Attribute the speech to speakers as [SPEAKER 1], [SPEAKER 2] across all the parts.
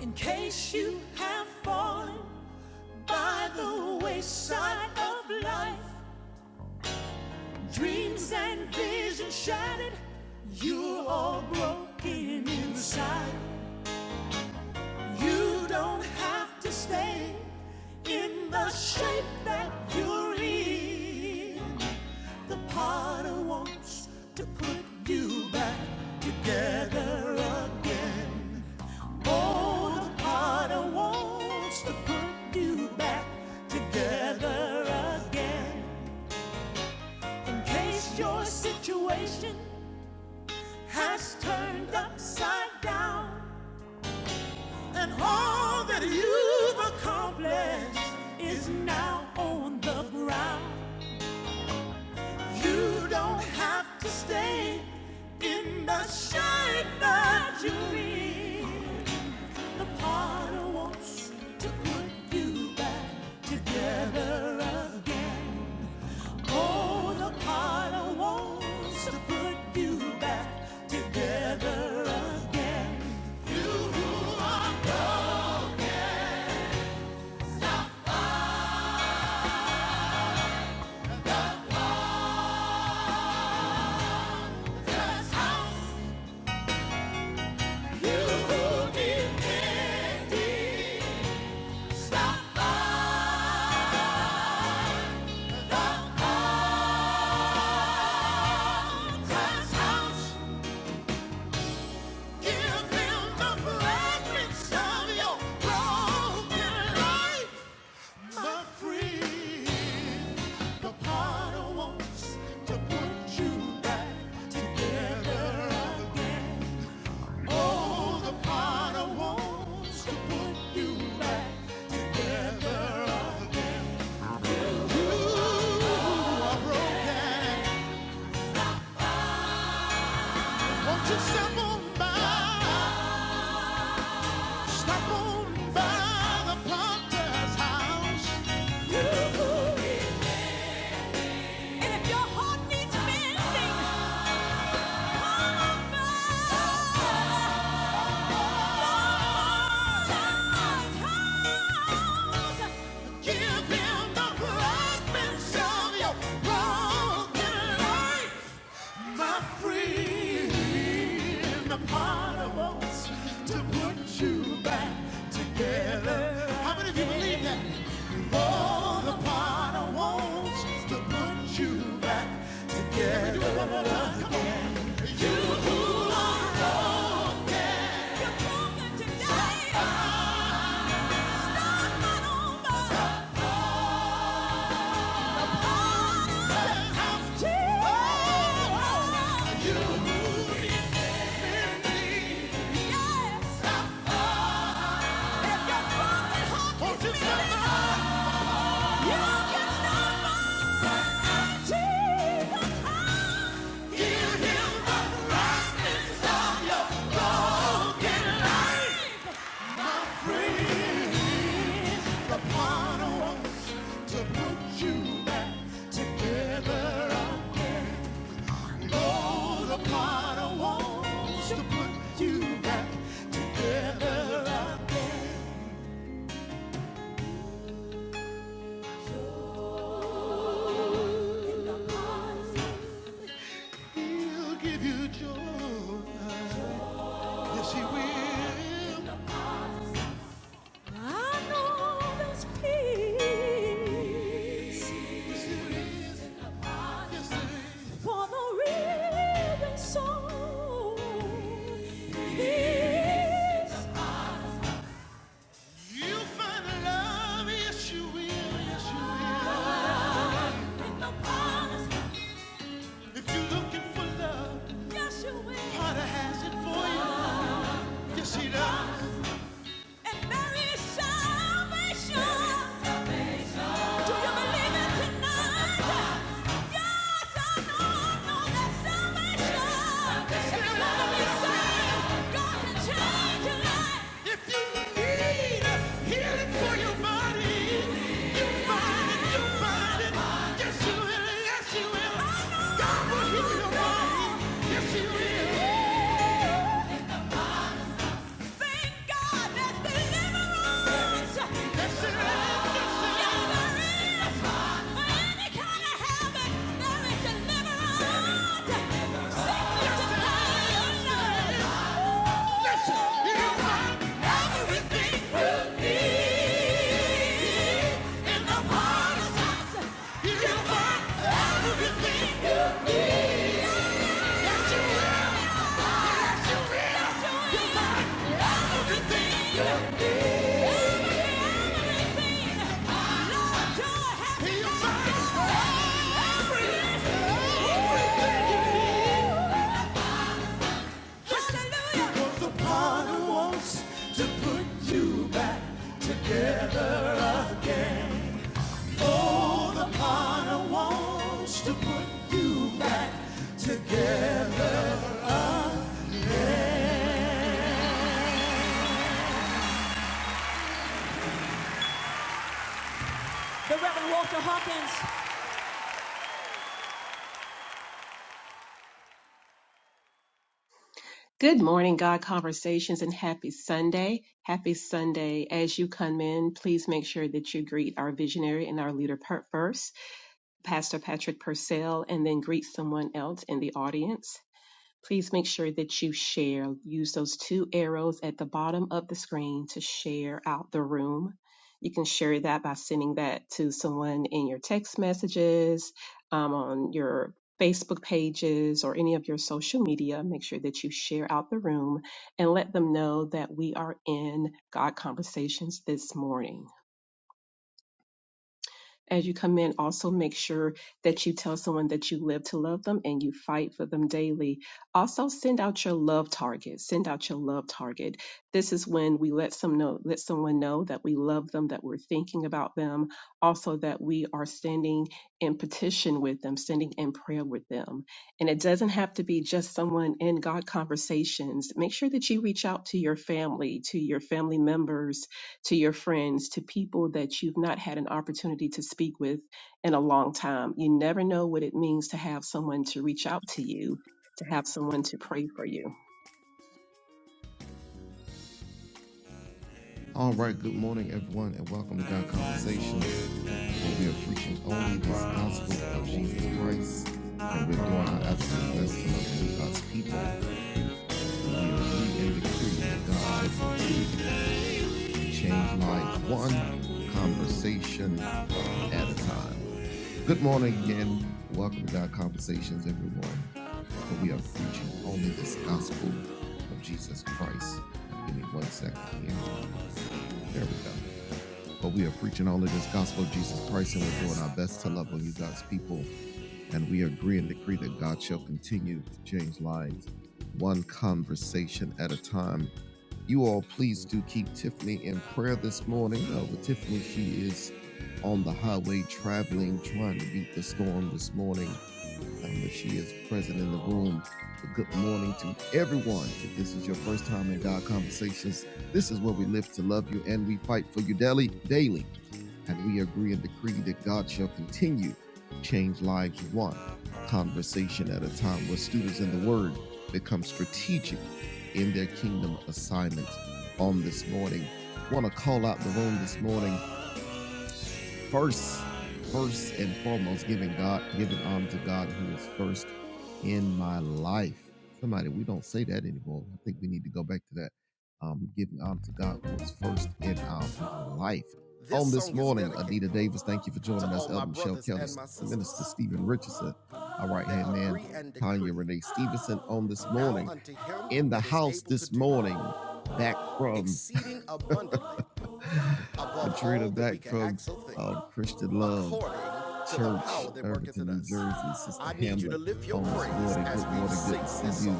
[SPEAKER 1] In case you have fallen by the wayside of life, dreams and visions shattered, you're all broken inside. You don't have to stay in the shape that you're in. The potter wants to put you back together again. Oh, the potter wants to put you back together again. In case your situation has turned upside down, and all that you've accomplished is now on the ground. You don't have to stay in the shade that you need. The potter wants to put you back together again. Oh, the potter wants to put you back together again. That's how you did Stop by the potter's house. Give them the fragments of your broken life. the potter wants to put you back together again. Oh, the potter wants to put you back together again. You are broken. Won't you step on by? Stop on by the Potter's house. And if your heart needs mending, come on by. To put you back together. How many of you believe that? the potter wants to put you back together. You who are you back to put you back Together, Oh, the potter wants to put you back together. He'll give you joy. Yes, he will. I know there's peace for the real soul. Peace You'll find love. Yes, you will. Yes, you will. in the promised If you're looking for love, Yes, you will. Potter has it for you. Yes, she does. And there is salvation. Do you believe it tonight? Yes, I know, know that salvation is gonna be saved. God can change your life. If you need healing for your body, you find it, you find it. Yes, you will, yes, you will. God will heal your body. Yes, He will. Everything you need. The Reverend Walter Hawkins.
[SPEAKER 2] Good morning, God Conversations, and happy Sunday. Happy Sunday. As you come in, please make sure that you greet our visionary and our leader per- first, Pastor Patrick Purcell, and then greet someone else in the audience. Please make sure that you share. Use those two arrows at the bottom of the screen to share out the room. You can share that by sending that to someone in your text messages, um, on your Facebook pages, or any of your social media. Make sure that you share out the room and let them know that we are in God Conversations this morning. As you come in, also make sure that you tell someone that you live to love them and you fight for them daily. Also, send out your love target. Send out your love target. This is when we let some know, let someone know that we love them, that we're thinking about them, also that we are standing in petition with them, standing in prayer with them. And it doesn't have to be just someone in God conversations. Make sure that you reach out to your family, to your family members, to your friends, to people that you've not had an opportunity to speak with in a long time. You never know what it means to have someone to reach out to you, to have someone to pray for you.
[SPEAKER 1] All right, good morning, everyone, and welcome to God Conversation, where we are preaching only this gospel of Jesus Christ, and we're doing our absolute best to love God's people. And we agree and decree that God will continue change life one conversation at a time. Good morning again. Welcome to God Conversations, everyone. Where we are preaching only this gospel of Jesus Christ. Give me one second here. There we go but we are preaching only this gospel of Jesus Christ, and we're doing our best to love on you, God's people. And we agree and decree that God shall continue to change lives one conversation at a time. You all, please do keep Tiffany in prayer this morning. Uh, with Tiffany, she is on the highway traveling, trying to beat the storm this morning. I know she is present in the room. But good morning to everyone. If this is your first time in God Conversations, this is where we live to love you and we fight for you daily, daily. And we agree and decree that God shall continue to change lives one conversation at a time where students in the Word become strategic in their kingdom assignments on this morning. I Want to call out the room this morning first, first and foremost, giving God, giving honor to God who is first in my life. Somebody, we don't say that anymore. I think we need to go back to that. Um, giving honor to God who is first in our life. This On this morning, dedicated Adita Davis, thank you for joining us. all Elder Michelle Kelly, Minister Stephen Richardson, our right hand man, agree Tanya Renee Stevenson, on this morning, in the house this morning, back from Above all, Katrina that back from uh, Christian Love Church, power Irvington, New Jersey. Sister I need you morning, good morning, good sing to see you.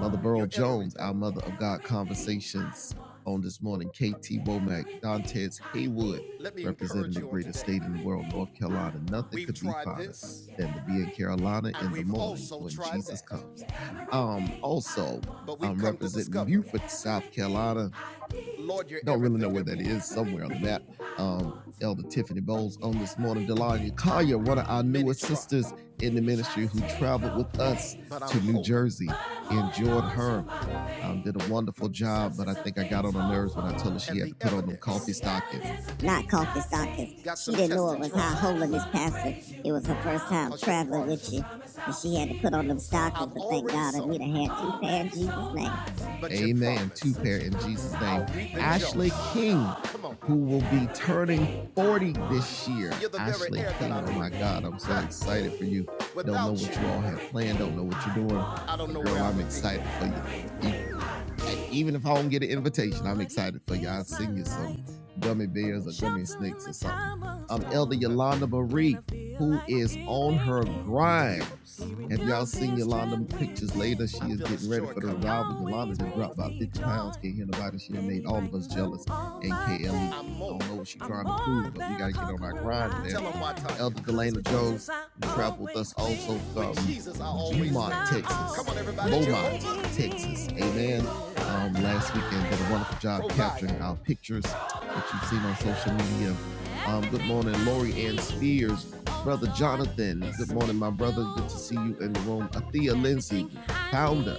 [SPEAKER 1] Mother Burl Jones, our Mother of God Conversations on this morning. KT Womack, Dantes Haywood, representing the greatest state in the world, North Carolina. Nothing We've could be finer this, than to be in Carolina in the morning when Jesus that. comes. Um, also, I'm come representing discover Beaufort, South Carolina. Lord, you're Don't really know where that is. Somewhere on the map. Um, Elder Tiffany Bowles on this morning. Delania Collier, one of our newest sisters in the ministry, who traveled with us to New Jersey. Enjoyed her. Um, did a wonderful job, but I think I got on her nerves when I told her she had to put on them coffee stockings. Not coffee stockings. She didn't know it was trouble her holiness pastor. It was her first time traveling with you. And she had to put on them stockings, but thank God I we'd have had two pair in Jesus' name but Amen. Two pair in Jesus' name. Ashley King, who will be turning 40 this year. Ashley King, oh my God, I'm so excited for you. Don't know what you, all have planned, don't know what you're doing. Girl, I am excited for You Hey, even if I don't get an invitation, I'm excited for y'all. Sing you some gummy bears or gummy snakes or something. I'm Elder Yolanda Marie, who is on her grind. Have y'all seen Yolanda pictures later, she is getting ready for the revival. Yolanda just dropped about 50 pounds. Can't hear nobody. She done made all of us jealous. And KLE, I don't know what she's trying to prove, but we got to get on our grind there. Elder Delana Jones, who traveled with us also from Beaumont, Texas. Beaumont, Texas responses. Amen. Um, last weekend did a wonderful job capturing our pictures that you've seen on social media. Um, good morning, Lori Ann Spears. Brother Jonathan, good morning, my brother. Good to see you in the room. Athea Lindsay, founder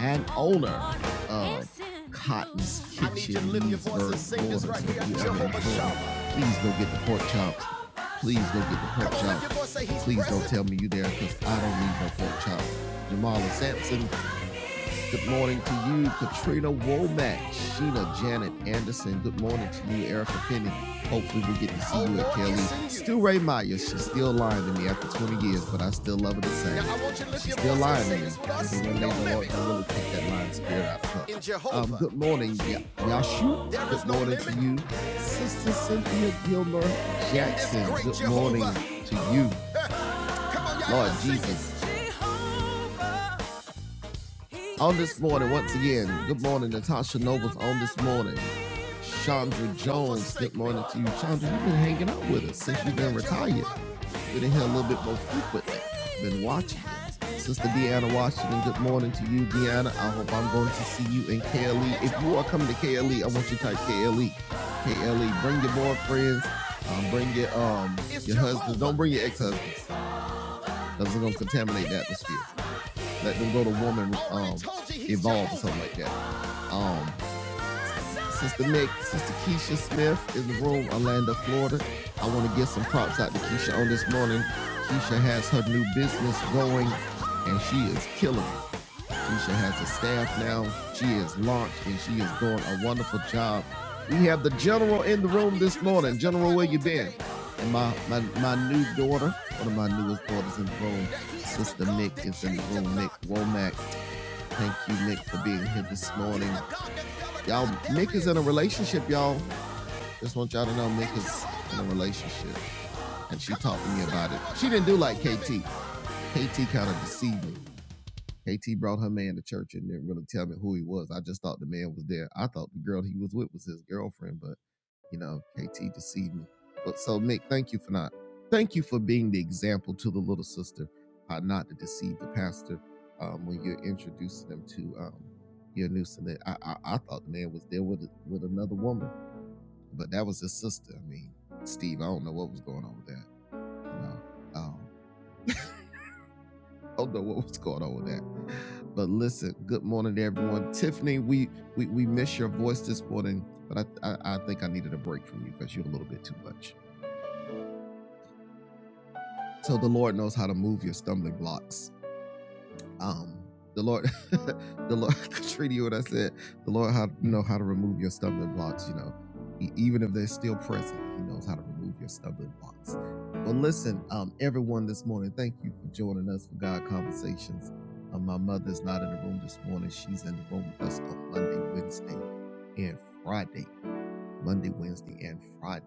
[SPEAKER 1] and owner of Cotton's Kitchen. I need you to lift your right Please go get the pork chops. Please go get the pork chops. Please don't tell me you there because I don't need no pork chops. Jamala Sampson, Good morning to you, Katrina Womack, Sheena Janet Anderson. Good morning to you, Erica Finney. Hopefully, we'll get to see oh, you at Kelly. You. Still Ray Meyer. She's still lying to me after 20 years, but I still love her the same. Now, I want you to lift She's your still lying to me. There's a way the Lord can really take that lying spirit out of her. Um, good morning, Ya- Yashu. Good morning to you, Sister Cynthia Gilmer Jackson. Good morning to you, Lord Jesus. On this morning, once again, good morning, Natasha Nobles. On this morning, Chandra Jones. Good morning to you, Chandra. You've been hanging out with us since you've been retired. Been in here a little bit more frequently. Been watching. you. Sister Deanna Washington, good morning to you, Deanna. I hope I'm going to see you in KLE. If you are coming to KLE, I want you to type KLE. KLE. Bring your boyfriends. Um, bring your um your husbands. Don't bring your ex-husbands. That's gonna contaminate the atmosphere let them go to woman um, evolve or something like that. Um, Sister Nick, Sister Keisha Smith in the room, Orlando, Florida. I want to give some props out to Keisha on this morning. Keisha has her new business going, and she is killing it. Keisha has a staff now. She is launched, and she is doing a wonderful job. We have the general in the room this morning. General, where you been? And my my, my new daughter, one of my newest daughters in the room, Sister Nick is in the room. Nick Womack Thank you, Nick, for being here this morning. Y'all, Nick is in a relationship, y'all. Just want y'all to know Nick is in a relationship. And she talked to me about it. She didn't do like KT. KT kind of deceived me. KT brought her man to church and didn't really tell me who he was. I just thought the man was there. I thought the girl he was with was his girlfriend, but you know, KT deceived me. But so Nick, thank you for not. Thank you for being the example to the little sister how not to deceive the pastor um, when you're introducing them to um, your new son. I, I, I thought the man was there with with another woman, but that was his sister. I mean, Steve, I don't know what was going on with that. You know, um, I don't know what was going on with that. But listen, good morning to everyone. Tiffany, we we, we miss your voice this morning, but I, I I think I needed a break from you because you're a little bit too much. So the Lord knows how to move your stumbling blocks. Um, the Lord, the Lord, Katrina, you what I said, the Lord how know how to remove your stumbling blocks. You know, E- even if they're still present, He knows how to remove your stumbling blocks. Well, listen, um, everyone, this morning, thank you for joining us for God Conversations. Uh, my mother's not in the room this morning; she's in the room with us on Monday, Wednesday, and Friday. Monday, Wednesday, and Friday.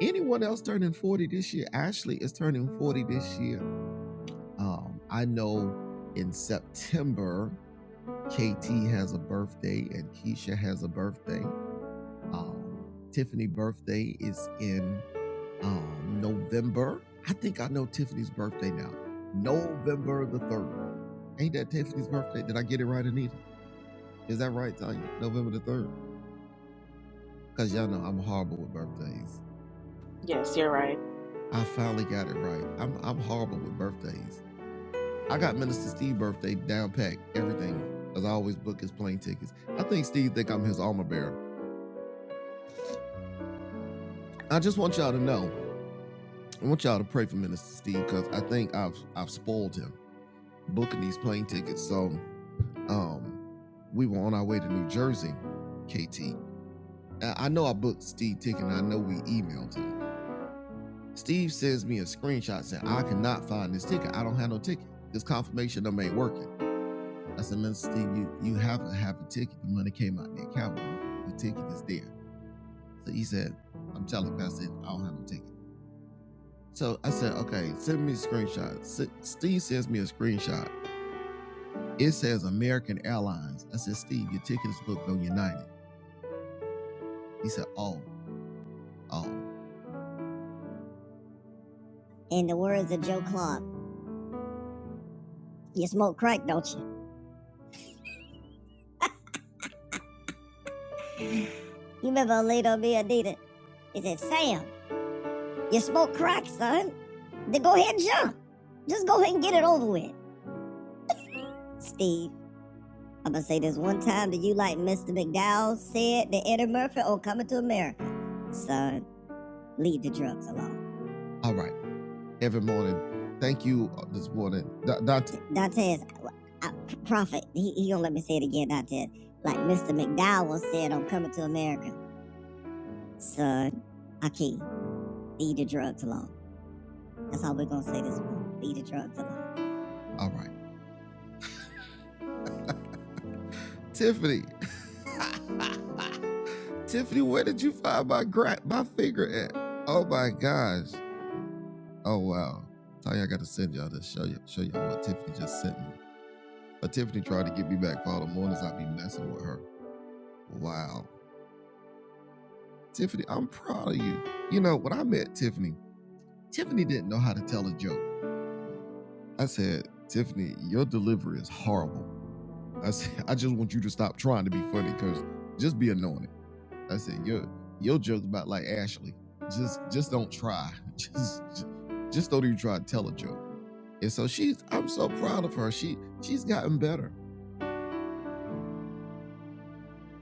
[SPEAKER 1] Anyone else turning 40 this year? Ashley is turning 40 this year um, I know in September, KT has a birthday and Keisha has a birthday. Um, Tiffany' birthday is in um, November. I think I know Tiffany's birthday now. November the 3rd. Ain't that Tiffany's birthday? Did I get it right, Anita? Is that right, Tanya? November the 3rd. Because y'all know I'm horrible with birthdays.
[SPEAKER 3] Yes, you're right.
[SPEAKER 1] I finally got it right. I'm, I'm horrible with birthdays. I got Minister Steve birthday down packed, everything. As I always book his plane tickets. I think Steve think I'm his armor bearer. I just want y'all to know. I want y'all to pray for Minister Steve because I think I've I've spoiled him booking these plane tickets. So um we were on our way to New Jersey, KT. I know I booked Steve ticket and I know we emailed him. Steve sends me a screenshot saying I cannot find this ticket. I don't have no ticket. This confirmation number ain't working. I said, Mr. Steve, you, you have to have a ticket. The money came out of the account. The ticket is there. So he said, I'm telling you, I said, I don't have a ticket. So I said, okay, send me a screenshot. S- Steve sends me a screenshot. It says American Airlines. I said, Steve, your ticket is booked on United. He said, oh, oh. In the words of Joe Clark, you smoke crack, don't you? You remember Alito B. Adida? He said, Sam, you smoke crack, son. Then go ahead and jump. Just go ahead and get it over with. Steve, I'm gonna say this one time that you like Mr. McDowell said to Eddie Murphy on Coming to America. Son, leave the drugs alone. All right. Every morning. Thank you uh, this morning. Da- Dante, Dantes, I, I, Prophet, he, he gonna let me say it again, Dantes. Like Mr. McDowell said on Coming to America. Son, Akeem, leave the drugs alone. That's all we're gonna say this morning. Leave the drugs alone. All right. Tiffany. Tiffany, where did you find my gra- my finger at? Oh my gosh. Oh wow. Tell you I gotta send y'all to show you show y'all what Tiffany just sent me. But Tiffany tried to get me back for all the mornings I'd be messing with her. Wow. Tiffany, I'm proud of you. You know, when I met Tiffany, Tiffany didn't know how to tell a joke. I said, Tiffany, your delivery is horrible. I said, I just want you to stop trying to be funny, cause just be annoying. I said, your your joke about like Ashley. Just just don't try. Just just don't even try to tell a joke. And so she's I'm so proud of her. She she's gotten better.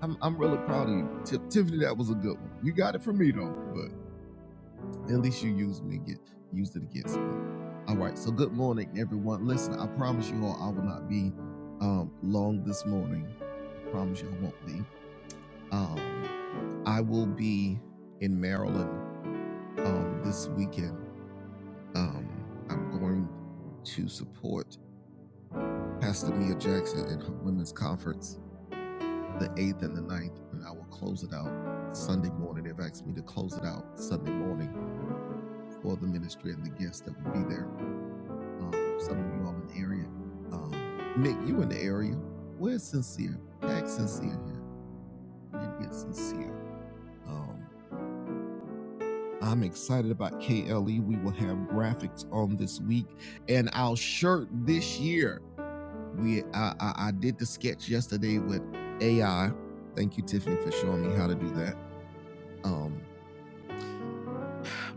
[SPEAKER 1] I'm I'm really proud of you. Ti- Tiffany, that was a good one. You got it from me though, but at least you used me get used it against me. All right, so good morning, everyone. Listen, I promise you all I will not be um long this morning. promise you I won't be. Um I will be in Maryland um this weekend Um, I'm going to support Pastor Mia Jackson and her women's conference the 8th and the ninth, and I will close it out Sunday morning. They've asked me to close it out Sunday morning for the ministry and the guests that will be there. Um, some of you all in the area. Um, Nick, you in the area. Where's Sincere? Tag Sincere here. We need to get Sincere. Um, I'm excited about KLE. We will have graphics on this week, and our shirt this year. We I, I, I did the sketch yesterday with AI. Thank you, Tiffany, for showing me how to do that. Um,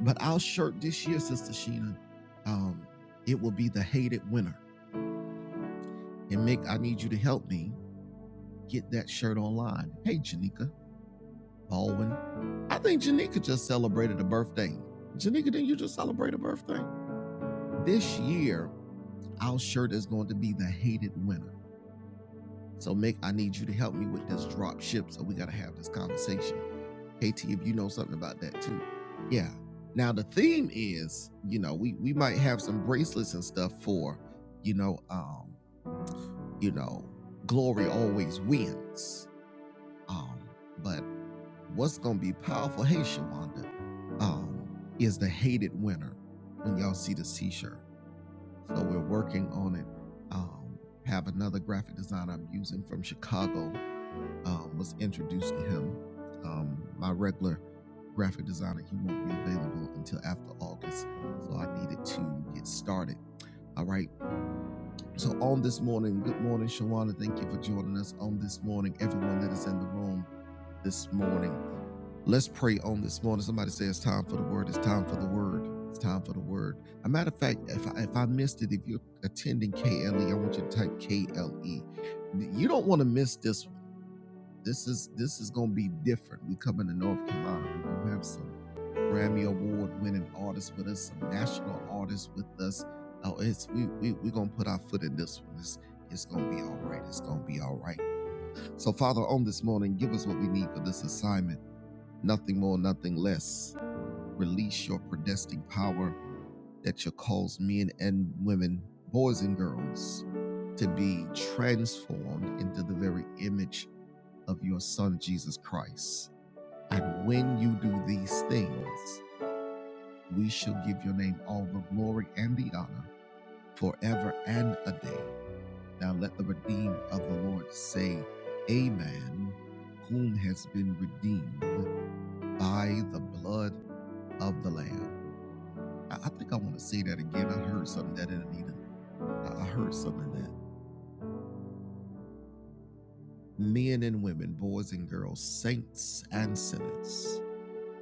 [SPEAKER 1] but our shirt this year, Sister Sheena, um, it will be the hated winner. And Mick, I need you to help me get that shirt online. Hey, Janika Baldwin. I think Janika just celebrated a birthday. Janika, didn't you just celebrate a birthday? This year, our shirt is going to be the hated winner. So, Mick, I need you to help me with this drop ship. So, we got to have this conversation. KT, if you know something about that too. Yeah. Now, the theme is, you know, we, we might have some bracelets and stuff for, you know, um, you know, glory always wins. Um, but what's going to be powerful, hey, Shawanda, um, is the hated winner when y'all see this t shirt. So, we're working on it. Um, have another graphic designer I'm using from Chicago um, was introduced to him. Um, my regular graphic designer, he won't be available until after August, so I needed to get started. All right. So on this morning, good morning, Shawana. Thank you for joining us on this morning. Everyone that is in the room this morning, let's pray on this morning. Somebody say it's time for the word. It's time for the word. It's time for the word. A matter of fact, if I, if I missed it, if you're attending KLE, I want you to type KLE. You don't want to miss this this is this is gonna be different. We coming to North Carolina. We're gonna have some Grammy Award winning artists with us, some national artists with us. Oh, it's we we we are gonna put our foot in this one. It's it's gonna be all right. It's gonna be all right. So Father, on this morning, give us what we need for this assignment. Nothing more, nothing less. Release your predestined power that shall cause men and women, boys and girls, to be transformed into the very image of your son Jesus Christ and when you do these things, we shall give your name all the glory and the honor forever and a day. Now let the redeemed of the Lord say, Amen, whom has been redeemed by the blood of the Lamb. I, I think I want to say that again. I heard something that in Anita. I I heard something that men and women, boys and girls, saints and sinners,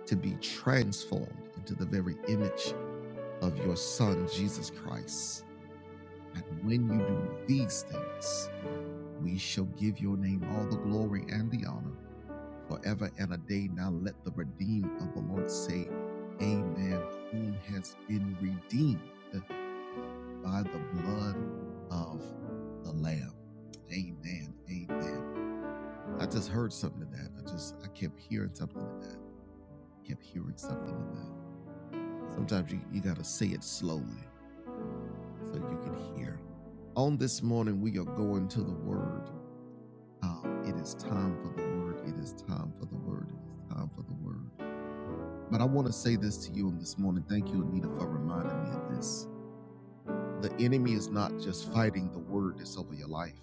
[SPEAKER 1] to be transformed into the very image of your Son, Jesus Christ And when you do these things, we shall give your name all the glory and the honor forever and a day. Now let the redeemed of the Lord say, Amen, whom has been redeemed by the blood of the Lamb. Amen. Amen. I just heard something in that. I just I kept hearing something in that. Kept hearing something in that. Sometimes you, you gotta say it slowly so you can hear. On this morning, we are going to the word. Um, it is time for the word. It is time for the word. It is time for the word. But I want to say this to you on this morning. Thank you, Anita, for reminding me of this. The enemy is not just fighting the word that's over your life,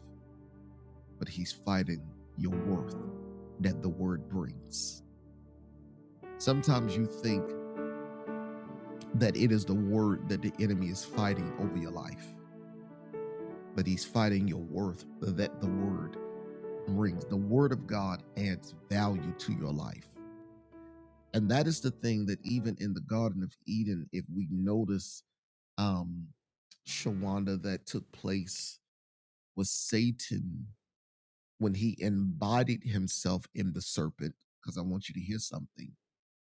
[SPEAKER 1] but he's fighting your worth that the word brings. Sometimes you think that it is the word that the enemy is fighting over your life, but he's fighting your worth that the word brings. The word of God adds value to your life. and that is the thing that even in the garden of eden if we notice um shawanda that took place was satan when he embodied himself in the serpent because i want you to hear something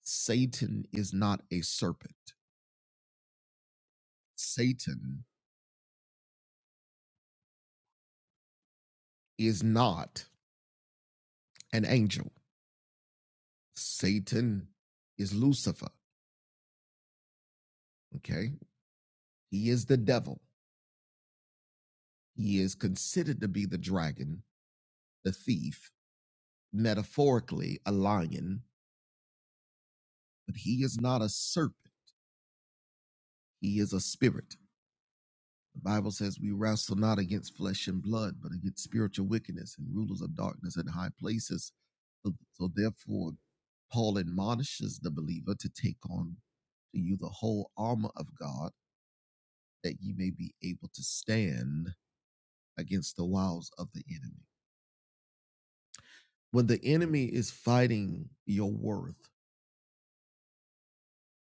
[SPEAKER 1] satan is not a serpent satan is not an angel satan is lucifer okay he is the devil he is considered to be the dragon the thief metaphorically a lion but he is not a serpent. He is a spirit. The Bible says we wrestle not against flesh and blood, but against spiritual wickedness and rulers of darkness in high places. So, so therefore, Paul admonishes the believer to take on to you the whole armor of God that ye may be able to stand against the wiles of the enemy. When the enemy is fighting your worth,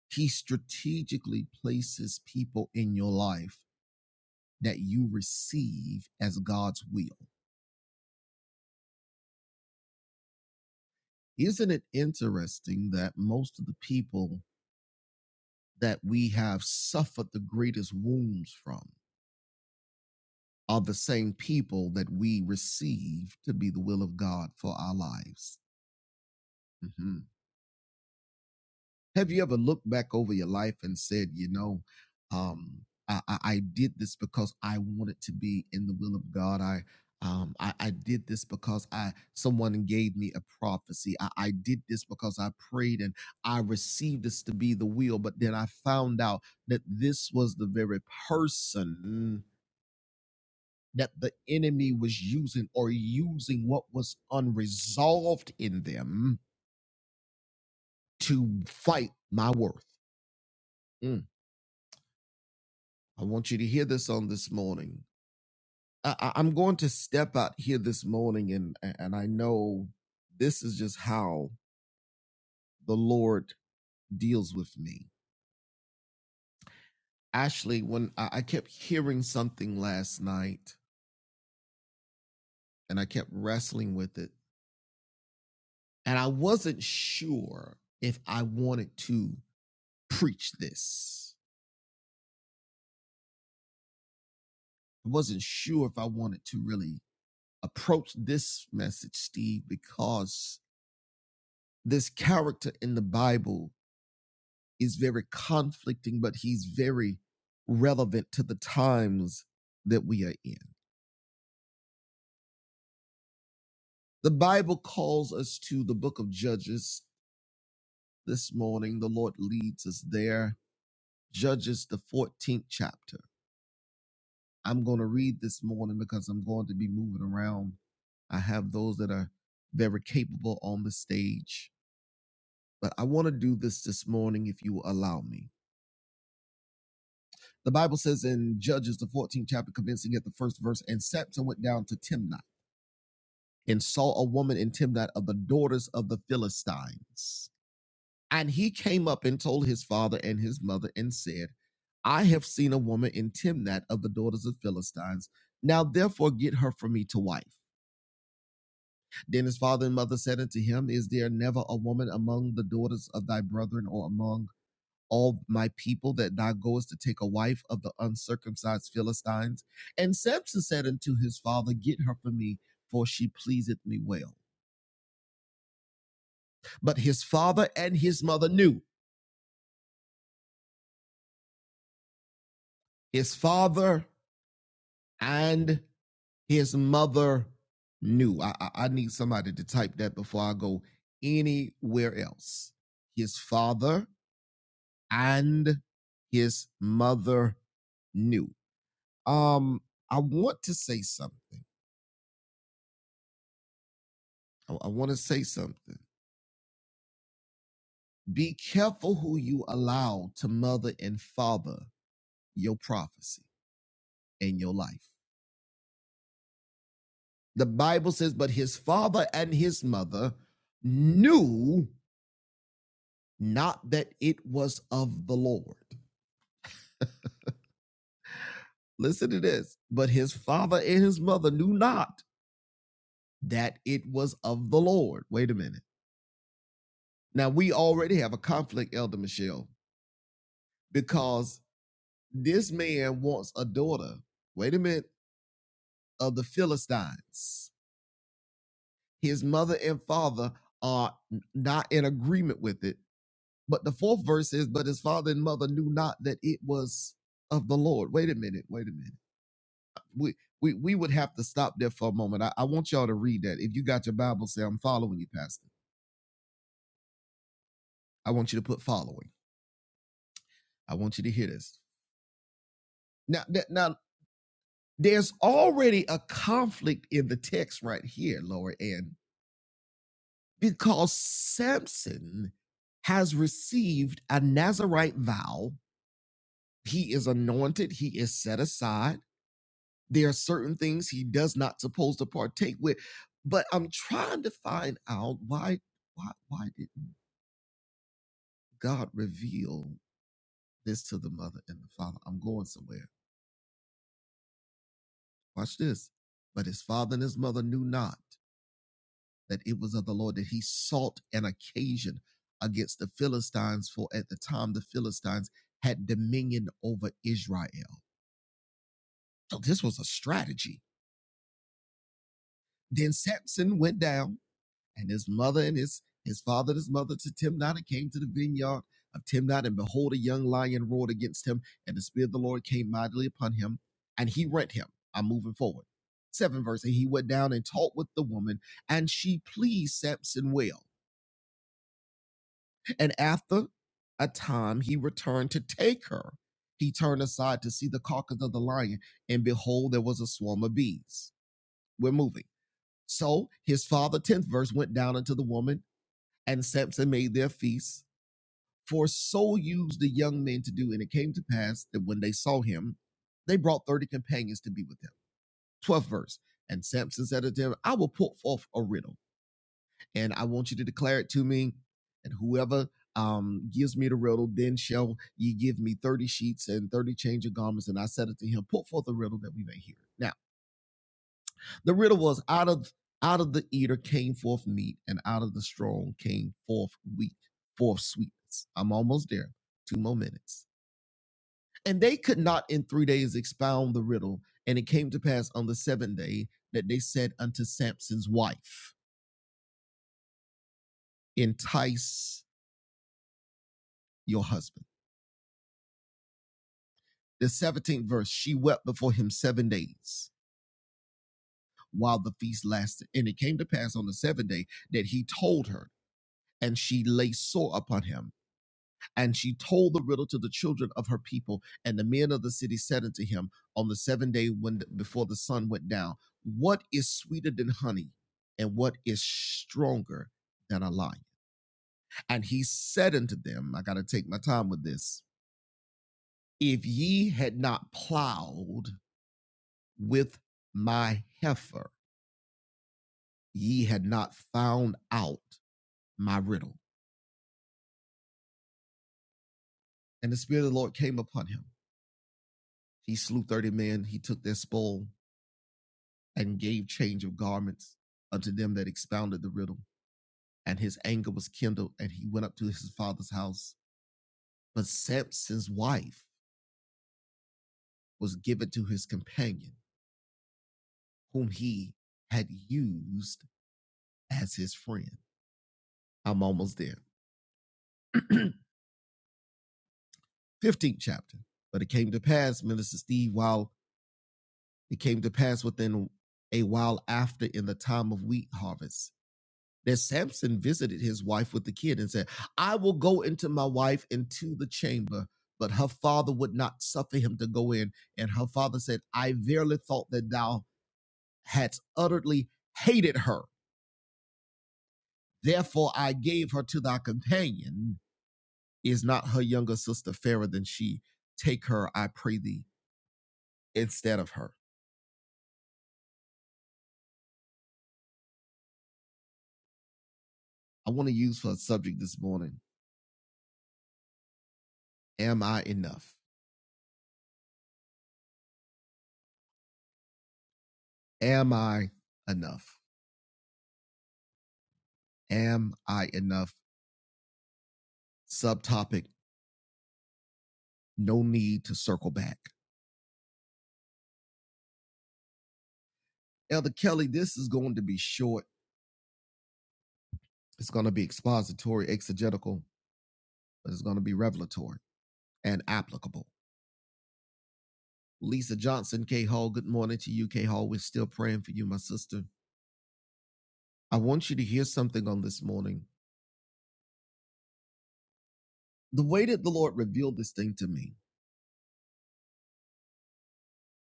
[SPEAKER 1] he strategically places people in your life that you receive as God's will. Isn't it interesting that most of the people that we have suffered the greatest wounds from are the same people that we receive to be the will of God for our lives? Mm-hmm. Have you ever looked back over your life and said, you know, um, I, I, I did this because I wanted to be in the will of God. I um, I, I did this because I someone gave me a prophecy. I, I did this because I prayed and I received this to be the will, but then I found out that this was the very person that the enemy was using or using what was unresolved in them to fight my worth. Mm. I want you to hear this on this morning. I, I- am going to step out here this morning, and and I know this is just how the Lord deals with me. Ashley, when I, I kept hearing something last night, and I kept wrestling with it, and I wasn't sure if I wanted to preach this. I wasn't sure if I wanted to really approach this message, Steve, because this character in the Bible is very conflicting, but he's very relevant to the times that we are in. The Bible calls us to the book of Judges this morning. The Lord leads us there. Judges, the 14th chapter. I'm going to read this morning because I'm going to be moving around. I have those that are very capable on the stage, but I want to do this this morning if you will allow me. The Bible says in Judges, the 14th chapter, commencing at the first verse, and Samson went down to Timnah and saw a woman in Timnath of the daughters of the Philistines. And he came up and told his father and his mother and said, I have seen a woman in Timnath of the daughters of Philistines. Now therefore get her for me to wife. Then his father and mother said unto him, Is there never a woman among the daughters of thy brethren or among all my people that thou goest to take a wife of the uncircumcised Philistines? And Samson said unto his father, Get her for me, for she pleaseth me well. But his father and his mother knew. His father and his mother knew. I, I, I need somebody to type that before I go anywhere else. His father and his mother knew. Um, I want to say something. I, I want to say something. Be careful who you allow to mother and father your prophecy in your life. The Bible says, but his father and his mother knew not that it was of the Lord. Listen to this. But his father and his mother knew not that it was of the Lord. Wait a minute. Now we already have a conflict, Elder Michelle, because this man wants a daughter. Wait a minute. Of the Philistines. His mother and father are not in agreement with it But the fourth verse is, but his father and mother knew not that it was of the Lord. Wait a minute, wait a minute. We we we would have to stop there for a moment. I, I want y'all to read that. If you got your Bible, say I'm following you, Pastor. I want you to put following. I want you to hear this. Now that now there's already a conflict in the text right here, Lord, and because Samson has received a Nazarite vow, he is anointed, he is set aside There are certain things he does not supposed to partake with. But I'm trying to find out why why why didn't God reveal this to the mother and the father? I'm going somewhere. Watch this. But his father and his mother knew not that it was of the Lord that he sought an occasion against the Philistines, for at the time the Philistines had dominion over Israel. So this was a strategy. Then Samson went down And his mother and his his father and his mother to Timnah came to the vineyard of Timnah, and behold, a young lion roared against him, and the spirit of the Lord came mightily upon him, and he rent him. I'm moving forward. Seven verse, and he went down and talked with the woman, and she pleased Samson well. And after a time he returned to take her. He turned aside to see the carcass of the lion, and behold, there was a swarm of bees. We're moving. So his father, 10th verse, went down unto the woman And Samson made their feasts, for so used the young men to do. And it came to pass that when they saw him, they brought 30 companions to be with him. 12th verse. And Samson said unto them, I will put forth a riddle, and I want you to declare it to me. And whoever um, gives me the riddle, then shall ye give me 30 sheets and 30 change of garments. And I said unto him, Put forth a riddle that we may hear. it." Now, The riddle was out of out of the eater came forth meat, and out of the strong came forth wheat, forth sweetness. I'm almost there. Two more minutes. And they could not in three days expound the riddle. And it came to pass on the seventh day that they said unto Samson's wife, Entice your husband. The 17th verse, she wept before him seven days while the feast lasted. And it came to pass on the seventh day that he told her, and she lay sore upon him. And she told the riddle to the children of her people. And the men of the city said unto him on the seventh day when before the sun went down, What is sweeter than honey, and what is stronger than a lion? And he said unto them, I gotta take my time with this. If ye had not plowed with my heifer, ye had not found out my riddle. And the Spirit of the Lord came upon him. He slew 30 men, he took their spoil, and gave change of garments unto them that expounded the riddle. And his anger was kindled, and he went up to his father's house. But Samson's wife was given to his companion, whom he had used as his friend. I'm almost there. 15th chapter. But it came to pass, Minister Steve, while it came to pass within a while after in the time of wheat harvest, that Samson visited his wife with the kid and said, I will go into my wife into the chamber. But her father would not suffer him to go in. And her father said, I verily thought that thou hadst utterly hated her. Therefore I gave her to thy companion. Is not her younger sister fairer than she? Take her, I pray thee, instead of her. I want to use for a subject this morning. Am I enough? Am I enough? Am I enough? Subtopic No need to circle back. Elder Kelly, this is going to be short. It's going to be expository, exegetical, but it's going to be revelatory and applicable. Lisa Johnson, K Hall, good morning to you, K Hall. We're still praying for you, my sister. I want you to hear something on this morning. The way that the Lord revealed this thing to me,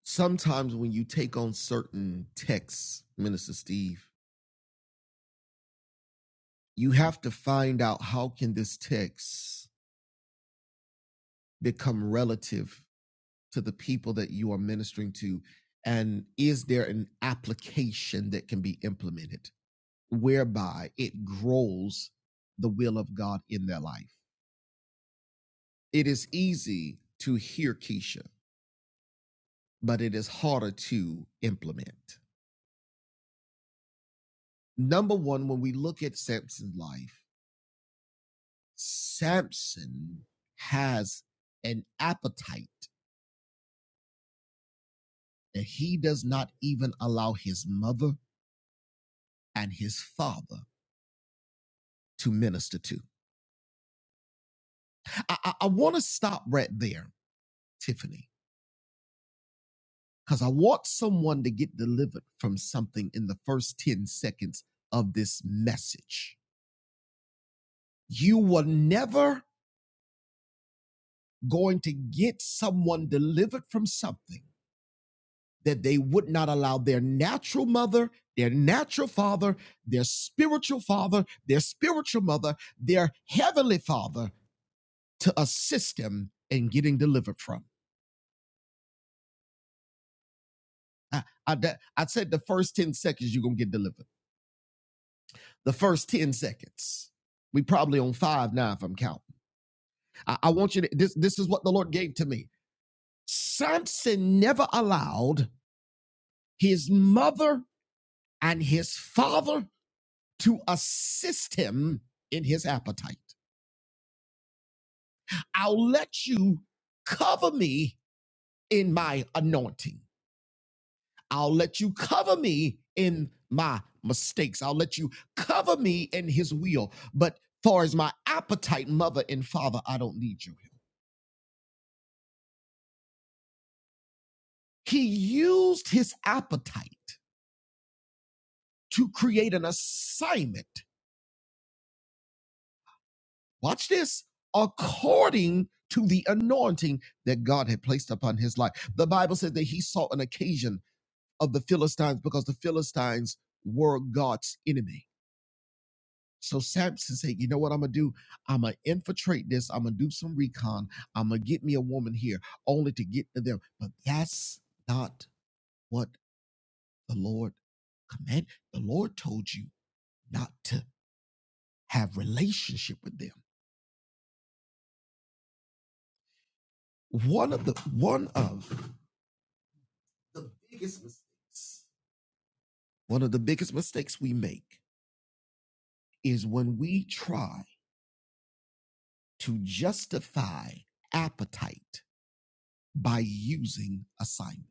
[SPEAKER 1] sometimes when you take on certain texts, Minister Steve, you have to find out how can this text become relative to the people that you are ministering to? And is there an application that can be implemented whereby it grows the will of God in their life? It is easy to hear Keisha, but it is harder to implement. Number one, when we look at Samson's life, Samson has an appetite that he does not even allow his mother and his father to minister to. I, I, I want to stop right there, Tiffany, because I want someone to get delivered from something in the first 10 seconds of this message. You were never going to get someone delivered from something that they would not allow their natural mother, their natural father, their spiritual father, their spiritual mother, their heavenly father to assist them in getting delivered from. I, I, I said the first 10 seconds you're going to get delivered the first 10 seconds. We probably on five now if I'm counting. I, I want you to, this, this is what the Lord gave to me. Samson never allowed his mother and his father to assist him in his appetite. I'll let you cover me in my anointing. I'll let you cover me in my mistakes. I'll let you cover me in his will. But far as my appetite, mother and father, I don't need you. He used his appetite to create an assignment. Watch this according to the anointing that God had placed upon his life. The Bible says that he saw an occasion of the Philistines because the Philistines were God's enemy. So Samson said, You know what I'm going to do? I'm going to infiltrate this. I'm going to do some recon. I'm going to get me a woman here only to get to them. But that's not what the Lord commanded. The Lord told you not to have relationship with them. One of the one of the biggest mistakes, one of the biggest mistakes we make is when we try to justify appetite by using assignment.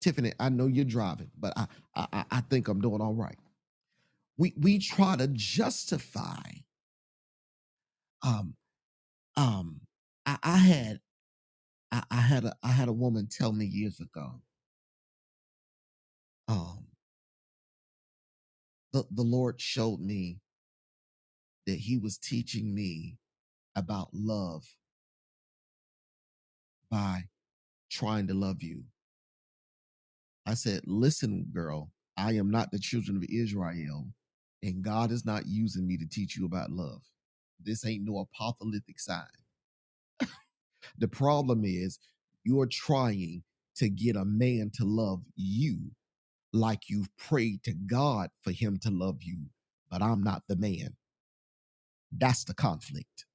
[SPEAKER 1] Tiffany, I know you're driving, but I I, I think I'm doing all right. We we try to justify um um I, I had I, I had a I had a woman tell me years ago um the, the Lord showed me that he was teaching me about love by trying to love you. I said, Listen, girl, I am not the children of Israel, and God is not using me to teach you about love. This ain't no apocalyptic sign. The problem is you're trying to get a man to love you like you've prayed to God for him to love you, but I'm not the man. That's the conflict.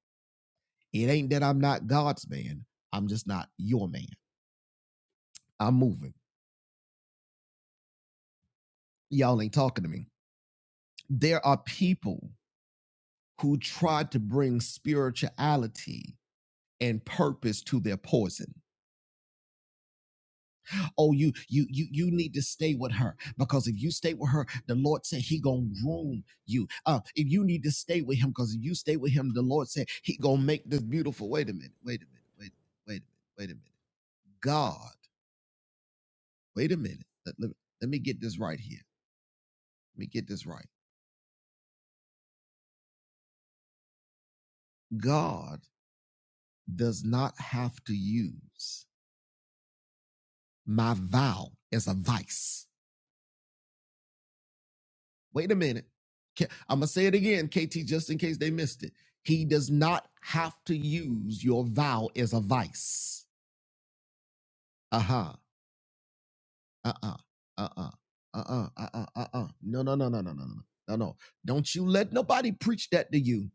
[SPEAKER 1] It ain't that I'm not God's man, I'm just not your man. I'm moving. Y'all ain't talking to me. there are people who try to bring spirituality and purpose to their poison. Oh, you you you you need to stay with her because if you stay with her, the Lord said He gonna groom you. Uh, if you need to stay with Him, because if you stay with Him, the Lord said He gonna make this beautiful. Wait a minute. Wait a minute. Wait. Wait a minute. Wait a minute. God. Wait a minute. Let, let, let me get this right here. Let me get this right. God does not have to use my vow as a vice Wait a minute. I'm going to say it again, KT, just in case they missed it. He does not have to use your vow as a vice. Uh huh. Uh uh. Uh uh. Uh uh. Uh uh. Uh uh. No, no, no, no, no, no, no. No, no. Don't you let nobody preach that to you.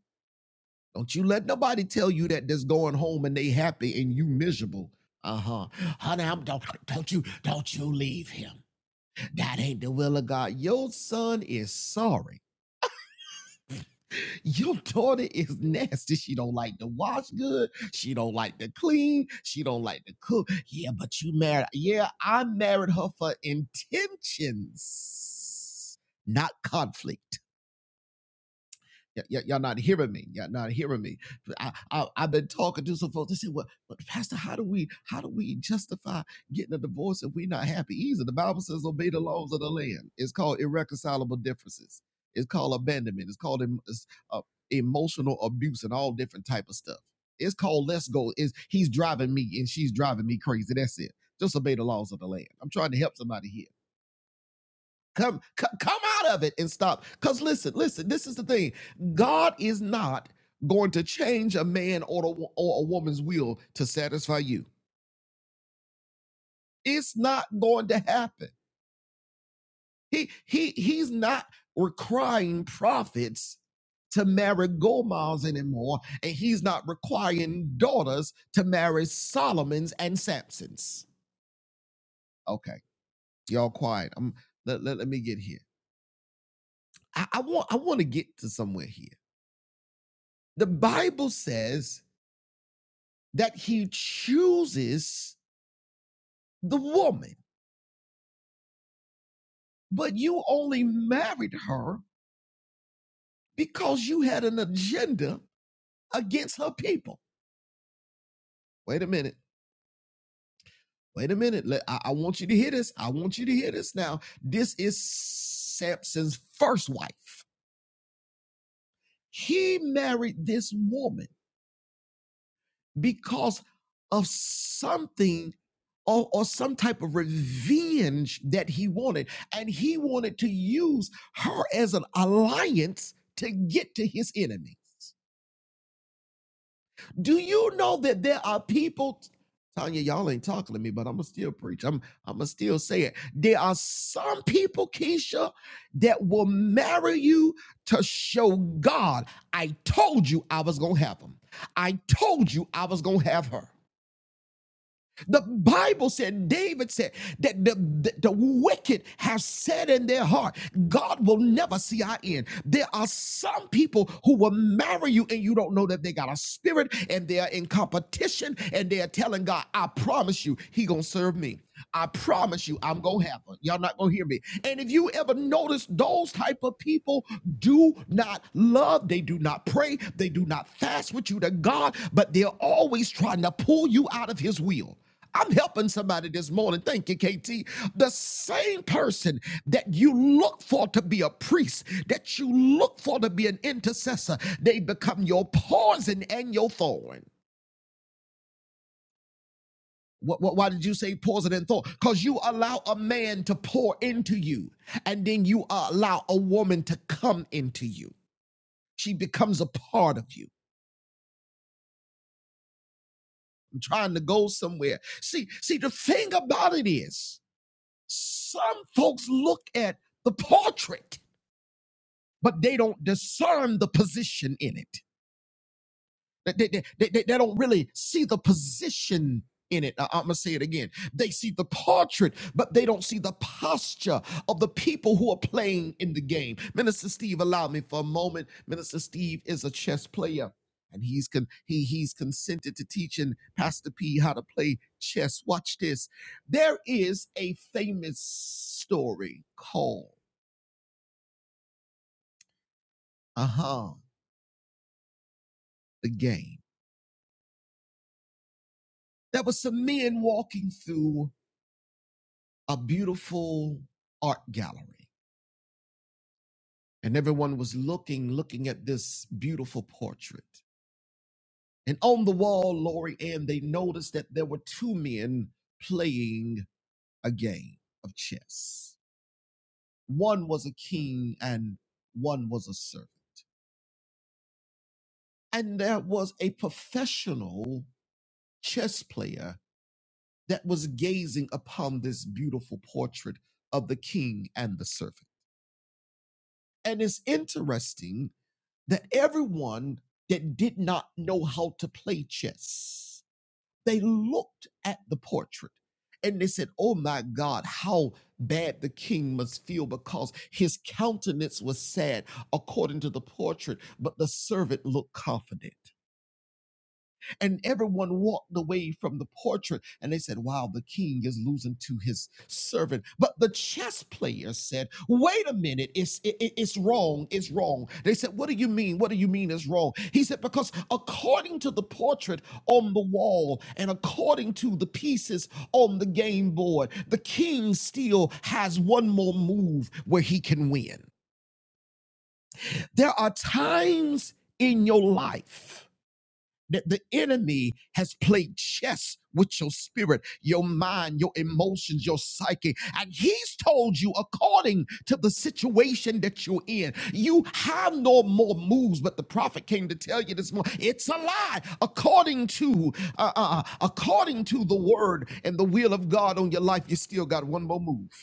[SPEAKER 1] Don't you let nobody tell you that that's going home and they happy and you miserable. Uh huh. Honey, I'm don't don't you don't you leave him. That ain't the will of God. Your son is sorry Your daughter is nasty. She don't like to wash good. She don't like to clean. She don't like to cook. Yeah, but you married. Yeah, I married her for intentions, not conflict. Y- y- y'all not hearing me. Y'all not hearing me. I, I, I've been talking to some folks. They say, well, but Pastor, how do we how do we justify getting a divorce if we're not happy? Easy. The Bible says obey the laws of the land. It's called irreconcilable differences. It's called abandonment. It's called em- it's, uh, emotional abuse and all different type of stuff. It's called let's go. Is he's driving me and she's driving me crazy. That's it. Just obey the laws of the land. I'm trying to help somebody here Come, c- come out of it and stop. Because listen, listen, this is the thing. God is not going to change a man or a, wo- or a woman's will to satisfy you. It's not going to happen. He he he's not requiring prophets to marry Gomals anymore, and he's not requiring daughters to marry Solomons and Samsons. Okay, y'all quiet. I'm let, let, let me get here. I, I want I want to get to somewhere here. The Bible says that he chooses the woman, but you only married her because you had an agenda against her people. Wait a minute. Wait a minute. Let- I, I want you to hear this. I want you to hear this now. This is Samson's first wife. He married this woman because of something or, or some type of revenge that he wanted. And he wanted to use her as an alliance to get to his enemy. Do you know that there are people? Tanya, y'all ain't talking to me, but I'ma still preach. I'm I'ma still say it. There are some people, Keisha, that will marry you to show God. I told you I was gonna have him. I told you I was gonna have her. The Bible said, David said, that the, the, the wicked have said in their heart, God will never see our end. There are some people who will marry you and you don't know that they got a spirit and they are in competition and they are telling God, I promise you, he gonna serve me. I promise you, I'm gonna have one. Y'all not gonna hear me. And if you ever notice, those type of people do not love, they do not pray, they do not fast with you to God, but they're always trying to pull you out of His will. I'm helping somebody this morning. Thank you, KT. The same person that you look for to be a priest, that you look for to be an intercessor, they become your poison and your thorn. What, what, why did you say pause it in thought? Because you allow a man to pour into you, and then you allow a woman to come into you. She becomes a part of you. I'm trying to go somewhere. See, see, the thing about it is, some folks look at the portrait, but they don't discern the position in it. They, they, they, they, they- don't really see the position in it. I, am going to say it again. They see the portrait, but they don't see the posture of the people who are playing in the game. Minister Steve, allow me for a moment. Minister Steve is a chess player. And he's con- he he's consented to teaching Pastor P how to play chess. Watch this. There is a famous story called uh-huh, the game. There were some men walking through a beautiful art gallery. And everyone was looking, looking at this beautiful portrait. And on the wall, Lori Ann, they noticed that there were two men playing a game of chess. One was a king and one was a servant. And there was a professional chess player that was gazing upon this beautiful portrait of the king and the servant. And it's interesting that everyone that did not know how to play chess, they looked at the portrait and they said, Oh my God, how bad the king must feel because his countenance was sad according to the portrait, but the servant looked confident. And everyone walked away from the portrait and they said, Wow, the king is losing to his servant. But the chess player said, Wait a minute, it's, it- it- it's wrong, it's wrong. They said, What do you mean? What do you mean it's wrong? He said, Because according to the portrait on the wall and according to the pieces on the game board, the king still has one more move where he can win. There are times in your life that the enemy has played chess with your spirit, your mind, your emotions, your psyche. And he's told you, according to the situation that you're in, you have no more moves. But the prophet came to tell you this morning, it's a lie. According to uh, uh, uh, according to the word and the will of God on your life, you still got one more move.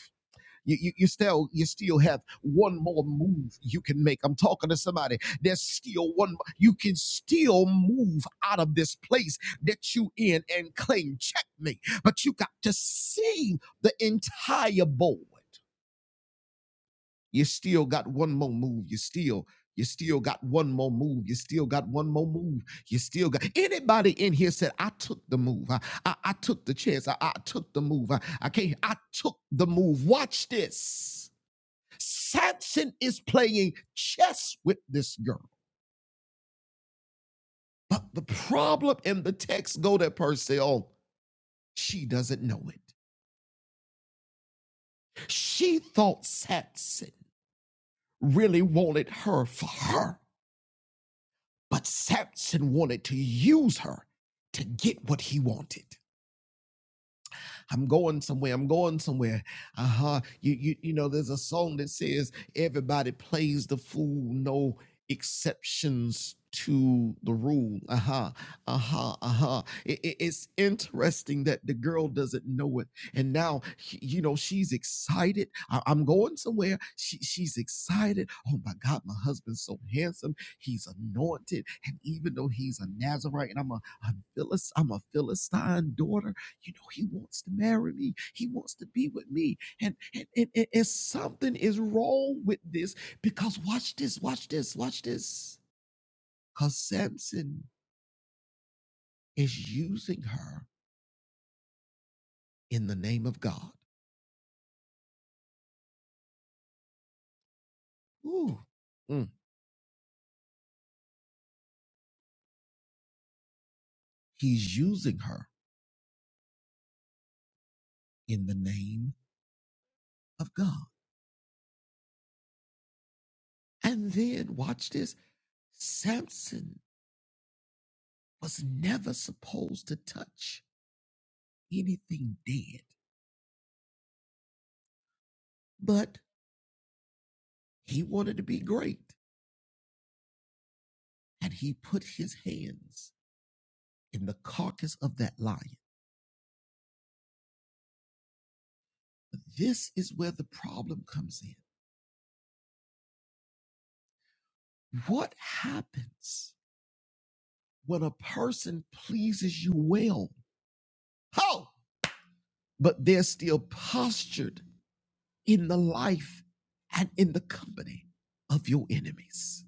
[SPEAKER 1] You, you, you still you still have one more move you can make. I'm talking to somebody. There's still one you can still move out of this place that you in and claim checkmate. But you got to see the entire board. You still got one more move. You still you still got one more move. You still got one more move. You still got anybody in here said, I took the move. I, I, I took the chance. I, I took the move. I, I can't. I took the move. Watch this. Samson is playing chess with this girl. But the problem in the text go that person. Oh, she doesn't know it. She thought Samson really wanted her for her, but Samson wanted to use her to get what he wanted. I'm going somewhere. I'm going somewhere. Uh huh. You, you, you know, there's a song that says, everybody plays the fool, no exceptions to the rule. Uh huh. Uh huh. Uh huh. it's interesting that the girl doesn't know it. And now, she- you know, she's excited. I- am going somewhere. She, she's excited. Oh my God, my husband's so handsome. He's anointed. And even though he's a Nazarite and I'm a, a Philist, I'm a Philistine daughter, you know, he wants to marry me. He wants to be with me. And, and, and, and, something is wrong with this because watch this, watch this, watch this. Because Samson is using her in the name of God. Ooh, mm. He's using her in the name of God. And then watch this. Samson was never supposed to touch anything dead, but he wanted to be great and he put his hands in the carcass of that lion. This is where the problem comes in. What happens when a person pleases you well? Oh, But they're still postured in the life and in the company of your enemies.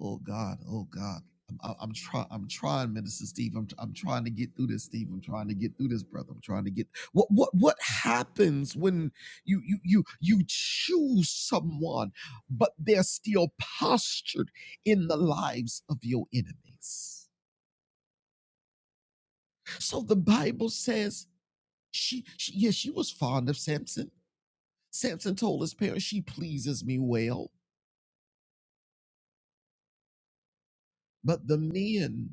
[SPEAKER 1] Oh God, oh God. I'm, I- am i am trying. I'm trying, Minister Steve. I'm, I'm trying to get through this, Steve. I'm trying to get through this, brother. I'm trying to get what what what happens when you you you you choose someone, but they're still postured in the lives of your enemies. So the Bible says she, she yes, she was fond of Samson. Samson told his parents, "She pleases me well," but the men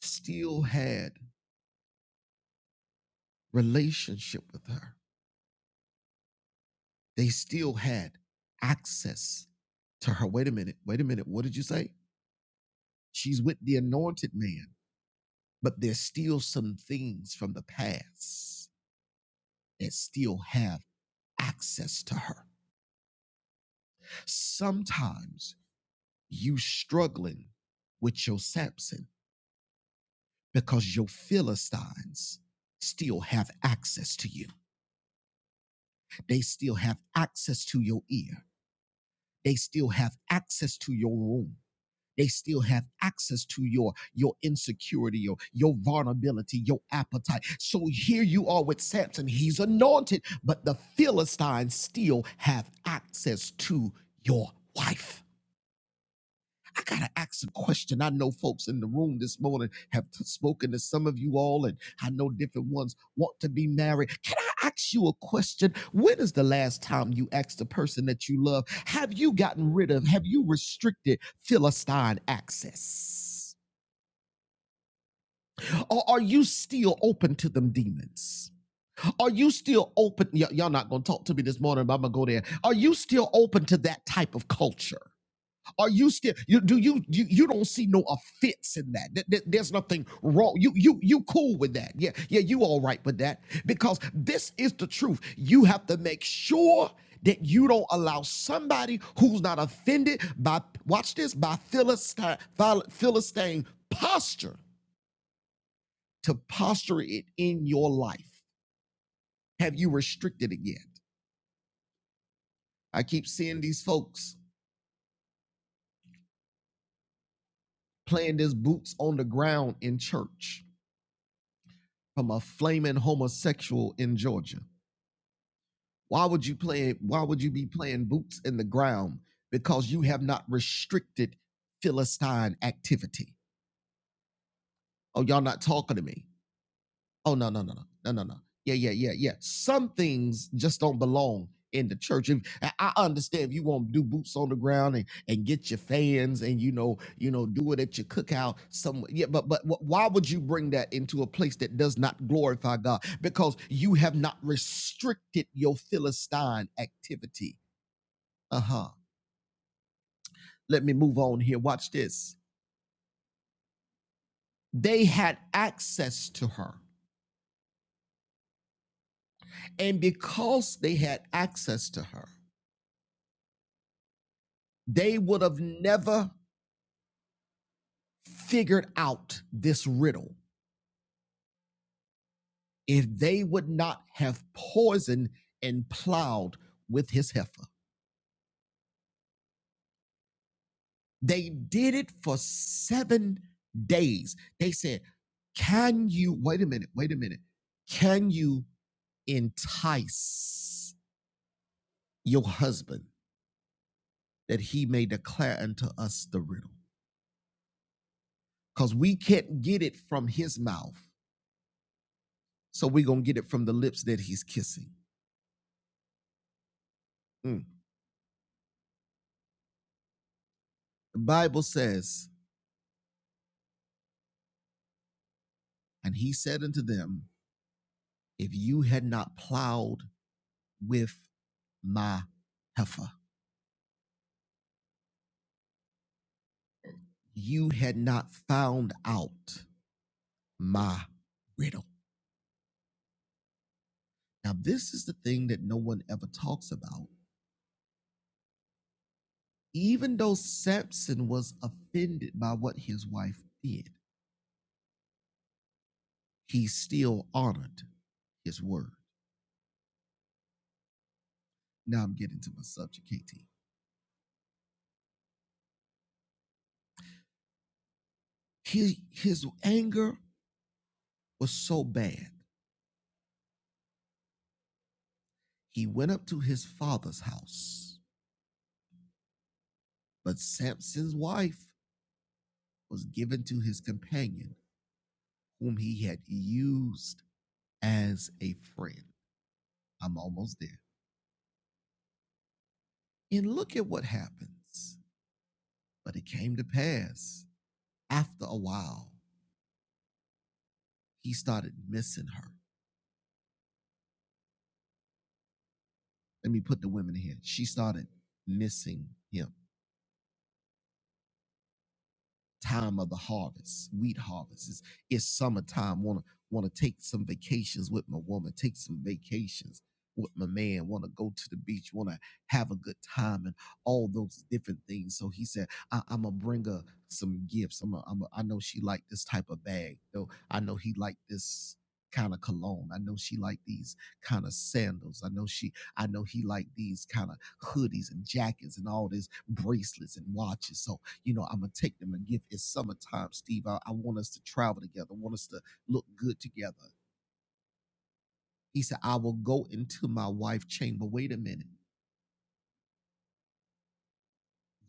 [SPEAKER 1] still had relationship with her they still had access to her. Wait a minute. Wait a minute. What did you say? She's with the anointed man, but there's still some things from the past that still have access to her. Sometimes you struggling with your Samson because your Philistines still have access to you. They still have access to your ear. They still have access to your room. they still have access to your your insecurity your your vulnerability your appetite so here you are with samson he's anointed but the philistines still have access to your wife I gotta ask a question. I know folks in the room this morning have t- spoken to some of you all, and I know different ones want to be married. Can I ask you a question? When is the last time you asked the person that you love, have you gotten rid of, have you restricted Philistine access? Or are you still open to them demons? Are you still open? y- y'all not gonna talk to me this morning, but I'm gonna go there. Are you still open to that type of culture? Are you still you do you you, you don't see no offense in that? Th- th- There's nothing wrong. You you you cool with that. Yeah, yeah, you all right with that. Because this is the truth. You have to make sure that you don't allow somebody who's not offended by watch this by Philistine phil- Philistine posture to posture it in your life. Have you restricted it yet? I keep seeing these folks playing this boots on the ground in church from a flaming homosexual in Georgia? Why would you play? Why would you be playing boots in the ground? Because you have not restricted Philistine activity. Oh, y'all not talking to me. Oh no, no, no, no, no, no, no. Yeah, yeah, yeah, yeah. Some things just don't belong in the church. If, I I understand if you want to do boots on the ground and, and get your fans and you know, you know, do it at your cookout somewhere. Yeah, but but wh- why would you bring that into a place that does not glorify God? Because you have not restricted your Philistine activity. Uh-huh. Let me move on here. Watch this. They had access to her. And because they had access to her, they would have never figured out this riddle if they would not have poisoned and plowed with his heifer. They did it for seven days. They said, Can you, wait a minute, wait a minute, can you entice your husband that he may declare unto us the riddle? Because we can't get it from his mouth. So we're going to get it from the lips that he's kissing. Mm. The Bible says, And he said unto them, If you had not plowed with my heifer, you had not found out my riddle. Now, this is the thing that no one ever talks about. Even though Samson was offended by what his wife did, he still honored his word. Now I'm getting to my subject, KT. His, his anger was so bad, he went up to his father's house. But Samson's wife was given to his companion, whom he had used as a friend. I'm almost there. And look at what happens. But it came to pass after a while, he started missing her. Let me put the women in here. She started missing him. time of the harvest, wheat harvest. It's, it's summertime. Wanna wanna take some vacations with my woman, take some vacations with my man, wanna go to the beach, wanna have a good time and all those different things. So he said, I, I'm gonna bring her some gifts. I'm a, I'm a, I know she liked this type of bag. Though I know he liked this kind of cologne. I know she liked these kind of sandals. I know she I know he liked these kind of hoodies and jackets and all these bracelets and watches. So you know, I'm gonna take them and give it's summertime, Steve. I, I want us to travel together, I want us to look good together. He said, I will go into my wife chamber. Wait a minute,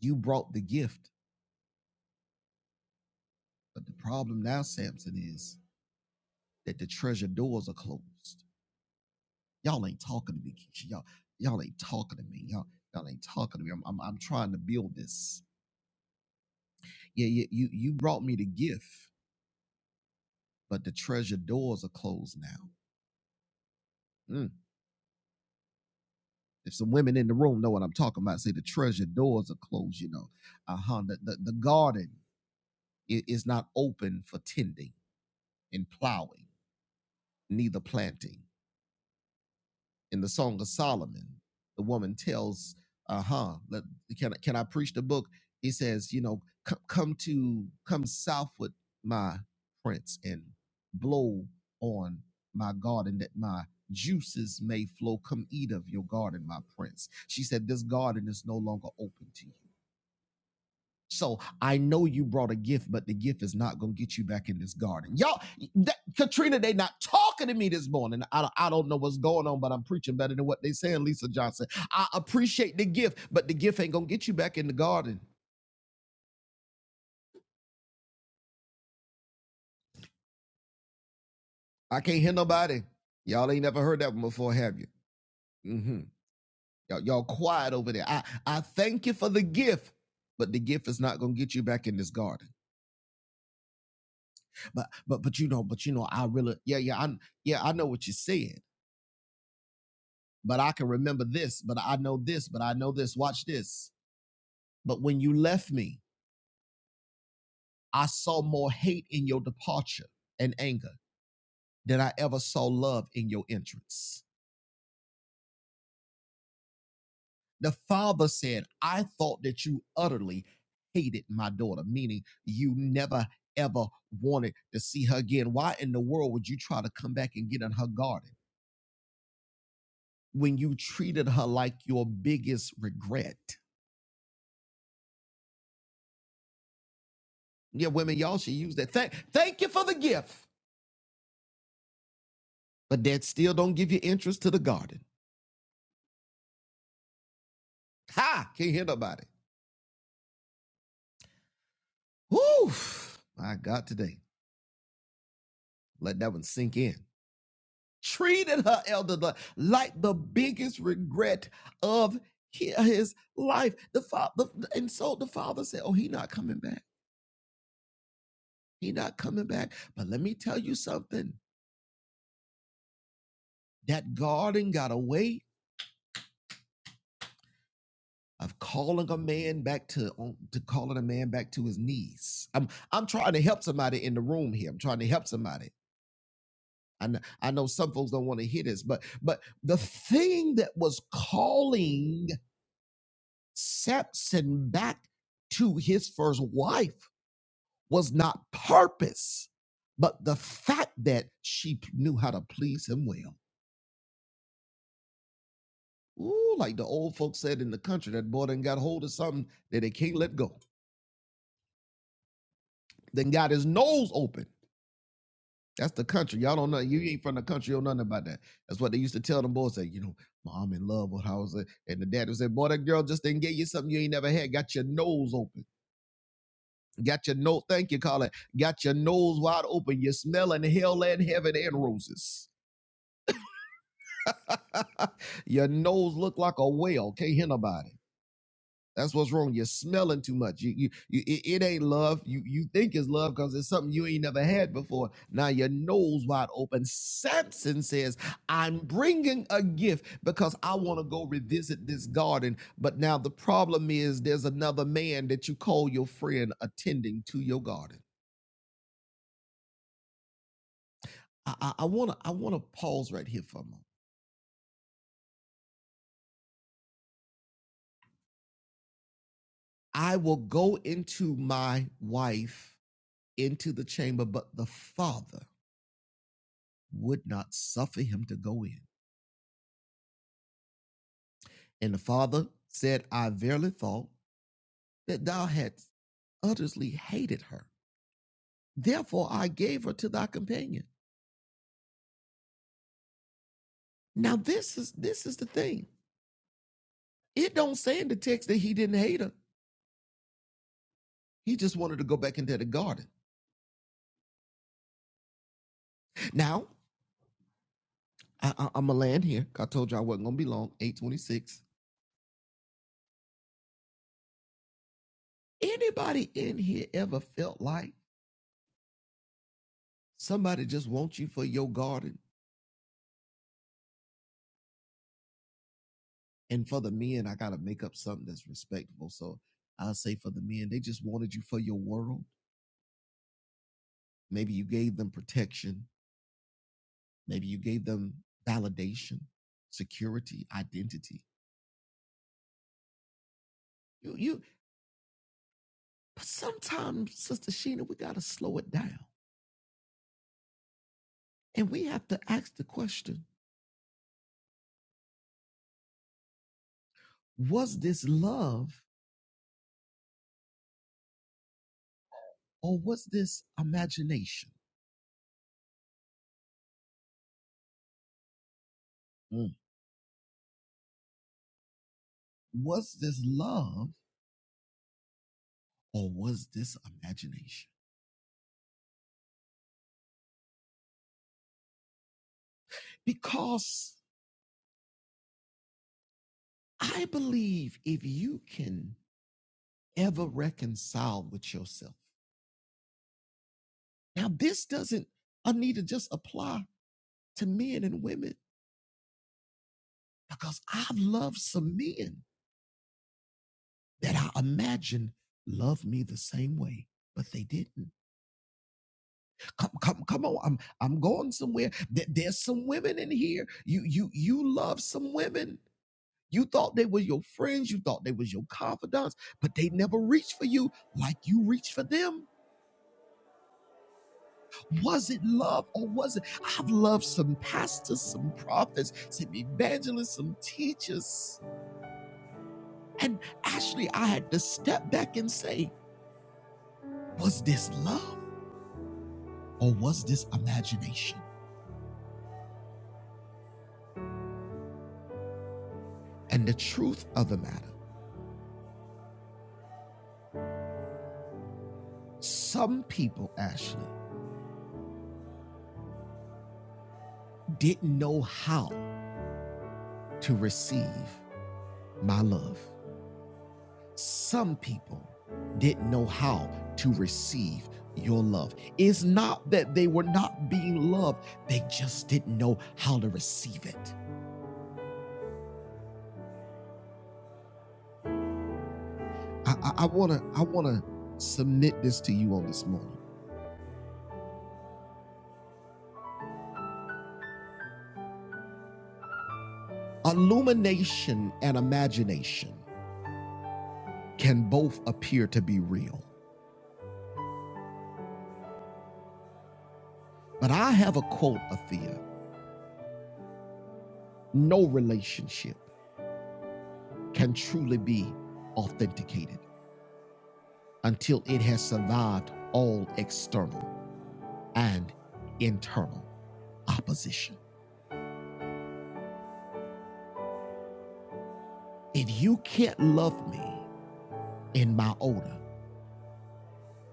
[SPEAKER 1] you brought the gift, but the problem now, Samson, is that the treasure doors are closed. Y'all ain't talking to me, Keisha. Y'all, y'all ain't talking to me. Y'all, y'all ain't talking to me. I'm, I'm, I'm trying to build this. Yeah, yeah, you, you brought me the gift, but the treasure doors are closed now. Mm. If some women in the room know what I'm talking about, say the treasure doors are closed, you know. Uh-huh. The, the, the garden is not open for tending and plowing, neither planting. In the Song of Solomon, the woman tells, uh-huh, let, can, can I preach the book? He says, you know, "Co- come to, come southward, my prince, and blow on my garden that my juices may flow. Come eat of your garden, my prince. She said, This garden is no longer open to you. So I know you brought a gift. Y'all, that, Katrina, they not talking to me this morning. I, don't- I don't know what's going on, but I'm preaching better than what they saying, Lisa Johnson. I appreciate the gift, but the gift ain't going to get you. I can't hear nobody. Y'all ain't never heard that one before, have you? hmm Y'all, y'all quiet over there. I, I thank you for the gift. But the gift is not gonna get you back in this garden. But but but you know, but you know, I really yeah, yeah, I yeah, I know what you said. But I can remember this, but I know this, but I know this. Watch this. But when you left me, I saw more hate in your departure and anger than I ever saw love in your entrance. The father said, I thought that you utterly hated my daughter, meaning you never ever wanted to see her again. Why in the world would you try to come back and get in her garden when you treated her like your biggest regret? Yeah, women, y'all should use that. Thank, thank you for the gift, but that still don't give you entrance to the garden. Ha! Can't hear nobody. Whew, my God, today. Let that one sink in. Treated her elder like the biggest regret of his life. The father, and so the father said, "Oh, he not coming back. He not coming back." But let me tell you something. That garden got a way of calling a man back to um, to calling a man back to his knees. I'm I'm trying to help somebody in the room here. I'm trying to help somebody. I know, I know some folks don't want to hear this, but but the thing that was calling Samson back to his first wife was not purpose, but the fact that she p- knew how to please him well. Ooh, like the old folks said in the country, that boy done got hold of something that they can't let go. Then got his nose open That's the country. Y'all don't know. You ain't from the country. You don't know nothing about that. That's what they used to tell them boys. Say, you know, mom in love with how was it? And the dad would say, boy, that girl just didn't get you something you ain't never had. Got your nose open. Got your nose. Thank you, Colin. Got your nose wide open. You're smelling hell and heaven and roses. your nose look like a whale. Can't hear nobody. That's what's wrong. You're smelling too much. You, you, you it, it ain't love. You, you think it's love because it's something you ain't never had before. Now your nose wide open. Samson says, "I'm bringing a gift because I want to go revisit this garden." But now the problem is, there's another man that you call your friend attending to your garden. I, I want to, I want to pause right here for a moment. I will go into my wife into the chamber, but the father would not suffer him to go in. And the father said, I verily thought that thou hadst utterly hated her. Therefore I gave her to thy companion. Now this is this is the thing. It don't say in the text that he didn't hate her. He just wanted to go back into the garden. Now, I, I, I'm going to land here. I told you I wasn't going to be long. 826. Anybody in here ever felt like somebody just wants you for your garden? And for the men, I got to make up something that's respectable. So I'll say for the men, they just wanted you for your world Maybe you gave them protection. Maybe you gave them validation, security, identity. You, you, but sometimes, Sister Sheena, we got to slow it down. And we have to ask the question was this love or was this imagination? Mm. Was this love or was this imagination? Because I believe if you can ever reconcile with yourself, now this doesn't, I need to just apply to men and women because I've loved some men that I imagined loved me the same way, but they didn't. Come, come, come on! I'm I'm going somewhere. There's some women in here. You you you love some women. You thought they were your friends. You thought they was your confidants, but they never reached for you like you reached for them. Was it love or was it? I've loved some pastors, some prophets, some evangelists, some teachers And actually, I had to step back and say, was this love or was this imagination? And the truth of the matter, some people actually didn't know how to receive my love. Some people didn't know how to receive your love. It's not that they were not being loved, they just didn't know how to receive it. I, I, I wanna I wanna submit this to you on this morning. Illumination and imagination can both appear to be real. But I have a quote, Athea no relationship can truly be authenticated until it has survived all external and internal opposition. If you can't love me in my odor,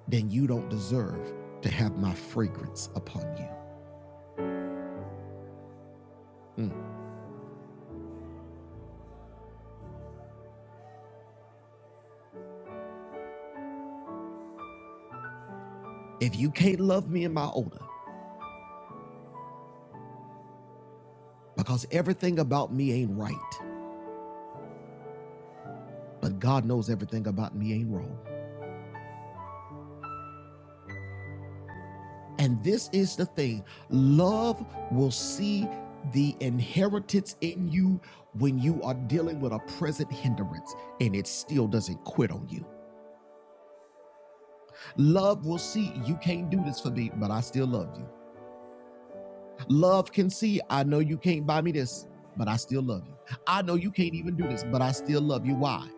[SPEAKER 1] then you don't deserve to have my fragrance upon you. Mm. If you can't love me in my odor, because everything about me ain't right, but God knows everything about me ain't wrong. And this is the thing love will see the inheritance in you when you are dealing with a present hindrance and it still doesn't quit on you. Love will see you can't do this for me, but I still love you. Love can see I know you can't buy me this, but I still love you. I know you can't even do this, but I still love you. Why?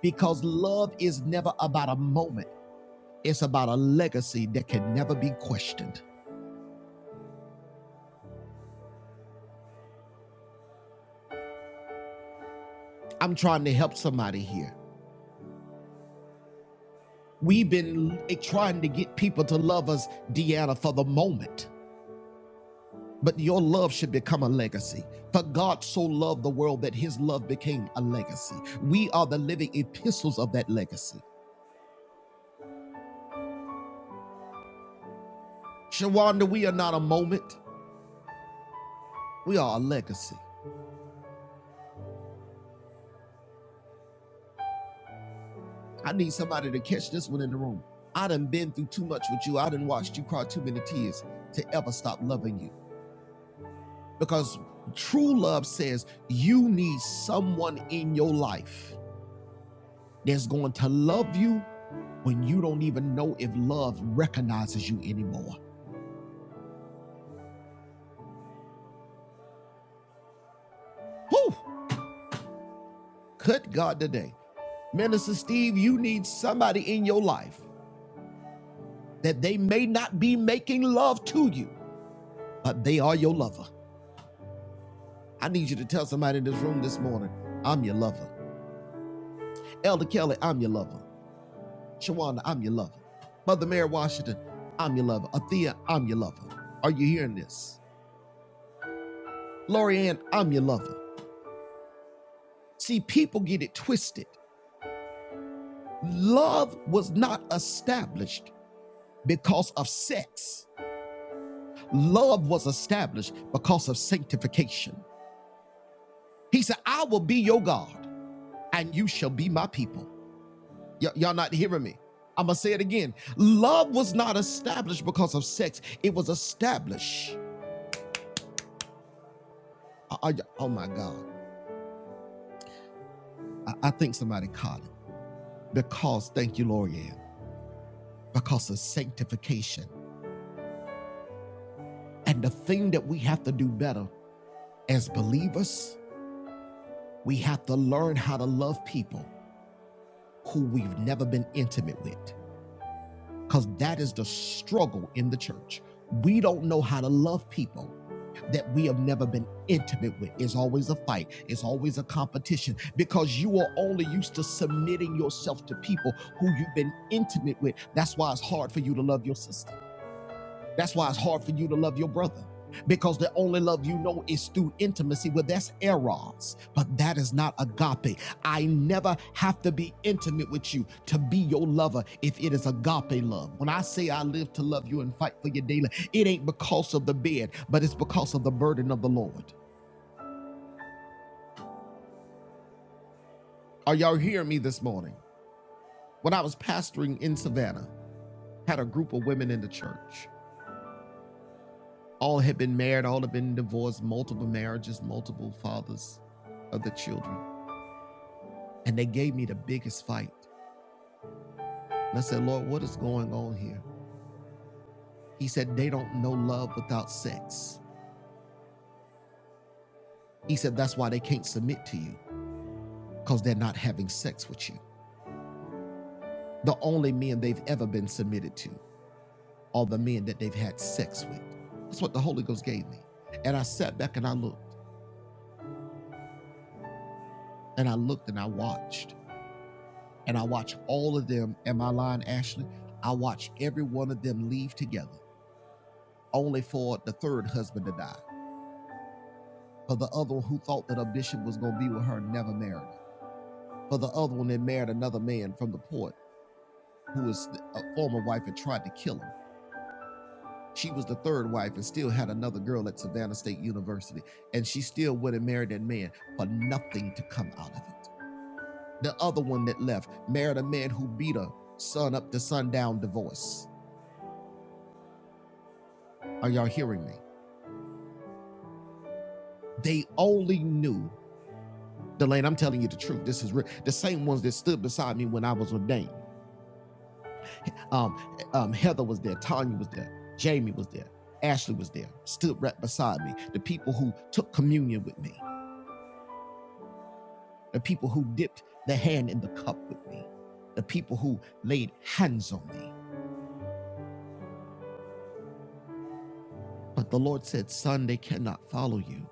[SPEAKER 1] Because love is never about a moment, it's about a legacy that can never be questioned. I'm trying to help somebody here. We've been trying to get people to love us, Deanna, for the moment. But your love should become a legacy. For God so loved the world that his love became a legacy. We are the living epistles of that legacy. Shawanda, we are not a moment, we are a legacy. I need somebody to catch this one in the room. I done been through too much with you. I done watched you cry too many tears to ever stop loving you. Because true love says you need someone in your life that's going to love you when you don't even know if love recognizes you anymore. Whew! Good God today. Minister Steve, you need somebody in your life that they may not be making love to you, but they are your lover. I need you to tell somebody in this room this morning, I'm your lover. Elder Kelly, I'm your lover. Shawana, I'm your lover. Mother Mary Washington, I'm your lover. Athea, I'm your lover. Are you hearing this? Lori Ann, I'm your lover. See, people get it twisted. Love was not established because of sex. Love was established because of sanctification. He said, I will be your God and you shall be my people. Y- y'all not hearing me? I'm going to say it again. Love was not established because of sex, it was established. Are- are y- oh my God. I, I think somebody caught it. Because, thank you, Lord, yeah, because of sanctification. And the thing that we have to do better as believers We have to learn how to love people who we've never been intimate with, because that is the struggle in the church. We don't know how to love people that we have never been intimate with. It's always a fight, it's always a competition, because you are only used to submitting yourself to people who you've been intimate with. That's why it's hard for you to love your sister. That's why it's hard for you to love your brother because the only love you know is through intimacy. Well, that's eros, but that is not agape. I never have to be intimate with you to be your lover if it is agape love. When I say I live to love you and fight for you daily, it ain't because of the bed, but it's because of the burden of the Lord. Are y'all hearing me this morning? When I was pastoring in Savannah, had a group of women in the church. all had been married, all had been divorced, multiple marriages, multiple fathers of the children. And they gave me the biggest fight. And I said, Lord, what is going on here? He said, they don't know love without sex. He said, that's why they can't submit to you because they're not having sex with you. The only men they've ever been submitted to are the men that they've had sex with. That's what the Holy Ghost gave me. And I sat back and I looked and I looked and I watched and I watch all of them. Am I lying, Ashley? I watch every one of them leave together, only for the third husband to die. For the other who thought that a bishop was going to be with her never married For the other one that married another man from the port who was a former wife and tried to kill him. She was the third wife and still had another girl at Savannah State University. And she still went and married that man for nothing to come out of it. The other one that left married a man who beat her son up to sundown divorce. Are y'all hearing me? They only knew, Delane, I'm telling you the truth. This is real. The same ones that stood beside me when I was ordained. Um, um, Heather was there, Tanya was there, Jamie was there, Ashley was there, stood right beside me. The people who took communion with me, the people who dipped the hand in the cup with me, the people who laid hands on me. But the Lord said, Son, they cannot follow you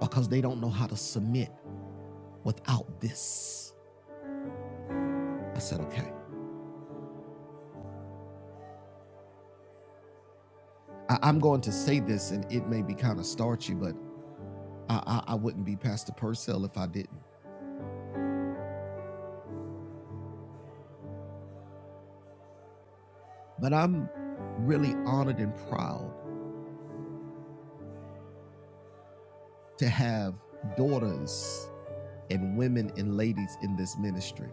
[SPEAKER 1] because they don't know how to submit without this. I said, Okay. I- I'm going to say this and it may be kind of starchy, but I, I, I wouldn't be Pastor Purcell if I didn't. But I'm really honored and proud to have daughters and women and ladies in this ministry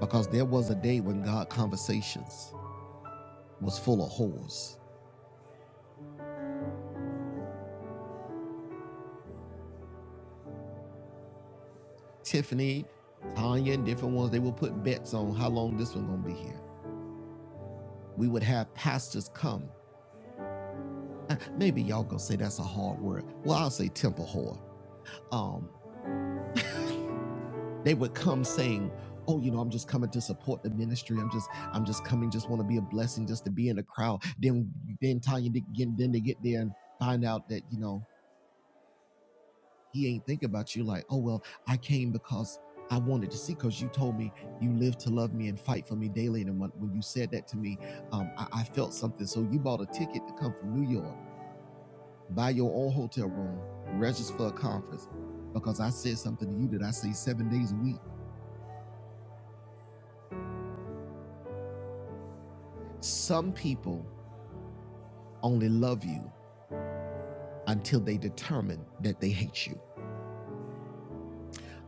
[SPEAKER 1] because there was a day when God Conversations was full of whores. Tiffany, Tanya, and different ones, they would put bets on how long this one gonna be here. We would have pastors come. Maybe y'all gonna say that's a hard word. Well, I'll say temple whore. Um. they would come saying oh you know i'm just coming to support the ministry i'm just i'm just coming just want to be a blessing just to be in the crowd then then tanya to get then they get there and find out that you know he ain't think about you like oh well i came because i wanted to see because you told me you live to love me and fight for me daily and when, when you said that to me um, I, I felt something so you bought a ticket to come from new york buy your own hotel room register for a conference because i said something to you that i say seven days a week some people only love you until they determine that they hate you.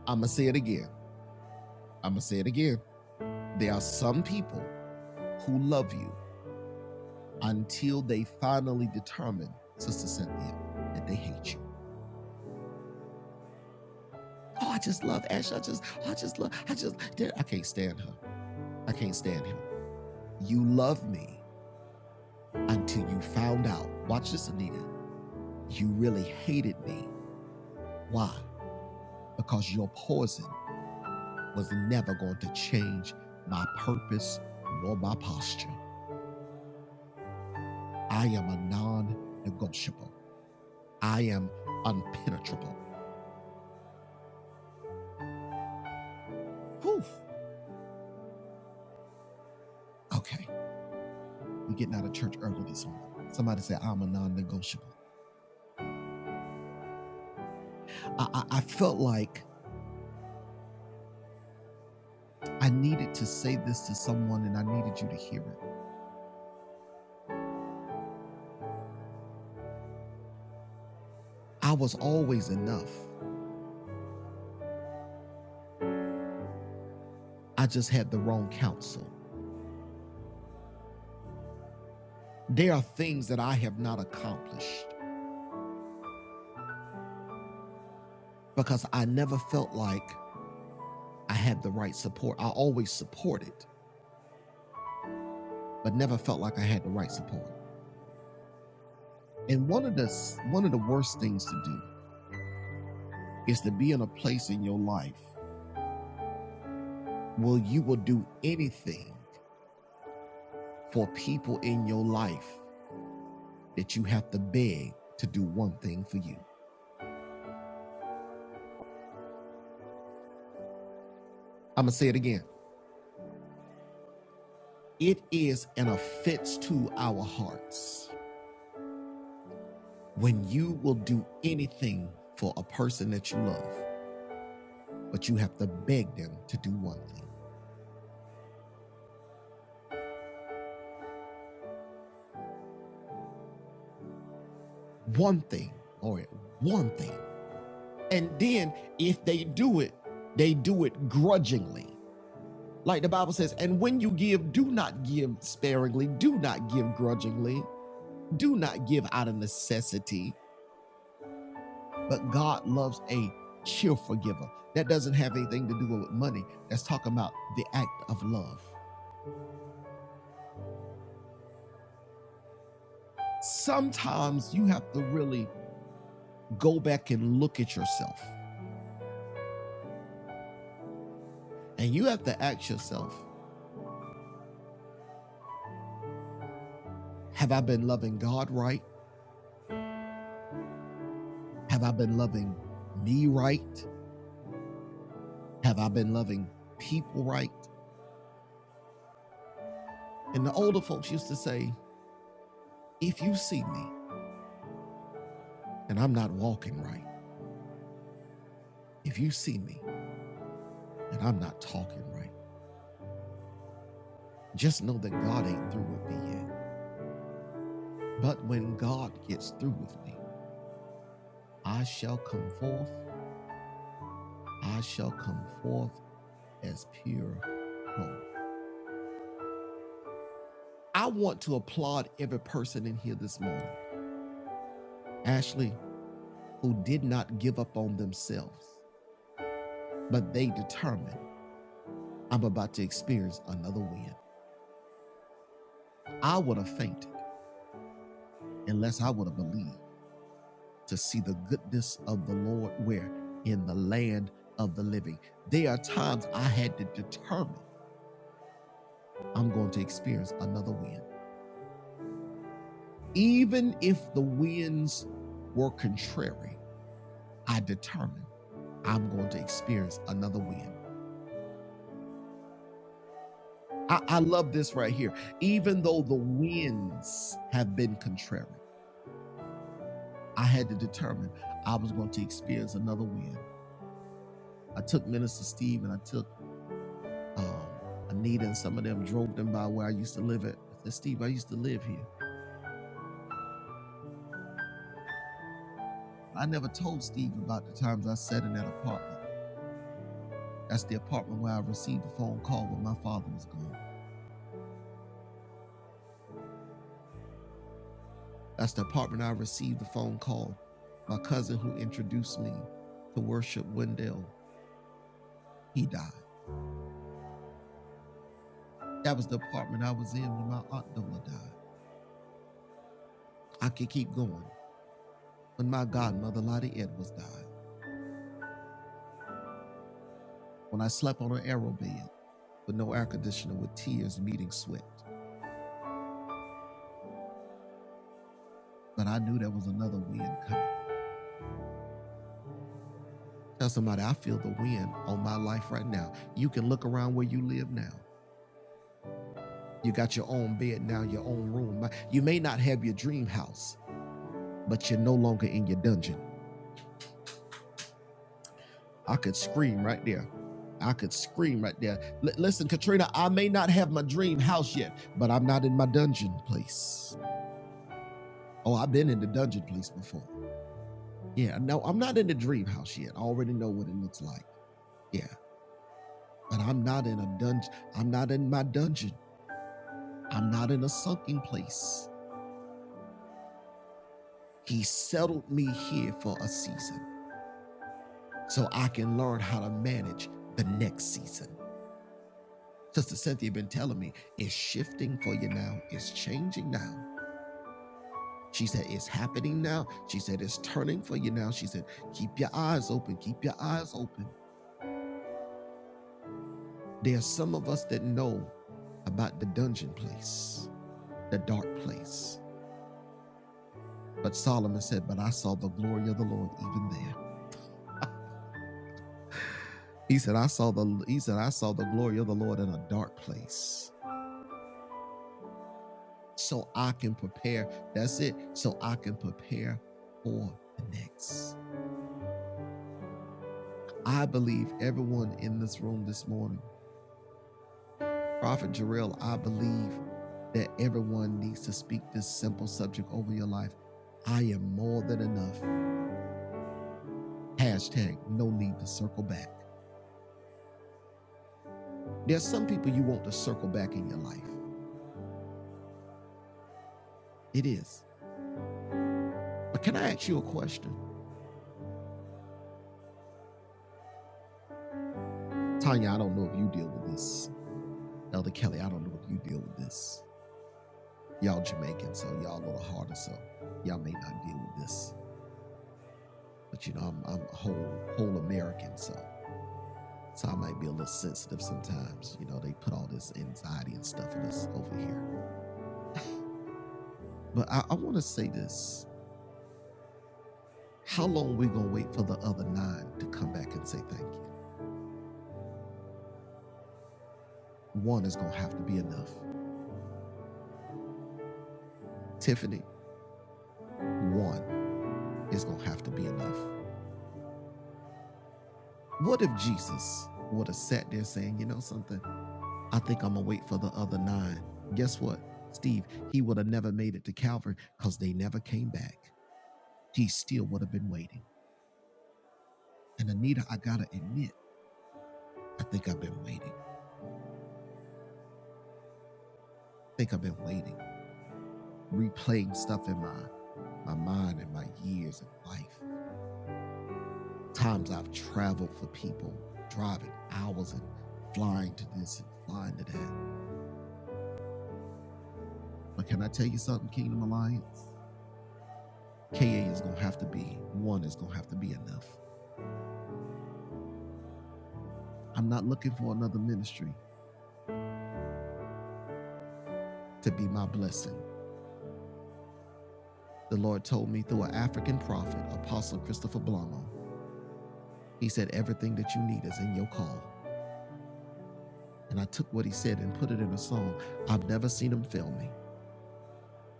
[SPEAKER 1] I'm going to say it again. I'm going to say it again. There are some people who love you until they finally determine, Sister Cynthia, that they hate you. Oh, I just love Ash. I just, oh, I just love, I just, I can't stand her. I can't stand him. You love me until you found out. Watch this, Anita. You really hated me. Why? Because your poison was never going to change my purpose nor my posture. I am a non negotiable, I am unpenetrable. Whew. Okay, we're getting out of church early this morning. Somebody said, I'm a non negotiable. I, I, I felt like I needed to say this to someone and I needed you to hear it. I was always enough, I just had the wrong counsel. There are things that I have not accomplished because I never felt like I had the right support. I always supported, but never felt like I had the right support. And one of the one of the worst things to do is to be in a place in your life where you will do anything for people in your life that you have to beg to do one thing for you. I'm gonna say it again. It is an offense to our hearts when you will do anything for a person that you love, but you have to beg them to do one thing. One thing, or one thing And then if they do it, they do it grudgingly. Like the Bible says, and when you give, do not give sparingly, do not give grudgingly, do not give out of necessity. But God loves a cheerful giver. That doesn't have anything to do with money. That's talking about the act of love. Sometimes you have to really go back and look at yourself. And you have to ask yourself, have I been loving God right? Have I been loving me right? Have I been loving people right? And the older folks used to say, if you see me and I'm not walking right, if you see me and I'm not talking right, just know that God ain't through with me yet. But when God gets through with me, I shall come forth, I shall come forth as pure gold. I want to applaud every person in here this morning, Ashley, who did not give up on themselves, but they determined I'm about to experience another win. I would have fainted unless I would have believed to see the goodness of the Lord where in the land of the living. There are times I had to determine I'm going to experience another wind. Even if the winds were contrary, I determined I'm going to experience another wind. I, I love this right here. Even though the winds have been contrary, I had to determine I was going to experience another wind. I took Minister Steve and I took um, Anita and some of them drove them by where I used to live at. I said, Steve, I used to live here. I never told Steve about the times I sat in that apartment. That's the apartment where I received the phone call when my father was gone. That's the apartment I received the phone call. My cousin who introduced me to worship Wendell, he died. That was the apartment I was in when my aunt Dola died. I could keep going. When my godmother Lottie Edwards died. When I slept on an arrow bed with no air conditioner with tears meeting sweat. but I knew there was another wind coming. Tell somebody, I feel the wind on my life right now. You can look around where you live now. You got your own bed now, your own room. You may not have your dream house, but you're no longer in your dungeon. I could scream right there. I could scream right there. Li- listen, Katrina, I may not have my dream house yet, but I'm not in my dungeon place. Oh, I've been in the dungeon place before. Yeah, no, I'm not in the dream house yet. I already know what it looks like. Yeah. But I'm not in a dungeon. I'm not in my dungeon. I'm not in a sunken place. He settled me here for a season so I can learn how to manage the next season. Sister Cynthia been telling me it's shifting for you now. It's changing now. She said it's happening now. She said it's turning for you now. She said keep your eyes open. Keep your eyes open. There are some of us that know about the dungeon place, the dark place But Solomon said, But I saw the glory of the Lord even there. He said, I saw the he said, I saw the glory of the Lord in a dark place. So I can prepare. That's it. So I can prepare for the next. I believe everyone in this room this morning, Prophet Jarrell, I believe that everyone needs to speak this simple subject over your life. I am more than enough. Hashtag no need to circle back. There's some people you want to circle back in your life. It is. But can I ask you a question? Tanya, I don't know if you deal with this. Elder Kelly, I don't know if you deal with this. Y'all Jamaican, so y'all a little harder, so y'all may not deal with this. But you know, I'm I'm a whole whole American, so so I might be a little sensitive sometimes. You know, they put all this anxiety and stuff in us over here. But I, I wanna say this. How long we gonna wait for the other nine to come back and say thank you? One is gonna have to be enough. Tiffany, one is gonna have to be enough. What if Jesus would have sat there saying, you know something? I think I'm going to wait for the other nine. Guess what, Steve? He would have never made it to Calvary because they never came back. He still would have been waiting. And Anita, I got to admit, I think I've been waiting. I think I've been waiting, replaying stuff in my, my mind and my years and life. Times I've traveled for people, driving hours and flying to this and flying to that. But can I tell you something, Kingdom Alliance? KA is going to have to be one is going to have to be enough. I'm not looking for another ministry to be my blessing. The Lord told me through an African prophet, Apostle Christopher Blamo. He said, Everything that you need is in your call. And I took what he said and put it in a song. I've never seen him fail me.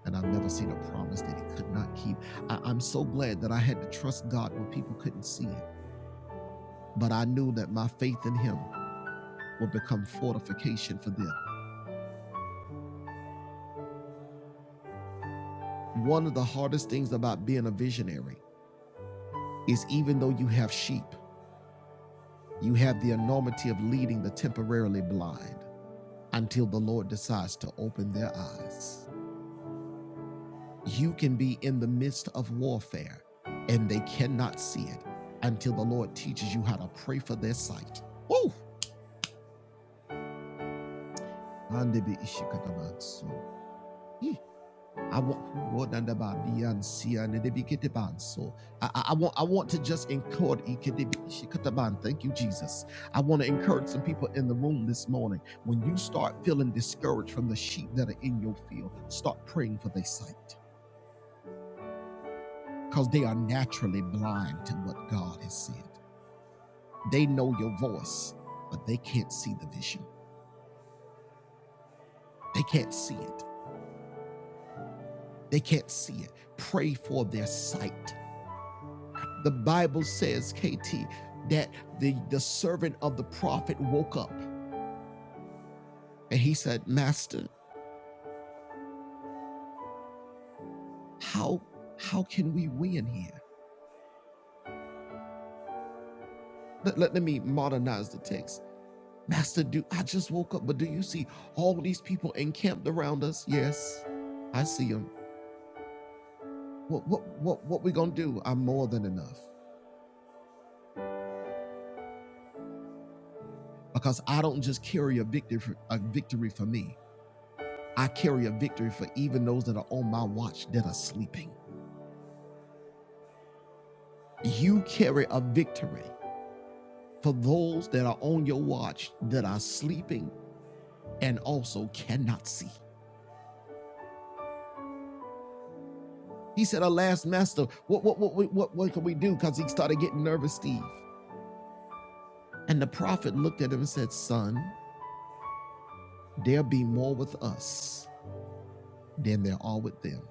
[SPEAKER 1] And I've never seen a promise that he could not keep. I, I'm so glad that I had to trust God when people couldn't see it. But I knew that my faith in him would become fortification for them. One of the hardest things about being a visionary is even though you have sheep, you have the enormity of leading the temporarily blind until the Lord decides to open their eyes. You can be in the midst of warfare and they cannot see it until the Lord teaches you how to pray for their sight. Woo! I want what and about the and and the big kitty band. So I, I want I want to just encourage ikete bi- shikataban. Thank you, Jesus. I want to encourage some people in the room this morning. When you start feeling discouraged from the sheep that are in your field, start praying for their sight. Because they are naturally blind to what God has said. They know your voice, but they can't see the vision. They can't see it. They can't see it. Pray for their sight The Bible says, KT, that the, the servant of the prophet woke up and he said, Master, how how can we win here? Let, let, let me modernize the text. Master, do I just woke up, but do you see all these people encamped around us? Yes, I see them. What what what what we gonna do? I'm more than enough. Because I don't just carry a victory for, a victory for me. I carry a victory for even those that are on my watch that are sleeping. You carry a victory. for those that are on your watch that are sleeping and also cannot see. He said, Alas, Master, what what what what what, can we do? Because he started getting nervous, Steve. And the prophet looked at him and said, Son, there be more with us than there are with them.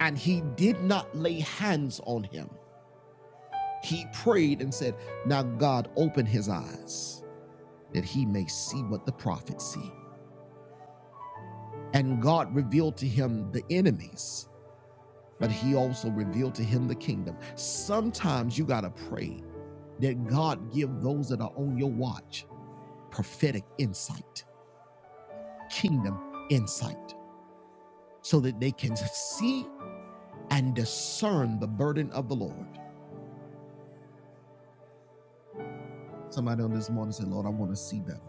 [SPEAKER 1] And he did not lay hands on him. He prayed and said, Now God open his eyes that he may see what the prophet see. And God revealed to him the enemies but he also revealed to him the kingdom. Sometimes you got to pray that God give those that are on your watch prophetic insight, kingdom insight, so that they can see and discern the burden of the Lord. Somebody on this morning said, Lord, I want to see better.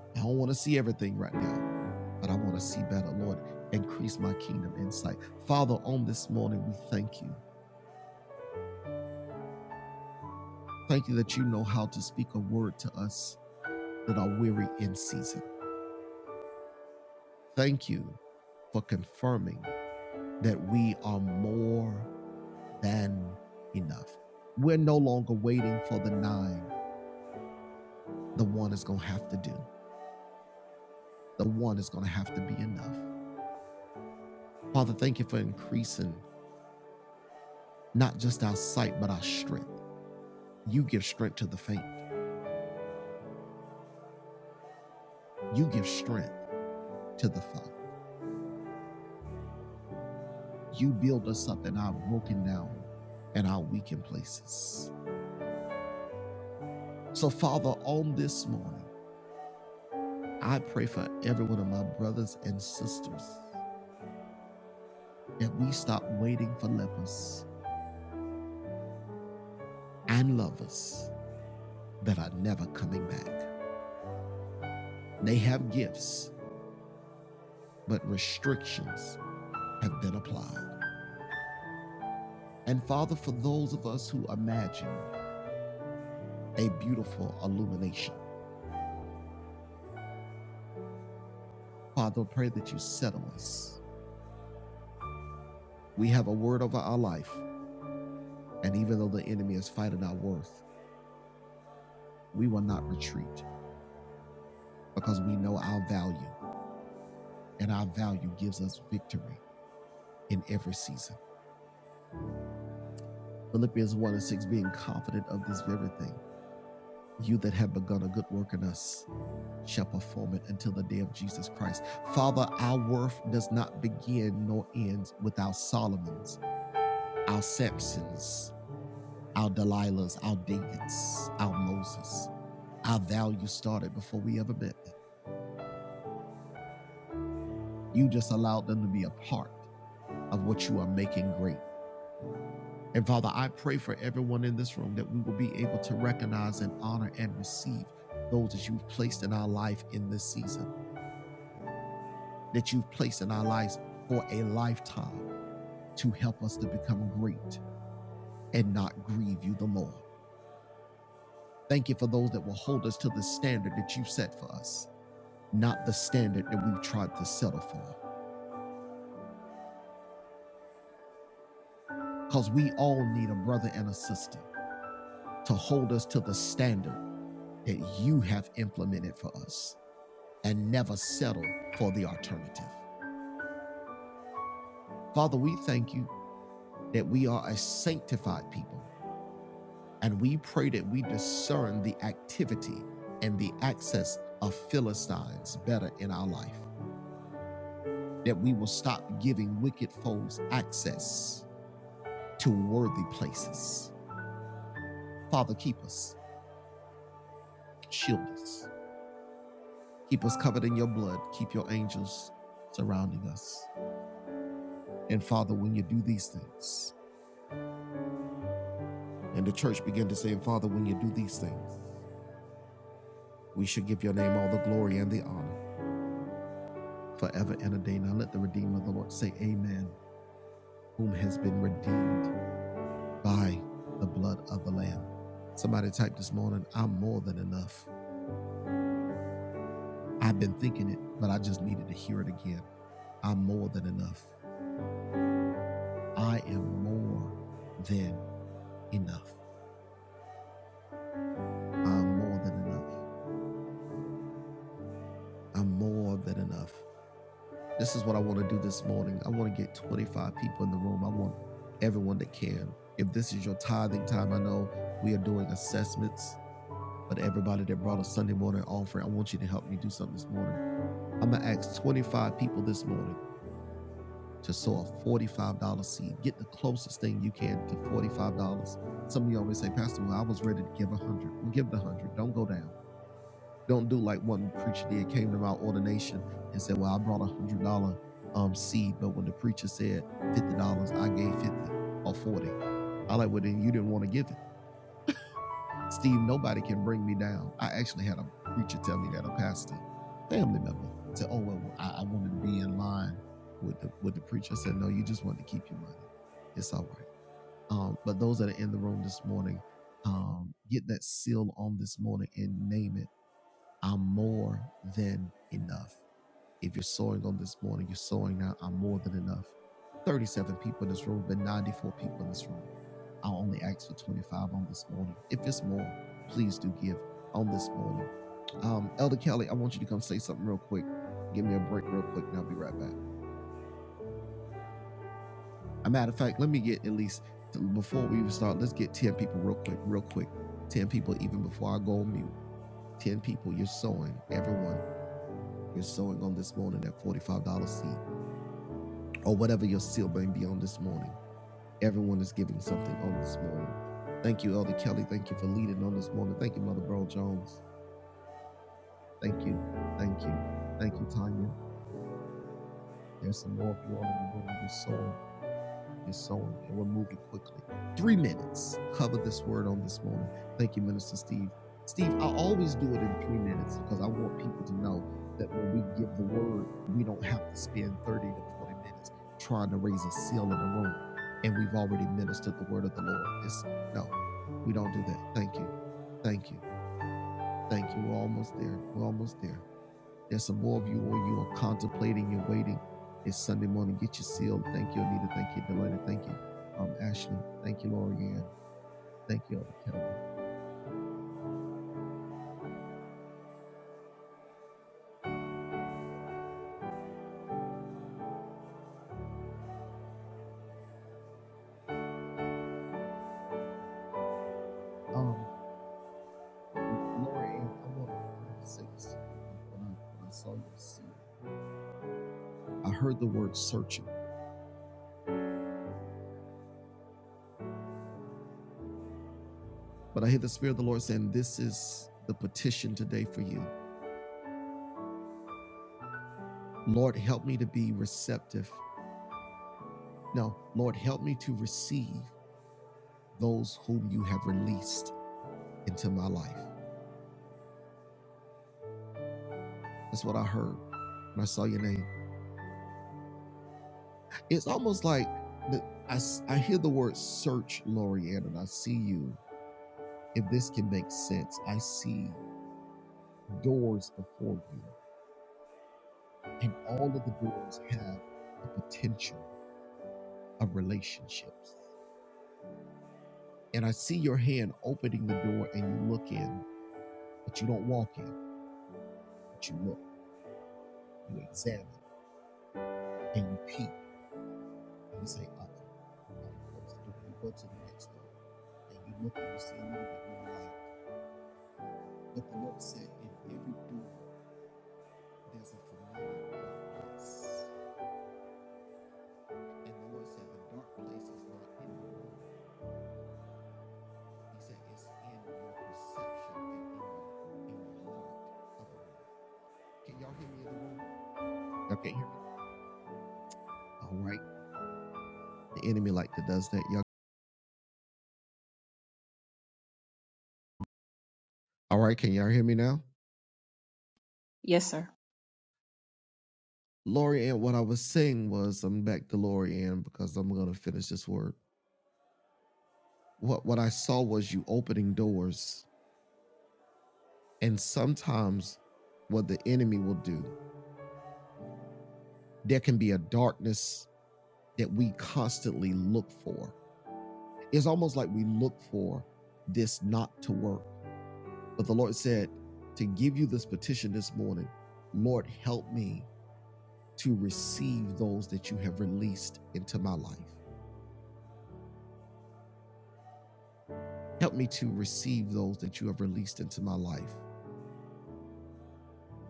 [SPEAKER 1] I don't want to see everything right now, but I want to see better. Lord, increase my kingdom insight. Father, on this morning, we thank you. Thank you that you know how to speak a word to us that are weary in season. Thank you for confirming that we are more than enough. We're no longer waiting for the nine. The one is going to have to do, the one is going to have to be enough. Father, thank you for increasing not just our sight, but our strength. You give strength to the faint, you give strength to the foe. You build us up in our broken down and our weakened places. So, Father, on this morning, I pray for every one of my brothers and sisters that we stop waiting for lepers and lovers that are never coming back. They have gifts, but restrictions have been applied. And Father, for those of us who imagine a beautiful illumination, Father, I pray that you settle us. We have a word over our life, and even though the enemy is fighting our worth, we will not retreat because we know our value, and our value gives us victory in every season. Philippians 1 and 6 being confident of this very thing You that have begun a good work in us shall perform it until the day of Jesus Christ. Father, our worth does not begin nor ends with our Solomons, our Samsons, our Delilahs, our Davids, our Moses. Our value started before we ever met. You just allowed them to be a part of what you are making great. And Father, I pray for everyone in this room that we will be able to recognize and honor and receive those that you've placed in our life in this season. that you've placed in our lives for a lifetime to help us to become great and not grieve you the more. Thank you for those that will hold us to the standard that you've set for us, not the standard that we've tried to settle for. Because we all need a brother and a sister to hold us to the standard that you have implemented for us and never settle for the alternative. Father, we thank you that we are a sanctified people And we pray that we discern the activity and the access of Philistines better in our life, that we will stop giving wicked foes access to worthy places. Father, keep us, shield us, keep us covered in your blood, keep your angels surrounding us. And Father, when you do these things, and the church began to say, Father, when you do these things, we should give your name all the glory and the honor forever and a day. Now let the Redeemer of the Lord say, Amen whom has been redeemed by the blood of the Lamb. Somebody typed this morning, I'm more than enough. I've been thinking it, but I just needed to hear it again. I'm more than enough. I am more than enough. I'm more than enough. I'm more than enough. This is what I want to do this morning. I want to get 25 people in the room. I want everyone that can. If this is your tithing time, I know we are doing assessments, but everybody that brought a Sunday morning offering, I want you to help me do something this morning. I'm gonna ask 25 people this morning to sow a $45 seed. Get the closest thing you can to $45. Some of you always say, Pastor, well, I was ready to give a hundred. Well, give the one hundred. dollars. Don't go down. Don't do like one preacher did, came to my ordination and said, Well, I brought a one hundred dollar um seed, but when the preacher said fifty dollars, I gave fifty or forty. I like, well then you didn't want to give it. Steve, nobody can bring me down. I actually had a preacher tell me that, a pastor, family member, said, Oh, well, I, I wanted to be in line with the, with the preacher. I said, No, you just want to keep your money. It's all right. Um, but those that are in the room this morning, um, get that seal on this morning and name it. I'm more than enough. If you're sowing on this morning, you're sowing now. I'm more than enough. 37 people in this room, but 94 people in this room. I will only ask for 25 on this morning. If it's more, please do give on this morning. Um, Elder Kelly, I want you to come say something real quick. Give me a break real quick, and I'll be right back. As A matter of fact, let me get at least before we even start, let's get 10 people real quick, real quick. 10 people, even before I go on mute. 10 people, you're sowing. Everyone, you're sowing on this morning that $45 seed or whatever your seal may be on this morning. Everyone is giving something on this morning. Thank you, Elder Kelly. Thank you for leading on this morning. Thank you, Mother Bro Jones. Thank you. Thank you. Thank you, Tanya. There's some more of you all in the room. You're sowing. You're sowing, and we're moving quickly. Three minutes. Cover this word on this morning. Thank you, Minister Steve. Steve, I always do it in three minutes because I want people to know that when we give the word, we don't have to spend 30 to 40 minutes trying to raise a seal in the room. And we've already ministered the word of the Lord. It's no, we don't do that. Thank you. Thank you. Thank you. We're almost there. We're almost there. There's some more of you or you are contemplating, you're waiting. It's Sunday morning. Get you sealed. Thank you, Anita. Thank you, Delana. Thank you, um, Ashley. Thank you, Lorianne. Thank you, Elder Kelly. Um, Lorianne, I want to say this. When I, when I saw your seal, I heard the word searching, but I hear the Spirit of the Lord saying, This is the petition today for you. Lord, help me to be receptive. No, Lord, help me to receive those whom you have released into my life. That's what I heard when I saw your name. it's almost like the, I I hear the word search, Lorianne, and I see you. If this can make sense, I see doors before you, and all of the doors have the potential of relationships. And I see your hand opening the door, and you look in, but you don't walk in, but you look, you examine, and you're supposed to do. it. You go to the next door, and you say, "Okay, here." All right, the enemy like that does that, y'all. All right, can y'all hear me now?
[SPEAKER 2] Yes, sir.
[SPEAKER 1] Lori Ann, what I was saying was, I'm back to Lori Ann because I'm gonna finish this word. What what I saw was you opening doors, and sometimes what the enemy will do, there can be a darkness that we constantly look for. It's almost like we look for this not to work. But the Lord said to give you this petition this morning, Lord, help me to receive those that you have released into my life. Help me to receive those that you have released into my life.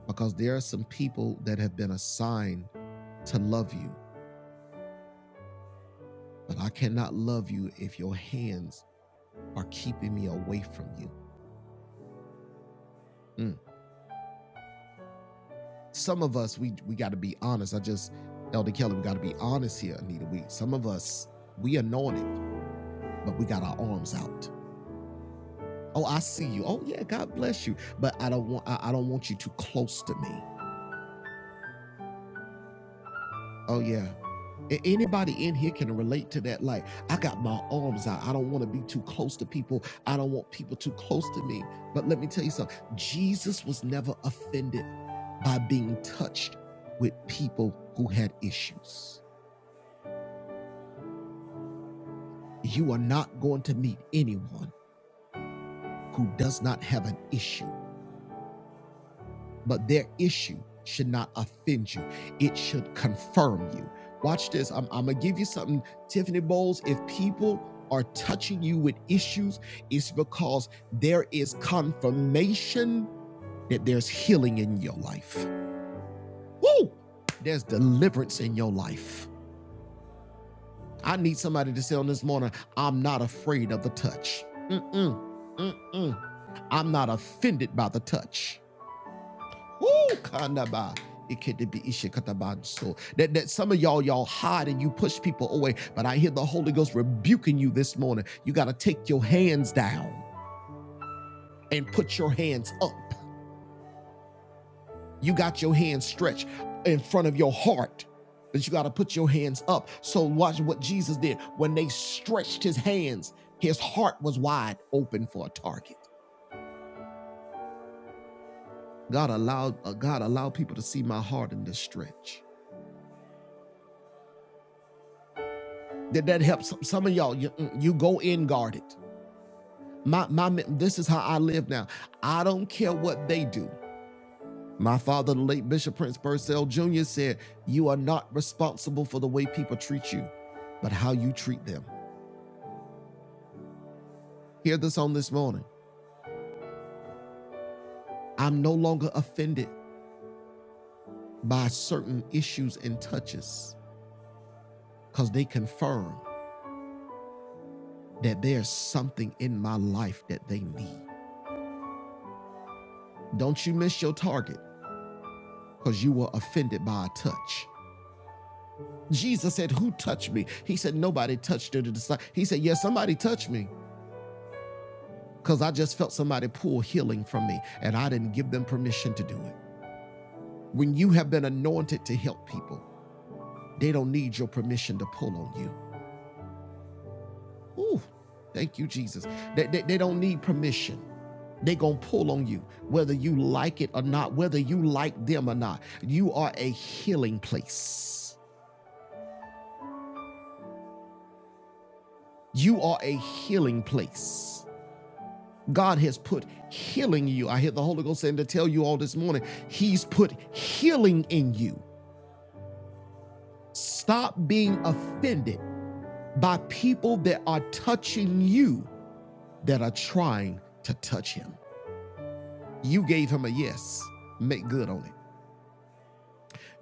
[SPEAKER 1] because there are some people that have been assigned to love you, but I cannot love you if your hands are keeping me away from you. Mm. Some of us, we we got to be honest. I just, Elder Kelly, we got to be honest here, Anita. We some of us, we anointed, but we got our arms out. Oh, I see you. Oh yeah, God bless you. But I don't want I, I don't want you too close to me. Oh yeah. A- Anybody in here can relate to that. Like, I got my arms out. I don't want to be too close to people. I don't want people too close to me. But let me tell you something Jesus was never offended by being touched with people who had issues. You are not going to meet anyone who does not have an issue. but their issue should not offend you. It should confirm you. Watch this. I'm, I'm going to give you something, Tiffany Bowles. If people are touching you with issues, it's because there is confirmation that there's healing in your life. Woo! There's deliverance in your life. I need somebody to say on this morning, I'm not afraid of the touch. Mm-mm. I'm not offended by the touch. Woo! Kanaba. It could be ishikataban. So that, that some of y'all, y'all hide and you push people away. But I hear the Holy Ghost rebuking you this morning. You got to take your hands down and put your hands up. You got your hands stretched in front of your heart. But you got to put your hands up. So watch what Jesus did. When they stretched his hands, his heart was wide open for a target. God allowed uh, God allowed people to see my heart in this stretch. That that helps Some, of y'all, you, mm, you go in guarded. My, my, this is how I live now. I don't care what they do. My father, the late Bishop Prince Purcell Jr., said, You are not responsible for the way people treat you, but how you treat them. Hear this on this morning. I'm no longer offended by certain issues and touches because they confirm that there's something in my life that they need. Don't you miss your target because you were offended by a touch. Jesus said, Who touched me? He said, Nobody touched the disciple. He said, Yes, somebody touched me because I just felt somebody pull healing from me and I didn't give them permission to do it. When you have been anointed to help people, they don't need your permission to pull on you. Ooh, thank you, Jesus. They, they, they don't need permission. They're going to pull on you, whether you like it or not, whether you like them or not. You are a healing place. You are a healing place. God has put healing in you. I hear the Holy Ghost saying to tell you all this morning, He's put healing in you. Stop being offended by people that are touching you that are trying to touch Him. You gave Him a yes, make good on it.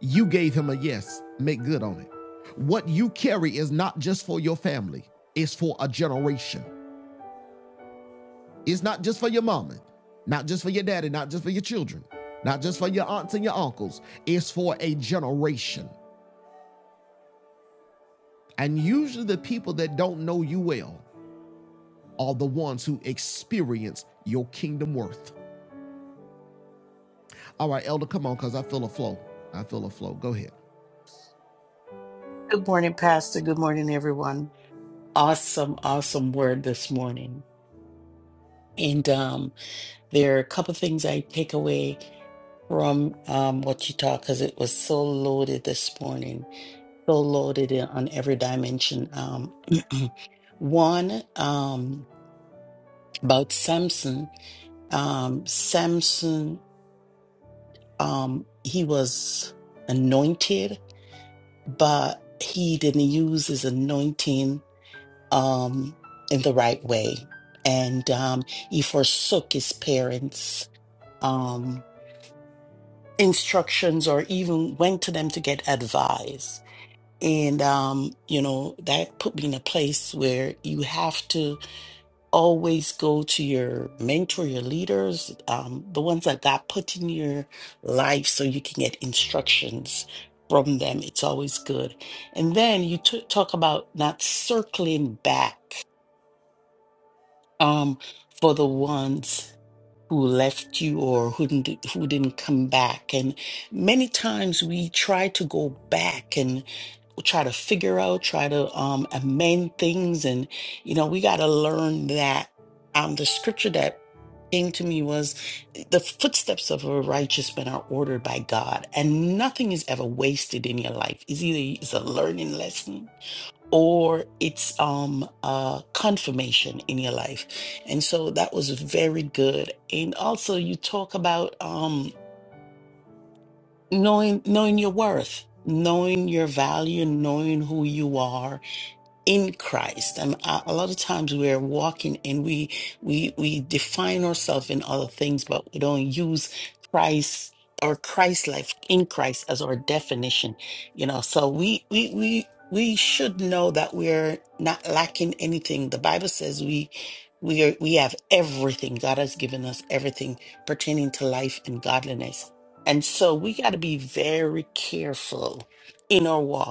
[SPEAKER 1] You gave Him a yes, make good on it. What you carry is not just for your family, it's for a generation. It's not just for your mama, not just for your daddy, not just for your children, not just for your aunts and your uncles. It's for a generation. And usually the people that don't know you well are the ones who experience your kingdom worth. All right, Elder, come on, because I feel a flow. I feel a flow. Go ahead.
[SPEAKER 4] Good morning, Pastor. Good morning, everyone. Awesome, awesome word this morning. And um, there are a couple things I take away from um, what you taught because it was so loaded this morning, so loaded in- on every dimension. Um, one um, about Samson. Um, Samson, um, he was anointed, but he didn't use his anointing um, in the right way. And um, he forsook his parents' um, instructions or even went to them to get advice. And, um, you know, that put me in a place where you have to always go to your mentor, your leaders, um, the ones that God put in your life so you can get instructions from them. It's always good. And then you t- talk about not circling back um, for the ones who left you or who didn't, who didn't come back. And many times we try to go back and try to figure out, try to um, amend things. And, you know, we got to learn that. Um, the scripture that came to me was the footsteps of a righteous man are ordered by God, and nothing is ever wasted in your life. It's either it's a learning lesson or it's um uh confirmation in your life and so that was very good and also you talk about um knowing knowing your worth knowing your value knowing who you are in Christ. And a, a lot of times we're walking and we we we define ourselves in other things, but we don't use Christ or Christ life in Christ as our definition. You know, so we we we we should know that we're not lacking anything. The Bible says we we are we have everything. God has given us everything pertaining to life and godliness. And so we got to be very careful in our walk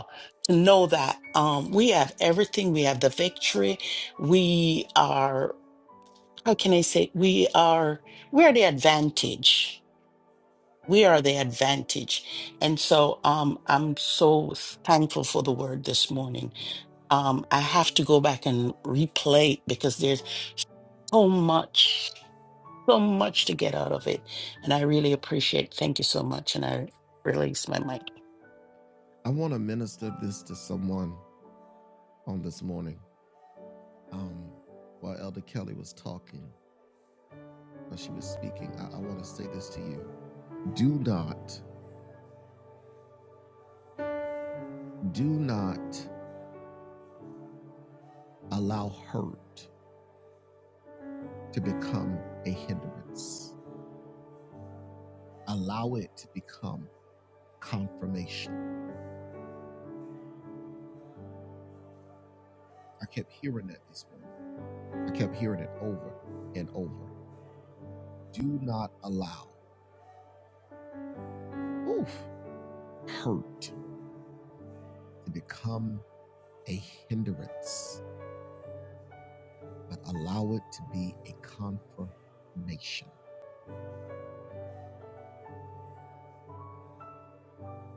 [SPEAKER 4] know that um, we have everything. We have the victory. We are, how can I say, we are, we are the advantage. We are the advantage. And so um, I'm so thankful for the word this morning. Um, I have to go back and replay it because there's so much, so much to get out of it. And I really appreciate Thank you so much. And I release my mic.
[SPEAKER 1] I want to minister this to someone on this morning. Um, while Elder Kelly was talking, while she was speaking, I, I want to say this to you. Do not, do not allow hurt to become a hindrance. Allow it to become confirmation. I kept hearing that this morning. I kept hearing it over and over. Do not allow oof, hurt to become a hindrance, but allow it to be a confirmation.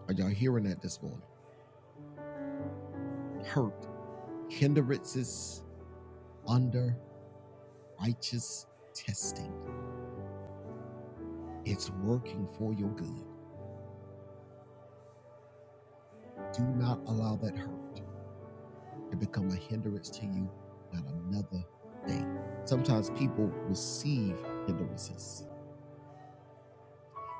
[SPEAKER 1] Are y'all hearing that this morning? Hurt, hindrances under righteous testing. It's working for your good. Do not allow that hurt and become a hindrance to you not another day. Sometimes people receive hindrances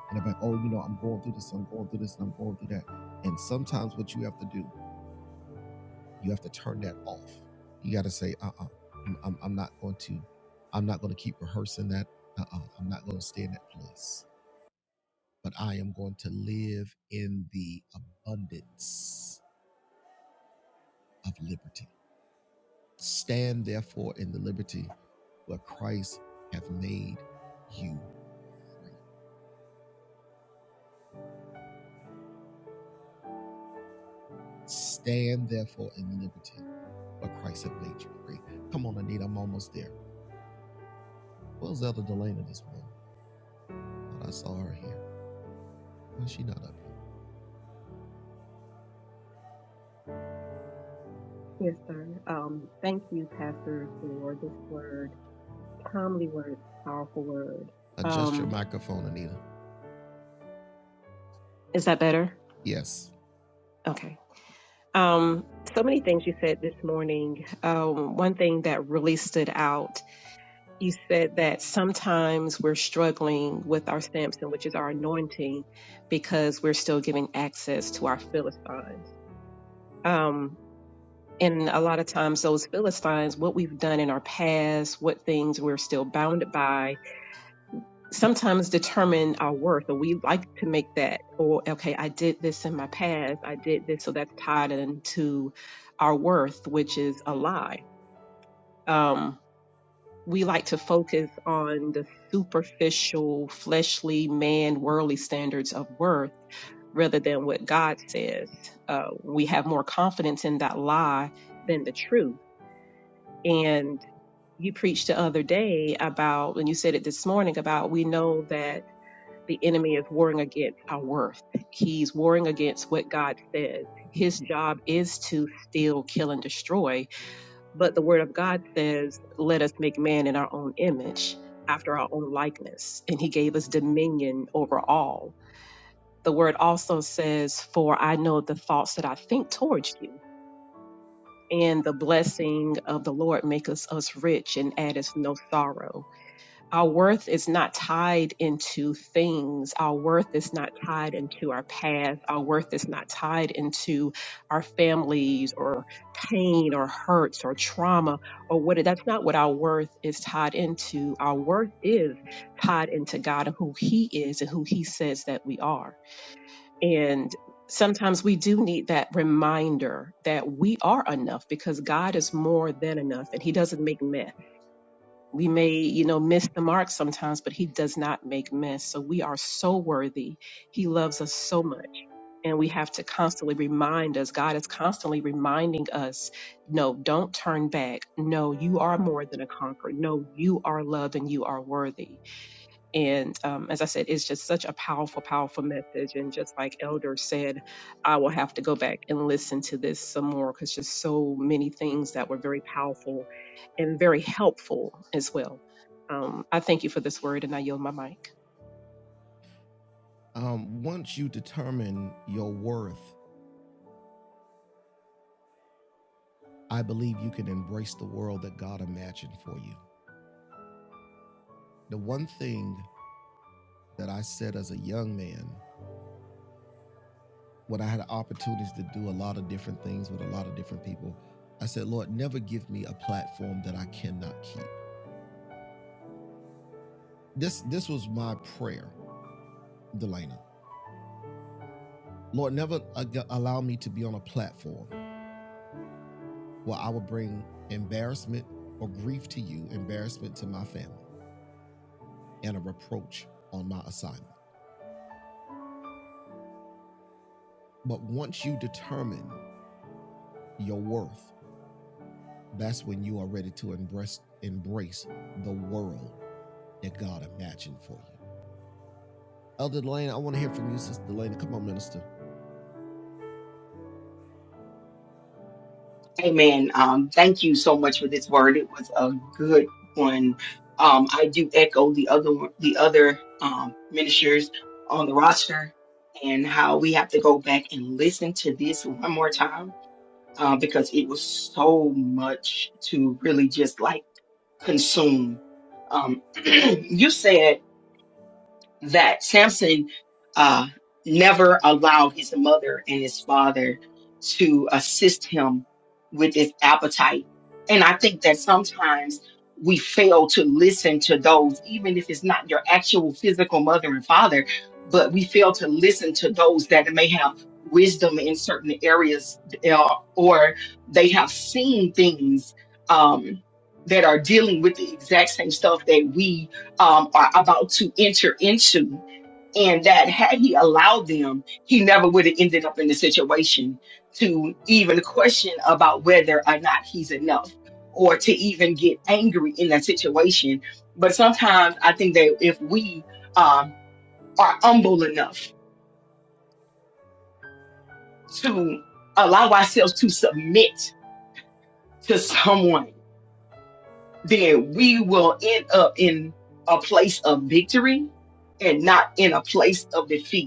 [SPEAKER 1] and they're like, oh, you know, I'm going through this, I'm going through this, and I'm going through that. And sometimes what you have to do, you have to turn that off. You got to say, uh uh-uh, uh, i I'm not going to, I'm not going to keep rehearsing that. uh uh, i am not going to stay in that place, but I am going to live in the abundance of liberty. Stand therefore in the liberty where Christ hath made you. Stand therefore in the liberty where Christ hath made you free. Come on, Anita, I'm almost there. Where's Elder Delana this morning? Thought I saw her here. Why is she not up here?
[SPEAKER 2] Yes, sir. Um, thank you, Pastor, for this word, timely word, powerful word.
[SPEAKER 1] Adjust your
[SPEAKER 2] Um,
[SPEAKER 1] microphone, Anita.
[SPEAKER 2] is that better?
[SPEAKER 1] Yes.
[SPEAKER 2] Okay. Um, so many things you said this morning. Um, one thing that really stood out you said that sometimes we're struggling with our Samson, which is our anointing, because we're still giving access to our Philistines. Um, and a lot of times, those Philistines, what we've done in our past, what things we're still bounded by, sometimes determine our worth. Or we like to make that, or okay, I did this in my past, I did this, so that's tied into our worth, which is a lie. Um, we like to focus on the superficial, fleshly, man, worldly standards of worth rather than what God says. Uh, we have more confidence in that lie than the truth. And you preached the other day about, and you said it this morning about we know that the enemy is warring against our worth. He's warring against what God says. His job is to steal, kill, and destroy but the word of God says, let us make man in our own image, after our own likeness. And he gave us dominion over all. The word also says, for I know the thoughts that I think towards you. And the blessing of the Lord maketh us rich and addeth no sorrow. Our worth is not tied into things. Our worth is not tied into our past. Our worth is not tied into our families or pain or hurts or trauma or what. That's not what our worth is tied into. Our worth is tied into God and who He is and who He says that we are. And sometimes we do need that reminder that we are enough because God is more than enough and He doesn't make mess we may you know miss the mark sometimes but he does not make miss so we are so worthy he loves us so much and we have to constantly remind us god is constantly reminding us no don't turn back no you are more than a conqueror no you are loved and you are worthy and um, as I said, it's just such a powerful, powerful message. And just like Elder said, I will have to go back and listen to this some more because just so many things that were very powerful and very helpful as well. Um, I thank you for this word and I yield my mic.
[SPEAKER 1] Um, once you determine your worth, I believe you can embrace the world that God imagined for you. The one thing that I said as a young man when I had opportunities to do a lot of different things with a lot of different people, I said, Lord, never give me a platform that I cannot keep. This this was my prayer, Delana. Lord, never allow me to be on a platform where I would bring embarrassment or grief to you, embarrassment to my family, and a reproach on my assignment. But once you determine your worth, that's when you are ready to embrace embrace the world that God imagined for you. Elder Delana, I want to hear from you, Sister Delana. Come on, Minister.
[SPEAKER 5] Amen. Um, thank you so much for this word. It was a good one. Um, I do echo the other one- the other um, ministers on the roster and how we have to go back and listen to this one more time uh, because it was so much to really just like consume. Um, you said that Samson uh, never allowed his mother and his father to assist him with his appetite. And I think that sometimes we fail to listen to those, even if it's not your actual physical mother and father, but we fail to listen to those that may have wisdom in certain areas uh, or they have seen things um, that are dealing with the exact same stuff that we um, are about to enter into. And that had he allowed them, he never would have ended up in the situation to even question about whether or not he's enough or to even get angry in that situation. But sometimes I think that if we um, are humble enough to allow ourselves to submit to someone, then we will end up in a place of victory and not in a place of defeat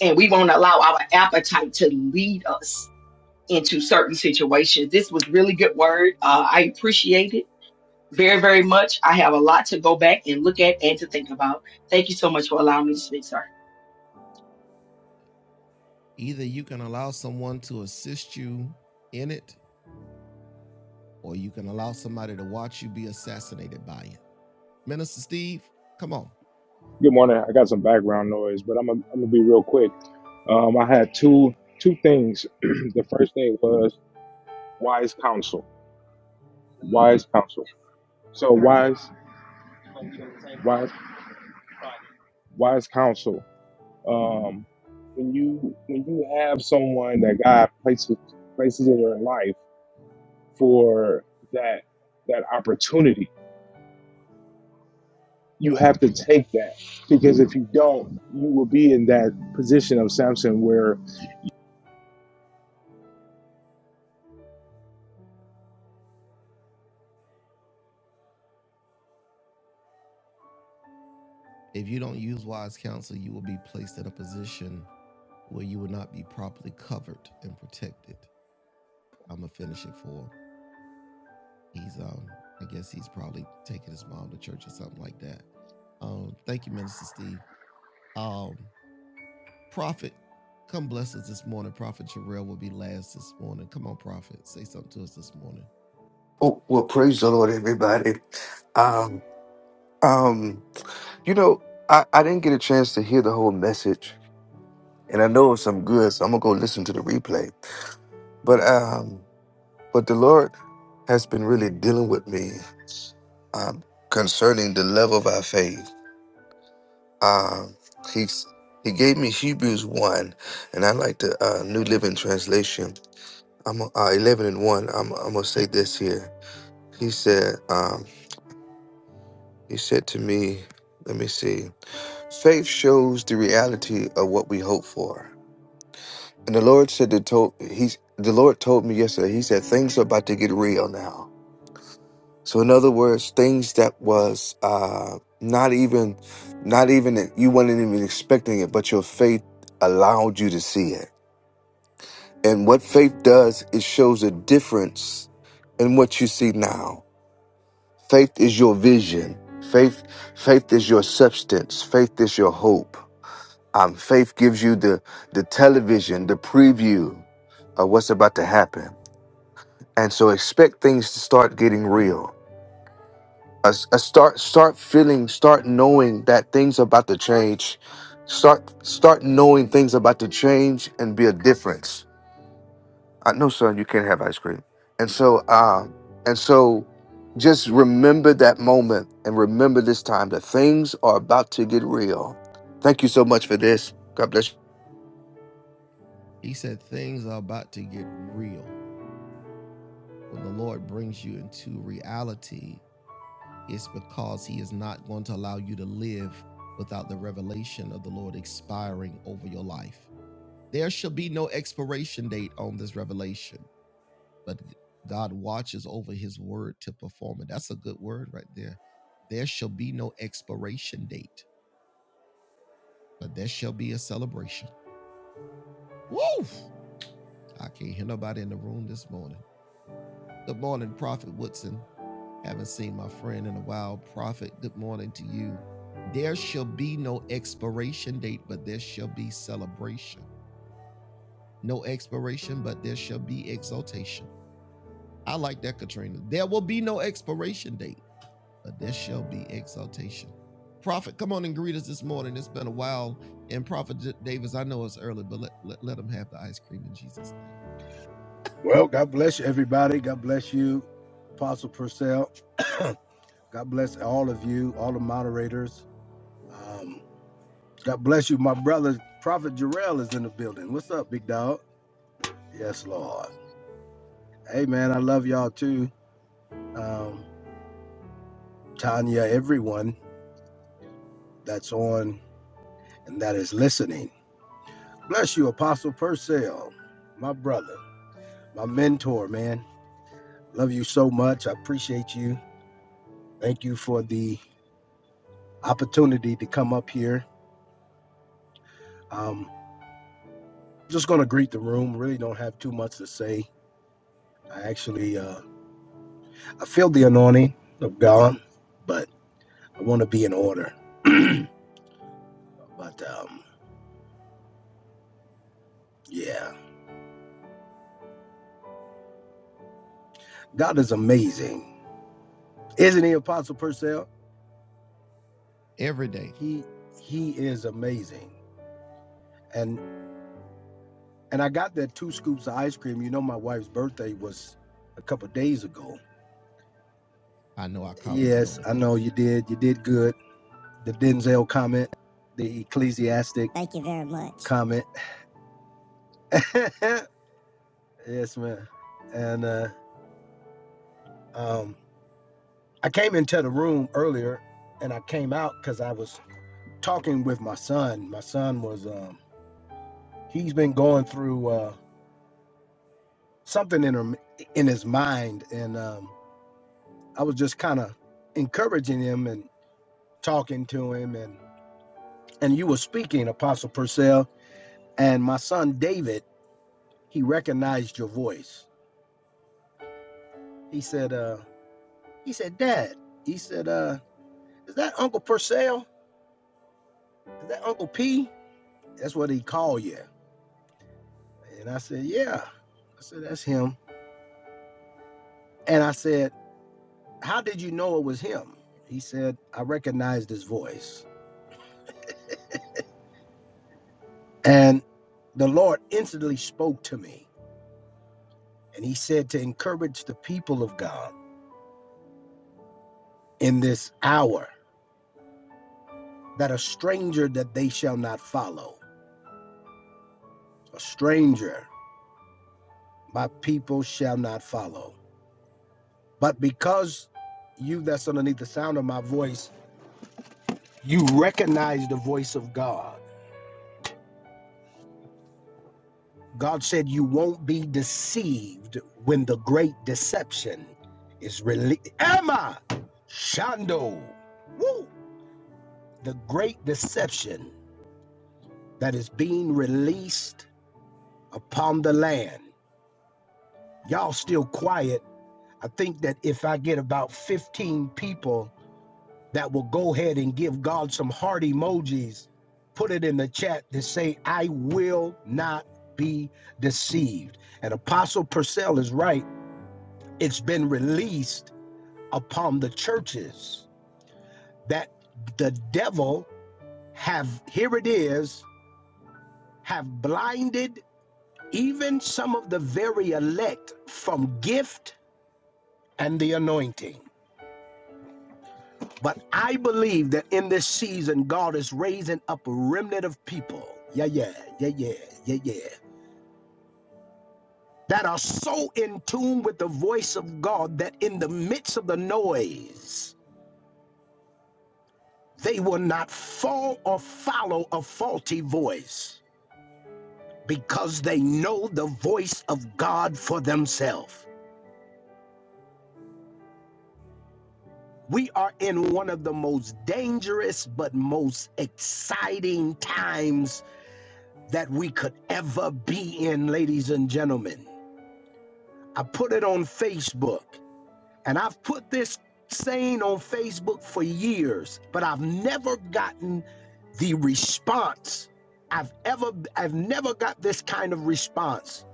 [SPEAKER 5] and we won't allow our appetite to lead us into certain situations. This was really good word. Uh, I appreciate it very, very much. I have a lot to go back and look at and to think about. Thank you so much for allowing me to speak, sir.
[SPEAKER 1] Either you can allow someone to assist you in it, or you can allow somebody to watch you be assassinated by it. Minister Steve, come on.
[SPEAKER 6] Good morning. I got some background noise, but I'm gonna I'm gonna be real quick. Um, I had two two things. the first thing was wise counsel. Wise counsel. So wise wise wise counsel. Um, when you when you have someone that God places places in your life for that that opportunity, you have to take that because if you don't, you will be in that position of Samson where
[SPEAKER 1] If you don't use wise counsel, you will be placed in a position where you will not be properly covered and protected. I'm gonna finish it for. He's um, I guess he's probably taking his mom to church or something like that. Um, thank you, Minister Steve. Um, Prophet, come bless us this morning. Prophet Jarrell will be last this morning. Come on, Prophet, say something to us this morning.
[SPEAKER 7] Oh, well, praise the Lord, everybody. Um, um, you know, I, I didn't get a chance to hear the whole message, and I know it's some good, so I'm gonna go listen to the replay. But um, but the Lord has been really dealing with me um, concerning the level of our faith. Um, he's he gave me Hebrews one, and I like the uh, New Living Translation. I'm uh, eleven and one. I'm I'm gonna say this here. He said um, he said to me. Let me see. Faith shows the reality of what we hope for. And the Lord said that told he's the Lord told me yesterday, he said things are about to get real now. So in other words, things that was uh not even not even you weren't even expecting it, but your faith allowed you to see it. And what faith does, it shows a difference in what you see now. Faith is your vision. Faith faith is your substance. Faith is your hope Um, faith gives you the the television, the preview of what's about to happen, and so expect things to start getting real. Uh, s- uh, start start feeling, start knowing that things about to change. Start start knowing things about to change and be a difference. I know, son, you can't have ice cream, and so um, and so just remember that moment and remember this time that things are about to get real. Thank you so much for this. God bless. you.
[SPEAKER 1] He said, Things are about to get real. When the Lord brings you into reality, it's because He is not going to allow you to live without the revelation of the Lord expiring over your life. There shall be no expiration date on this revelation, but God watches over His word to perform it. That's a good word right there. There shall be no expiration date but there shall be a celebration. Woo! I can't hear nobody in the room this morning. Good morning, Prophet Woodson. Haven't seen my friend in a while. Prophet, good morning to you. There shall be no expiration date, but there shall be celebration. No expiration, but there shall be exaltation. I like that, Katrina. There will be no expiration date, but there shall be exaltation. Prophet, come on and greet us this morning. It's been a while. And Prophet Davis, I know it's early, but let, let, let him have the ice cream in Jesus' name.
[SPEAKER 8] Well, God bless you, everybody. God bless you, Apostle Purcell. God bless all of you, all the moderators. Um, God bless you, my brother, Prophet Jarrell is in the building. What's up, big dog? Yes, Lord. Hey, man, I love y'all too. Um, Tanya, everyone that's on and that is listening. Bless you, Apostle Purcell, my brother, my mentor, man. Love you so much. I appreciate you. Thank you for the opportunity to come up here. Um, just going to greet the room. Really don't have too much to say. I actually uh, I feel the anointing of God, but I want to be in order. but um, yeah, God is amazing, isn't He, Apostle Purcell?
[SPEAKER 1] every day.
[SPEAKER 8] He He is amazing, and and I got that two scoops of ice cream. You know, my wife's birthday was a couple of days ago.
[SPEAKER 1] I know I commented on
[SPEAKER 8] Yes,
[SPEAKER 1] the
[SPEAKER 8] I know
[SPEAKER 1] post.
[SPEAKER 8] you did. You did good. The Denzel comment, the ecclesiastic
[SPEAKER 1] Thank you very much.
[SPEAKER 8] comment. Yes, man. And uh, um, I came into the room earlier, and I came out because I was talking with my son. My son was um, he's been going through uh, something in her, in his mind, and um, I was just kind of encouraging him and talking to him, and and you were speaking, Apostle Purcell, and my son David. He recognized your voice. He said, uh, he said, Dad. He said, uh, is that Uncle Purcell? Is that Uncle P? That's what he called you. And I said, Yeah. I said, That's him. And I said, How did you know it was him? He said, I recognized his voice. And the Lord instantly spoke to me. And he said to encourage the people of God in this hour that a stranger that they shall not follow, a stranger my people shall not follow. But because you that's underneath the sound of my voice, you recognize the voice of God God said you won't be deceived when the great deception is released. Emma Shando. Woo! The great deception that is being released upon the land. Y'all still quiet. I think that if I get about 15 people that will go ahead and give God some heart emojis, put it in the chat to say, I will not be deceived. And Apostle Purcell is right it's been released upon the churches that the devil have here it is have blinded even some of the very elect from gift and the anointing but i believe that in this season god is raising up a remnant of people yeah yeah yeah yeah yeah yeah that are so in tune with the voice of god that in the midst of the noise They will not fall or follow a faulty voice because they know the voice of God for themselves. We are in one of the most dangerous but most exciting times that we could ever be in, ladies and gentlemen. I put it on Facebook. And I've put this saying on Facebook for years, but I've never gotten the response. I've ever I've never got this kind of response.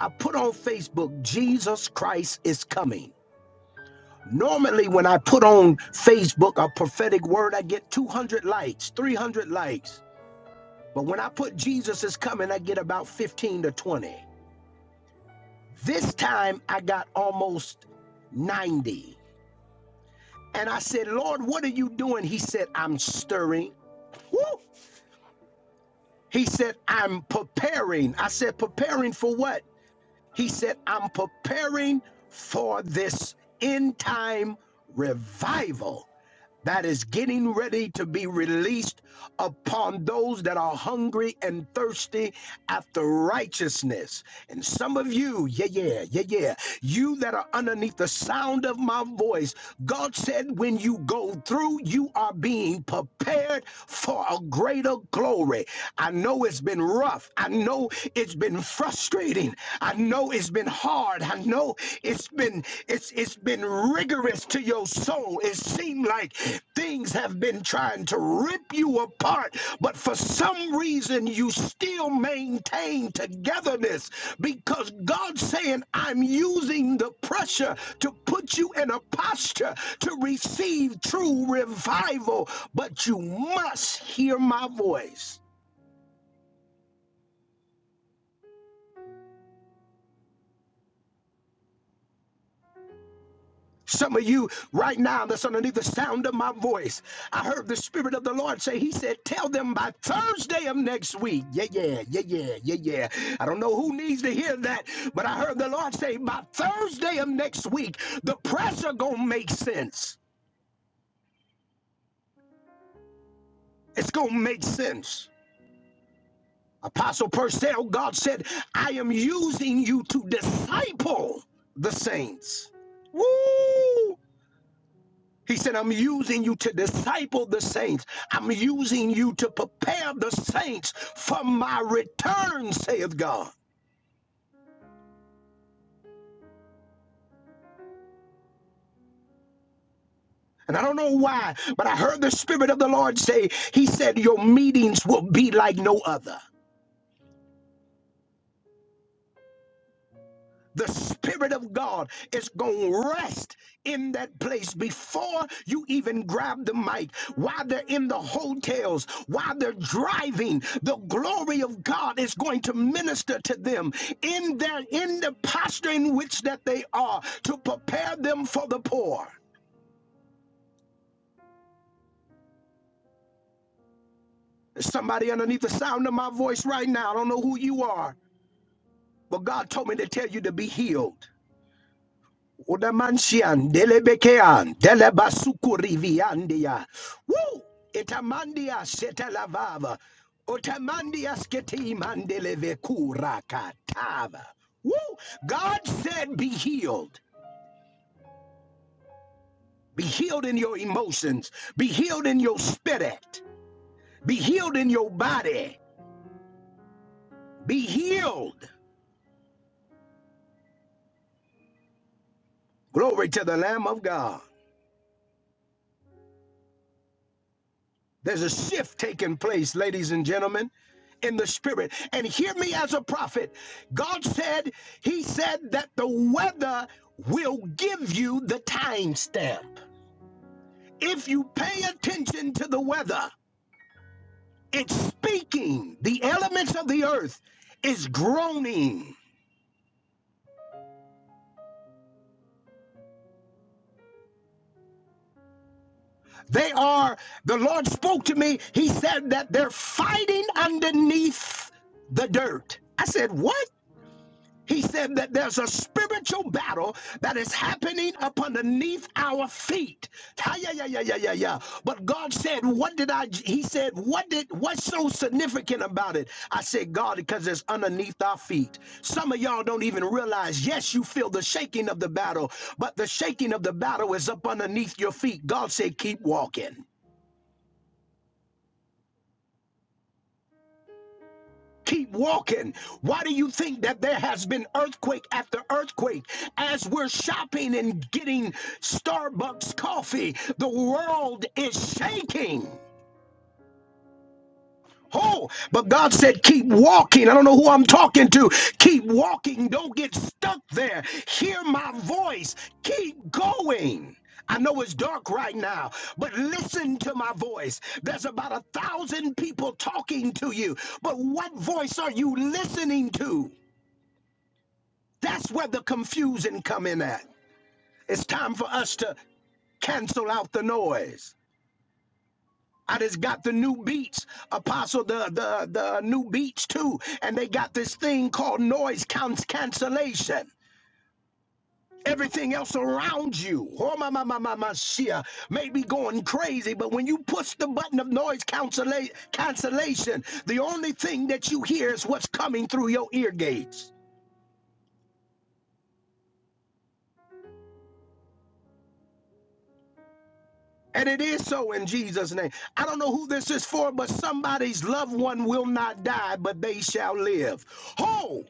[SPEAKER 8] I put on Facebook, Jesus Christ is coming. Normally when I put on Facebook a prophetic word, I get 200 likes, 300 likes. But when I put Jesus is coming, I get about 15 to 20. This time I got almost 90. And I said, Lord, what are you doing? He said, I'm stirring. Woo! He said, I'm preparing. I said, preparing for what? He said, I'm preparing for this end time revival that is getting ready to be released upon those that are hungry and thirsty after righteousness. And some of you, yeah, yeah, yeah, yeah, you that are underneath the sound of my voice, God said, when you go through, you are being prepared for a greater glory. I know it's been rough. I know it's been frustrating. I know it's been hard. I know it's been it's it's been rigorous to your soul. It seemed like like things have been trying to rip you apart, but for some reason you still maintain togetherness because God's saying, I'm using the pressure to put you in a posture to receive true revival, but you must hear my voice. Some of you right now that's underneath the sound of my voice. I heard the Spirit of the Lord say, He said, Tell them by Thursday of next week. Yeah, yeah, yeah, yeah, yeah, yeah. I don't know who needs to hear that, but I heard the Lord say, By Thursday of next week, the pressure are going to make sense. It's going to make sense. Apostle Purcell, God said, I am using you to disciple the saints. Woo! He said, I'm using you to disciple the saints. I'm using you to prepare the saints for my return, saith God. And I don't know why, but I heard the Spirit of the Lord say, He said, Your meetings will be like no other. the Spirit of God is going to rest in that place before you even grab the mic. While they're in the hotels, while they're driving, the glory of God is going to minister to them in their in the posture in which that they are to prepare them for the poor. Somebody underneath the sound of my voice right now. I don't know who you are, but God told me to tell you to be healed. Udamanshian, Delebekean, Delebasukuriviandia. Woo! Itamandia setelavava. Otamandia sketimandelevekurakatava. Woo! God said, Be healed. Be healed in your emotions. Be healed in your spirit. Be healed in your body. Be healed. Glory to the Lamb of God. There's a shift taking place, ladies and gentlemen, in the spirit. And hear me as a prophet. God said, He said that the weather will give you the timestamp. If you pay attention to the weather, it's speaking. The elements of the earth is groaning. They are, the Lord spoke to me. He said that they're fighting underneath the dirt. I said, What? He said that there's a spiritual battle that is happening up underneath our feet. yeah, yeah, yeah, yeah, yeah, yeah. But God said, What did I? He said, What did what's so significant about it? I said, God, because it's underneath our feet. Some of y'all don't even realize, yes, you feel the shaking of the battle, but the shaking of the battle is up underneath your feet. God said, Keep walking. Keep walking. Why do you think that there has been earthquake after earthquake? As we're shopping and getting Starbucks coffee, the world is shaking. Oh, but God said, keep walking. I don't know who I'm talking to. Keep walking. Don't get stuck there. Hear my voice. Keep going. I know it's dark right now, but listen to my voice. There's about a thousand people talking to you, but what voice are you listening to? That's where the confusion come in at. It's time for us to cancel out the noise. I just got the new beats, Apostle, the the the new beats too, and they got this thing called noise counts cancellation. Everything else around you, oh my my my my my shia, may be going crazy, but when you push the button of noise cancella- cancellation, the only thing that you hear is what's coming through your ear gates. And it is so in Jesus' name. I don't know who this is for, but somebody's loved one will not die, but they shall live. Ho!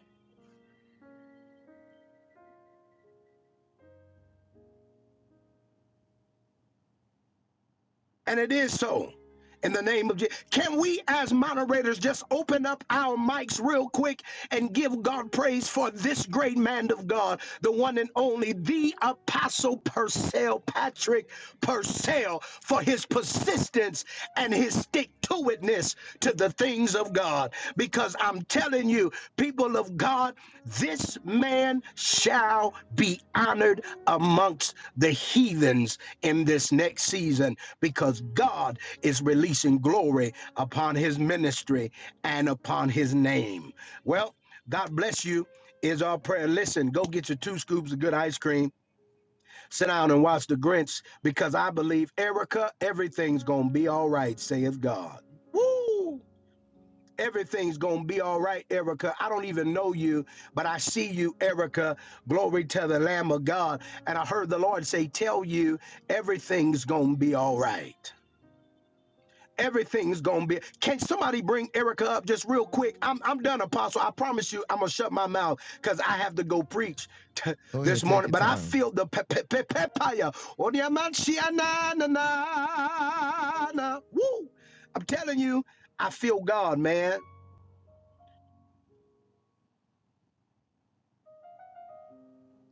[SPEAKER 8] And it is so. In the name of Jesus. Can we, as moderators, just open up our mics real quick and give God praise for this great man of God, the one and only, the Apostle Purcell, Patrick Purcell, for his persistence and his stick to itness to the things of God. Because I'm telling you, people of God, this man shall be honored amongst the heathens in this next season because God is releasing glory upon his ministry and upon his name. Well, God bless you is our prayer. Listen, go get your two scoops of good ice cream, sit down and watch the Grinch because I believe, Erica, everything's going to be all right, saith God. Woo! Everything's going to be all right, Erica. I don't even know you, but I see you, Erica. Glory to the Lamb of God. And I heard the Lord say, Tell you, everything's going to be all right. Everything's gonna be. Can somebody bring Erica up just real quick? I'm I'm done, Apostle. I promise you, I'm gonna shut my mouth because I have to go preach t-
[SPEAKER 1] Go
[SPEAKER 8] this
[SPEAKER 1] ahead, take
[SPEAKER 8] morning.
[SPEAKER 1] your
[SPEAKER 8] But I
[SPEAKER 1] time.
[SPEAKER 8] feel the pe- pe- pe- pepaya. Odiamanchiananana. Woo! I'm telling you, I feel God, man.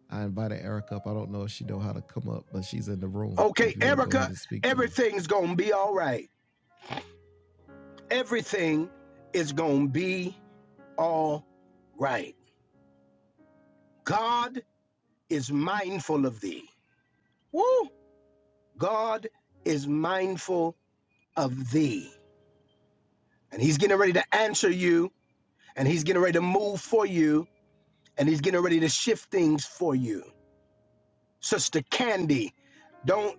[SPEAKER 1] I invited Erica up. I don't know if she know how to come up, but she's in the room. If
[SPEAKER 8] Okay,
[SPEAKER 1] you want to go ahead
[SPEAKER 8] Erica,
[SPEAKER 1] and speak to her,
[SPEAKER 8] everything's gonna be all right. Everything is gonna be all right. God is mindful of thee. Woo! God is mindful of thee. And he's getting ready to answer you, and he's getting ready to move for you, and he's getting ready to shift things for you. Sister Candy, don't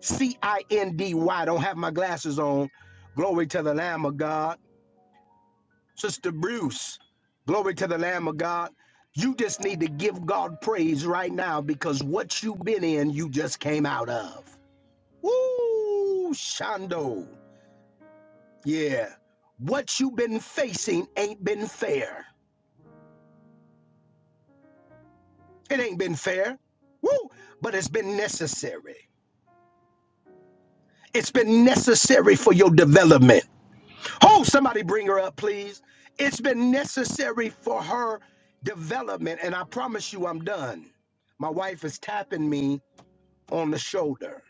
[SPEAKER 8] C I N D Y, don't have my glasses on. Glory to the Lamb of God. Sister Bruce, glory to the Lamb of God. You just need to give God praise right now because what you've been in, you just came out of. Woo, Shando. Yeah. What you been facing ain't been fair. It ain't been fair. Woo! But it's been necessary. It's been necessary for your development. Oh, somebody bring her up, please. It's been necessary for her development. And I promise you, I'm done. My wife is tapping me on the shoulder.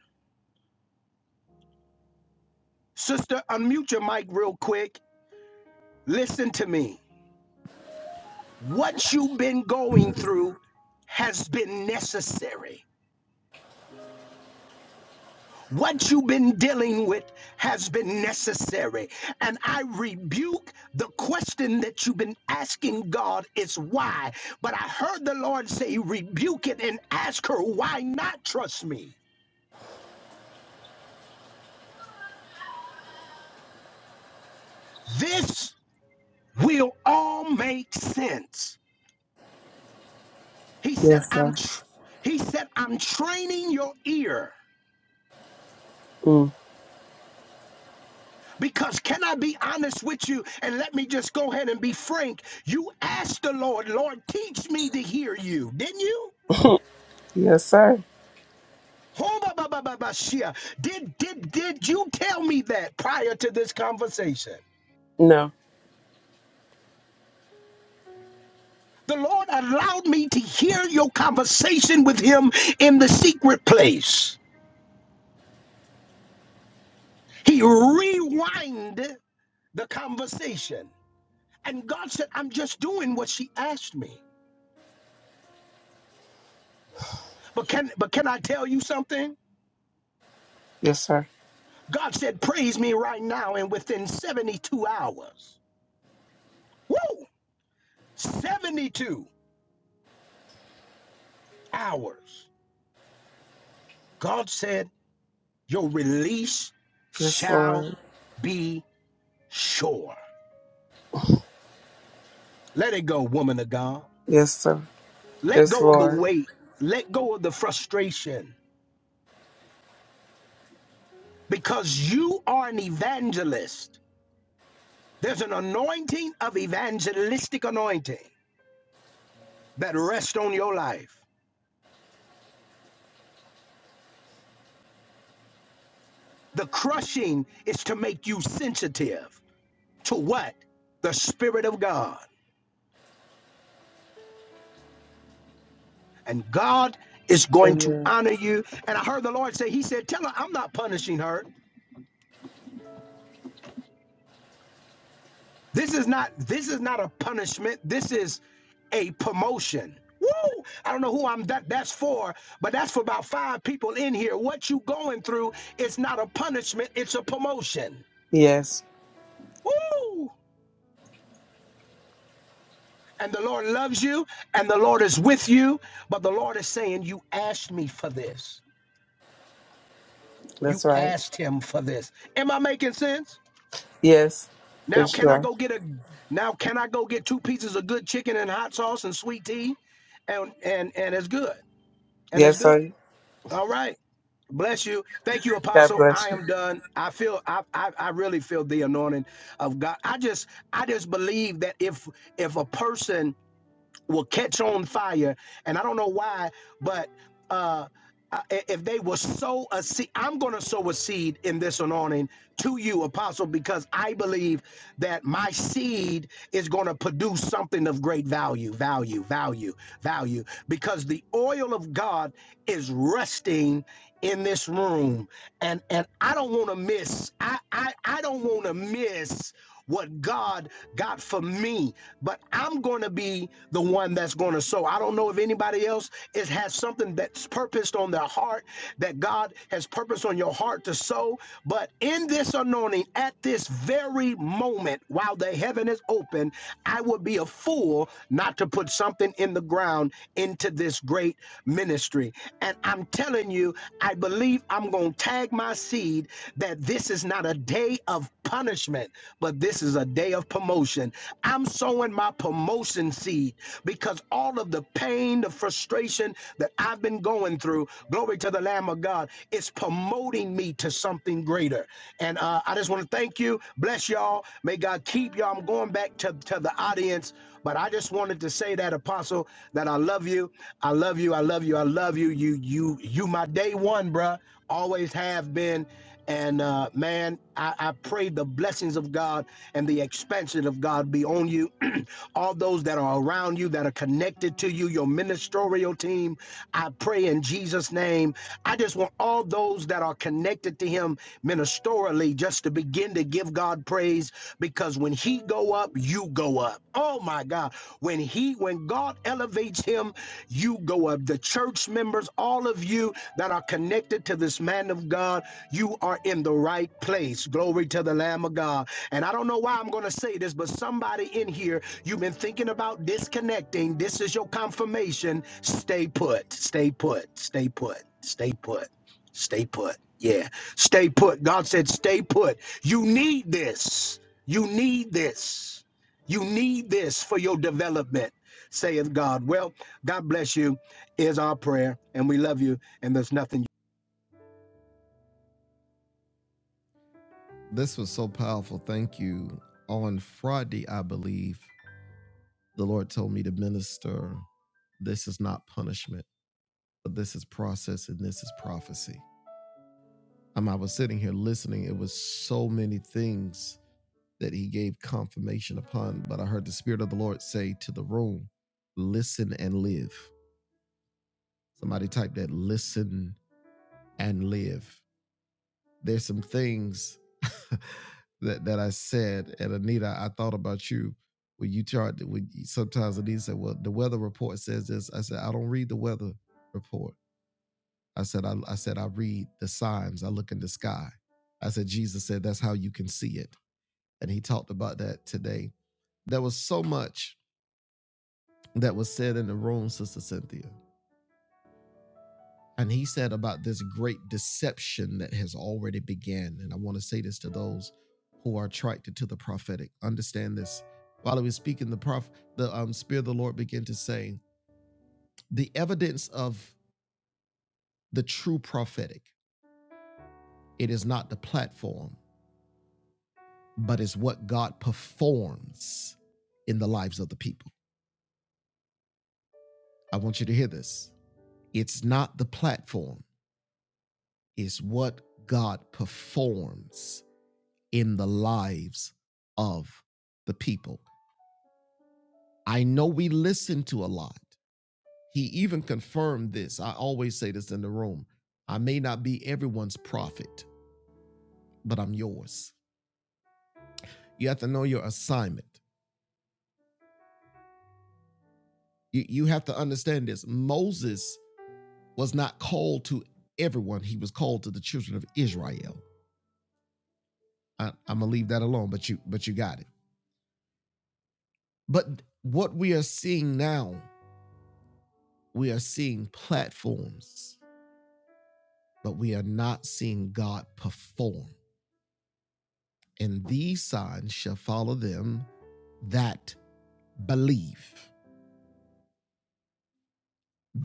[SPEAKER 8] Sister, unmute your mic real quick. Listen to me. What you've been going through has been necessary. What you've been dealing with has been necessary. And I rebuke the question that you've been asking God is why. But I heard the Lord say, rebuke it and ask her, why not trust me? This will all make sense. He said,
[SPEAKER 9] Yes,
[SPEAKER 8] I'm
[SPEAKER 9] sir.
[SPEAKER 8] tr- he said, I'm training your ear.
[SPEAKER 9] Mm.
[SPEAKER 8] Because can I be honest with you? And let me just go ahead and be frank. You asked the Lord, Lord, teach me to hear you, didn't you?
[SPEAKER 9] yes, sir.
[SPEAKER 8] Hoba ba ba ba ba shia. Did did did you tell me that prior to this conversation?
[SPEAKER 9] No.
[SPEAKER 8] The Lord allowed me to hear your conversation with him in the secret place. He rewind the conversation. And God said, I'm just doing what she asked me. But can but can I tell you something?
[SPEAKER 9] Yes, sir.
[SPEAKER 8] God said, praise me right now, and within 72 hours. Woo! 72 hours. God said, Your release
[SPEAKER 9] Yes,
[SPEAKER 8] shall
[SPEAKER 9] Lord.
[SPEAKER 8] be sure. Let it go, woman of God.
[SPEAKER 9] Yes, sir.
[SPEAKER 8] Let
[SPEAKER 9] Yes,
[SPEAKER 8] go of the
[SPEAKER 9] Lord.
[SPEAKER 8] weight. Let go of the frustration because you are an evangelist. There's an anointing of evangelistic anointing that rests on your life. The crushing is to make you sensitive to what? The Spirit of God. And God is going to
[SPEAKER 9] Amen.
[SPEAKER 8] honor you. And I heard the Lord say, He said, Tell her I'm not punishing her. This is not this is not a punishment. This is a promotion. Woo! I don't know who I'm that that's for, but that's for about five people in here. What you going through, it's not a punishment, it's a promotion.
[SPEAKER 9] Yes,
[SPEAKER 8] Woo! And the Lord loves you and the Lord is with you, but the Lord is saying, You asked me for this. You
[SPEAKER 9] that's right.
[SPEAKER 8] asked him for this. Am I making sense?
[SPEAKER 9] Yes,
[SPEAKER 8] Now
[SPEAKER 9] it's
[SPEAKER 8] can I
[SPEAKER 9] right.
[SPEAKER 8] go get a now can I go get two pieces of good chicken and hot sauce and sweet tea? And and and it's good. And it's
[SPEAKER 9] Yes,
[SPEAKER 8] good.
[SPEAKER 9] sir.
[SPEAKER 8] All right. Bless you. Thank you,
[SPEAKER 9] God
[SPEAKER 8] Apostle. I
[SPEAKER 9] bless you.
[SPEAKER 8] am done. I feel I, I I really feel the anointing of God. I just I just believe that if if a person will catch on fire. And I don't know why, but uh, uh, if they will sow a seed, I'm going to sow a seed in this anointing to you, Apostle, because I believe that my seed is going to produce something of great value, value, value, value, because the oil of God is resting in this room and and I don't want to miss. I I I don't want to miss what God got for me. But I'm going to be the one that's going to sow. I don't know if anybody else is has something that's purposed on their heart that God has purposed on your heart to sow. But in this anointing, at this very moment, while the heaven is open, I would be a fool not to put something in the ground into this great ministry. And I'm telling you you, I believe I'm going to tag my seed that this is not a day of punishment, but this is a day of promotion. I'm sowing my promotion seed because all of the pain, the frustration that I've been going through, glory to the Lamb of God, is promoting me to something greater. And uh, I just want to thank you. Bless y'all. May God keep y'all. I'm going back to, to the audience, but I just wanted to say that, Apostle, that I love you. I love you. I love you. I love you love you. You you you my day one, bruh. Always have been. And uh, man, I, I pray the blessings of God and the expansion of God be on you. All those that are around you, that are connected to you, your ministerial team, I pray in Jesus' name. I just want all those that are connected to him ministerially just to begin to give God praise because when he go up, you go up. Oh my God. When he when God elevates him, you go up. The church members, all of you that are connected to this man of God, you are in the right place. Glory to the Lamb of God. And I don't know why I'm going to say this, but somebody in here, you've been thinking about disconnecting. This is your confirmation. Stay put, stay put, stay put, stay put, stay put. Yeah, stay put. God said, stay put. You need this. You need this. You need this for your development, saith God. Well, God bless you is our prayer, and we love you, and there's nothing.
[SPEAKER 1] this was so powerful. Thank you. On Friday, I believe the Lord told me to minister. This is not punishment, but this is process and this is prophecy. Um, I was sitting here listening. It was so many things that he gave confirmation upon, but I heard the Spirit of the Lord say to the room, listen and live. Somebody type that listen and live. There's some things that, that I said, and Anita, I thought about you when you tried when you, sometimes Anita said, Well, the weather report says this. I said, I don't read the weather report. I said, I, I said, I read the signs. I look in the sky. I said, Jesus said, that's how you can see it. And he talked about that today. There was so much that was said in the room, Sister Cynthia. And he said about this great deception that has already began. And I want to say this to those who are attracted to the prophetic. Understand this. While he was speaking, the prof, the um, spirit of the Lord began to say, "The evidence of the true prophetic. It is not the platform, but is what God performs in the lives of the people." I want you to hear this. It's not the platform. It's what God performs in the lives of the people. I know we listen to a lot. He even confirmed this. I always say this in the room I may not be everyone's prophet, but I'm yours. You have to know your assignment. You, you have to understand this. Moses was not called to everyone, he was called to the children of Israel. I, I'm gonna leave that alone, but you but you got it. But what we are seeing now, we are seeing platforms but we are not seeing God perform. And these signs shall follow them that believe.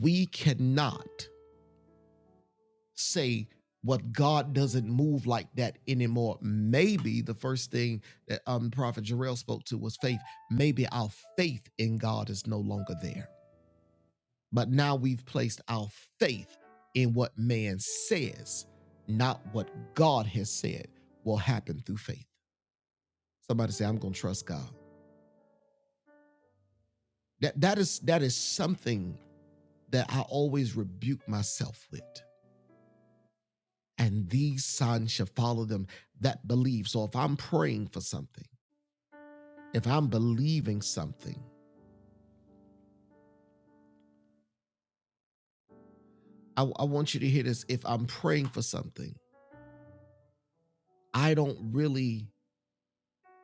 [SPEAKER 1] We cannot say what God doesn't move like that anymore. Maybe the first thing that um, Prophet Jarrell spoke to was faith. Maybe our faith in God is no longer there. But now we've placed our faith in what man said, not what God has said will happen through faith. Somebody say, I'm going to trust God. That that is that is something that I always rebuke myself with. And these signs shall follow them that believe. So if I'm praying for something, if I'm having something, I, I want you to hear this. If I'm praying for something, I don't really,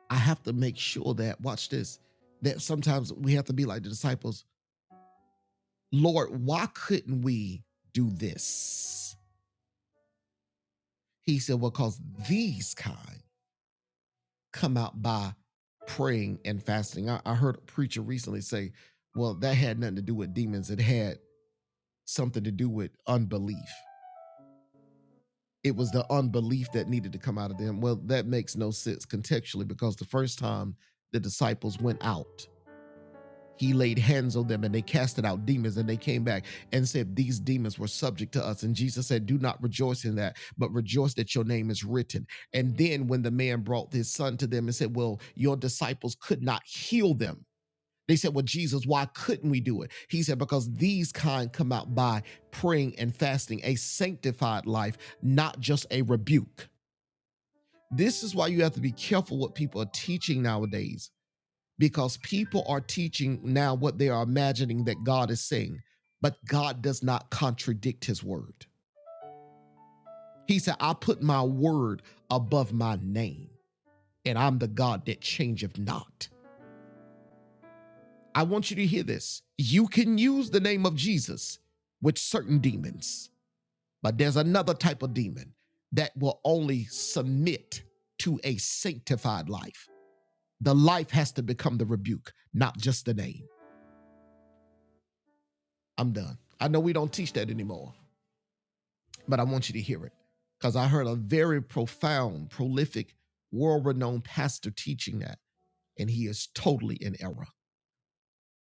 [SPEAKER 1] I have to make sure that, watch this, that sometimes we have to be like the disciples. Lord, why couldn't we do this? He said, Well, because these kind come out by praying and fasting. I, I heard a preacher recently say, well, that had nothing to do with demons, it had something to do with unbelief. It was the unbelief that needed to come out of them. Well, that makes no sense contextually because the first time the disciples went out, he laid hands on them and they casted out demons and they came back and said these demons were subject to us and jesus said do not rejoice in that but rejoice that your name is written and then when the man brought his son to them and said well your disciples could not heal them they said well jesus why couldn't we do it he said because these kind come out by praying and fasting a sanctified life not just a rebuke this is why you have to be careful what people are teaching nowadays because people are teaching now what they are imagining that God is saying, but God does not contradict his word. He said, I put my word above my name, and I'm the God that changeth not. I want you to hear this. You can use the name of Jesus with certain demons, but there's another type of demon that will only submit to a sanctified life. The life has to become the rebuke, not just the name. I'm done. I know we don't teach that anymore. but I want you to hear it because I heard a very profound, prolific, world renowned pastor teaching that, and he is totally in error.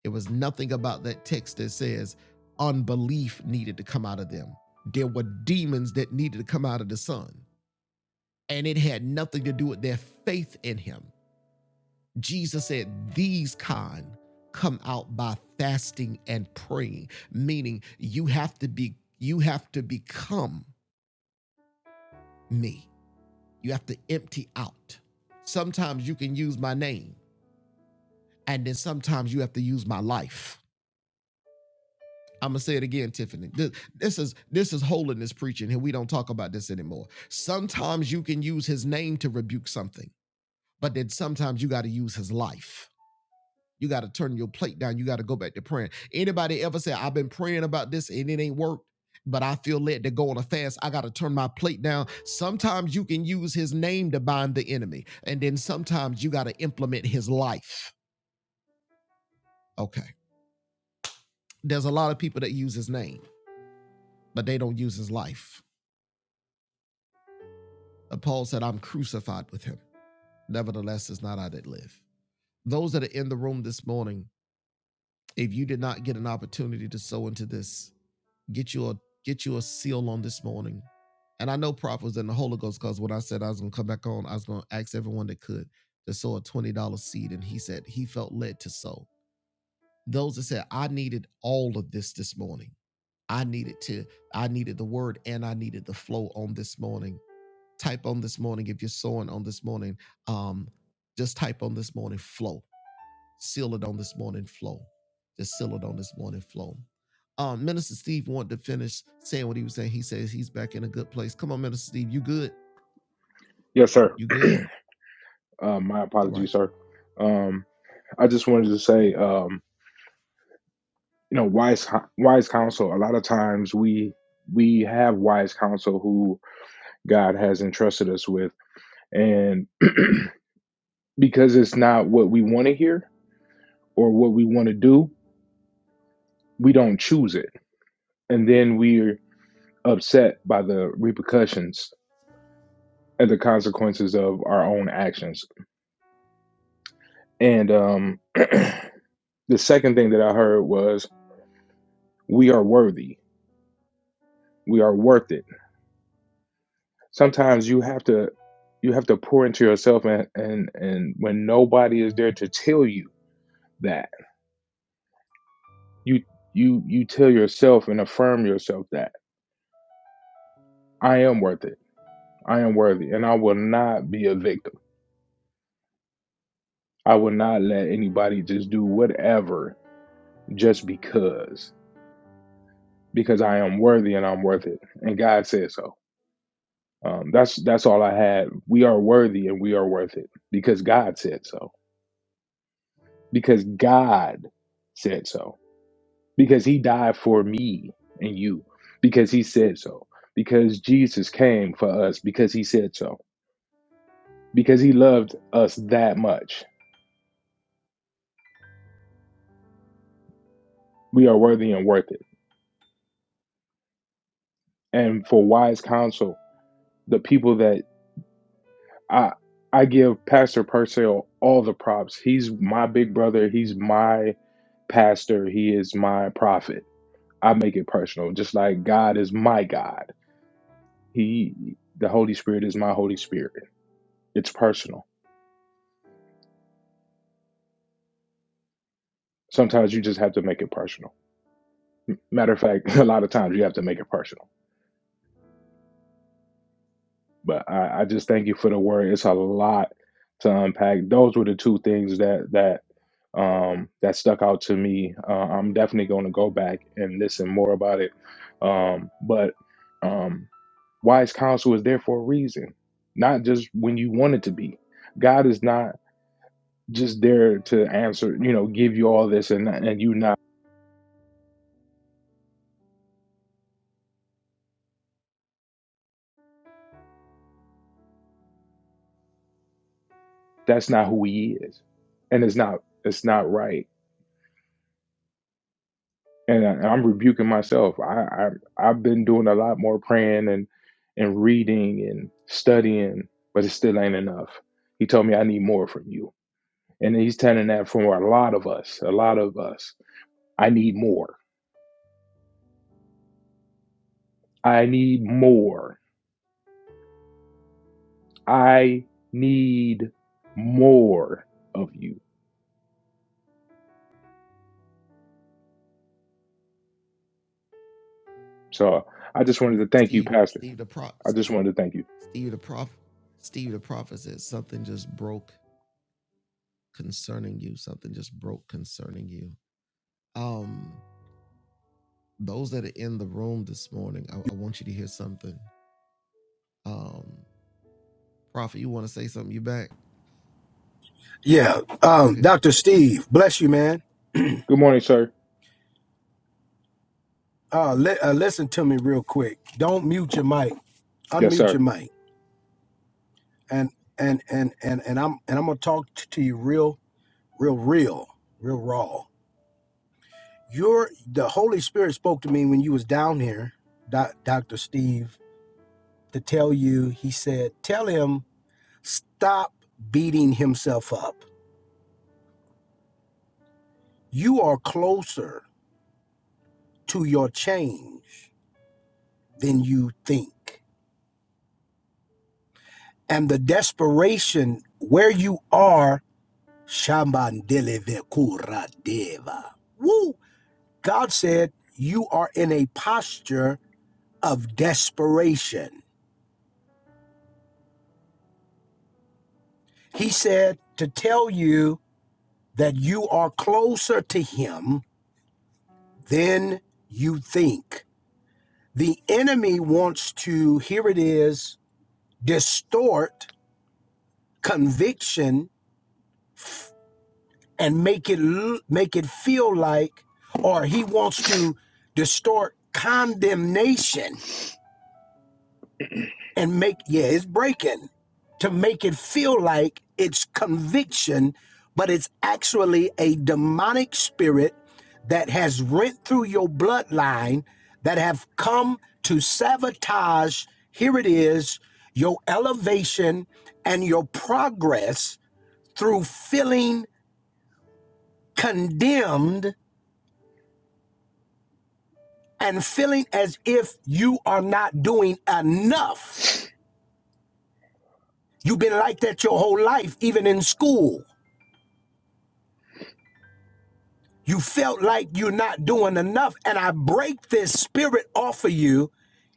[SPEAKER 1] It was nothing about that text that says unbelief needed to come out of them. There were demons that needed to come out of the son, and it had nothing to do with their faith in him. Jesus said, These kind come out by fasting and praying, meaning you have to be, you have to become me. You have to empty out. Sometimes you can use my name, and then sometimes you have to use my life. I'm gonna say it again, Tiffany. This, this is this is holiness preaching, and we don't talk about this anymore. Sometimes you can use his name to rebuke something, but then sometimes you got to use his life You got to turn your plate down. You got to go back to praying. Anybody ever say, I've been praying about this and it ain't worked? But I feel led to go on a fast. I got to turn my plate down. Sometimes you can use his name to bind the enemy. And then sometimes you got to implement his life. Okay. There's a lot of people that use his name, but they don't use his life. And Paul said, I'm crucified with him. Nevertheless, it's not I that live. Those that are in the room this morning, if you did not get an opportunity to sow into this, Get you a get you a seal on this morning. And I know Prof was in the Holy Ghost because when I said I was gonna come back on, I was gonna ask everyone that could to sow a twenty dollar seed, and he said he felt led to sow. Those that said I needed all of this this morning, I needed to, I needed the word, and I needed the flow on this morning. Type on this morning if you're sowing on this morning. Um, just type on this morning flow Seal it on this morning flow. Just seal it on this morning flow. Um, Minister Steve wanted to finish saying what he was saying. He says he's back in a good place. Come on, Minister Steve, you good?
[SPEAKER 6] yes, sir.
[SPEAKER 1] You good?
[SPEAKER 6] Um, my
[SPEAKER 1] All right.
[SPEAKER 6] apologies, sir. Um. I just wanted to say, um, you know, wise wise counsel. A lot of times we we have wise counsel who God has entrusted us with, and because it's not what we want to hear or what we want to do, we don't choose it, and then we're upset by the repercussions and the consequences of our own actions. And um, the second thing that I heard was, "We are worthy. We are worth it." sometimes you have to you have to pour into yourself and and and when nobody is there to tell you that you you you tell yourself and affirm yourself that i am worth it i am worthy and i will not be a victim i will not let anybody just do whatever just because because i am worthy and i'm worth it and god said so um, that's that's all i had we are worthy and we are worth it because god said so because god said so because he died for me and you because he said so because jesus came for us because he said so because he loved us that much we are worthy and worth it and for wise counsel the people that i i give pastor purcell all the props he's my big brother he's my pastor he is my prophet i make it personal just like god is my god he the holy spirit is my holy spirit it's personal sometimes you just have to make it personal Matter of fact, a lot of times you have to make it personal. But I, I just thank you for the word. It's a lot to unpack. Those were the two things that that um, that stuck out to me. Uh, I'm definitely going to go back and listen more about it. Um, but um, wise counsel is there for a reason, not just when you want it to be. God is not just there to answer, you know, give you all this and and you not. That's not who He is, and it's not. It's not right and I, and I'm rebuking myself. I, I I've been doing a lot more praying and and reading and studying, but it still ain't enough. He told me I need more from you, and he's telling that from a lot of us. A lot of us. I need more. I need more. I need more of you. So I just wanted to thank you,
[SPEAKER 1] Steve,
[SPEAKER 6] Pastor.
[SPEAKER 1] Steve the prop,
[SPEAKER 6] I just wanted to thank you.
[SPEAKER 1] Steve the prof, Steve the prophet said something just broke concerning you. Something just broke concerning you. Um, those that are in the room this morning, I, I want you to hear something. Um, prophet, you want to say something? You back?
[SPEAKER 8] Yeah,
[SPEAKER 1] Go
[SPEAKER 8] um,
[SPEAKER 1] ahead.
[SPEAKER 8] Dr. Steve, bless you, man.
[SPEAKER 6] Good morning, sir.
[SPEAKER 8] Uh, li- uh, listen to me real quick. Don't mute your mic.
[SPEAKER 6] Yes,
[SPEAKER 8] Unmute your
[SPEAKER 6] sir.
[SPEAKER 8] mic, and and and and and I'm and I'm gonna talk t- to you real, real, real, real raw. Your the Holy Spirit spoke to me when you was down here, Doc Dr. Steve, to tell you. He said, tell him stop beating himself up. You are closer to your change than you think. And the desperation where you are, Shambandelevekuradeva. Woo! God said, You are in a posture of desperation. He said to tell you that you are closer to Him than you think. The enemy wants to, here it is, distort conviction and make it make it feel like or he wants to distort condemnation and make yeah it's breaking to make it feel like it's conviction but it's actually a demonic spirit that has rent through your bloodline that have come to sabotage here it is your elevation and your progress through feeling condemned and feeling as if you are not doing enough. You've been like that your whole life, even in school. You felt like you're not doing enough. And I break this spirit off of you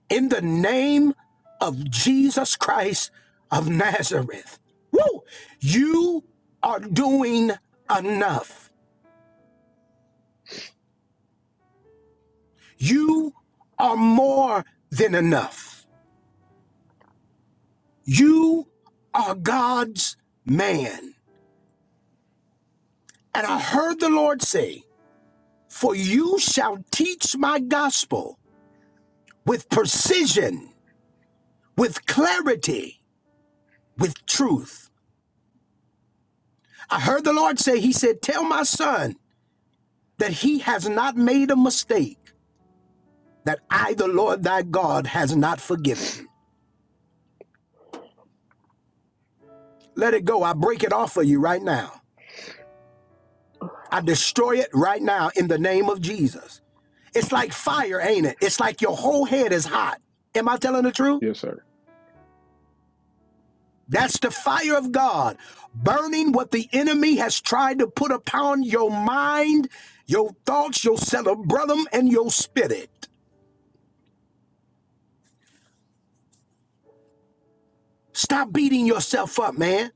[SPEAKER 8] in the name of Jesus Christ of Nazareth. Woo! You are doing enough. You are more than enough. You are God's man. And I heard the Lord say, For you shall teach my gospel with precision, with clarity, with truth. I heard the Lord say, He said, Tell my son that he has not made a mistake, that I, the Lord thy God, has not forgiven. Let it go. I break it off of you right now. I destroy it right now in the name of Jesus. It's like fire, ain't it? It's like your whole head is hot. Am I telling the truth?
[SPEAKER 6] Yes, sir.
[SPEAKER 8] That's the fire of God burning what the enemy has tried to put upon your mind, your thoughts, your cerebellum, and your spirit. Stop beating yourself up, man.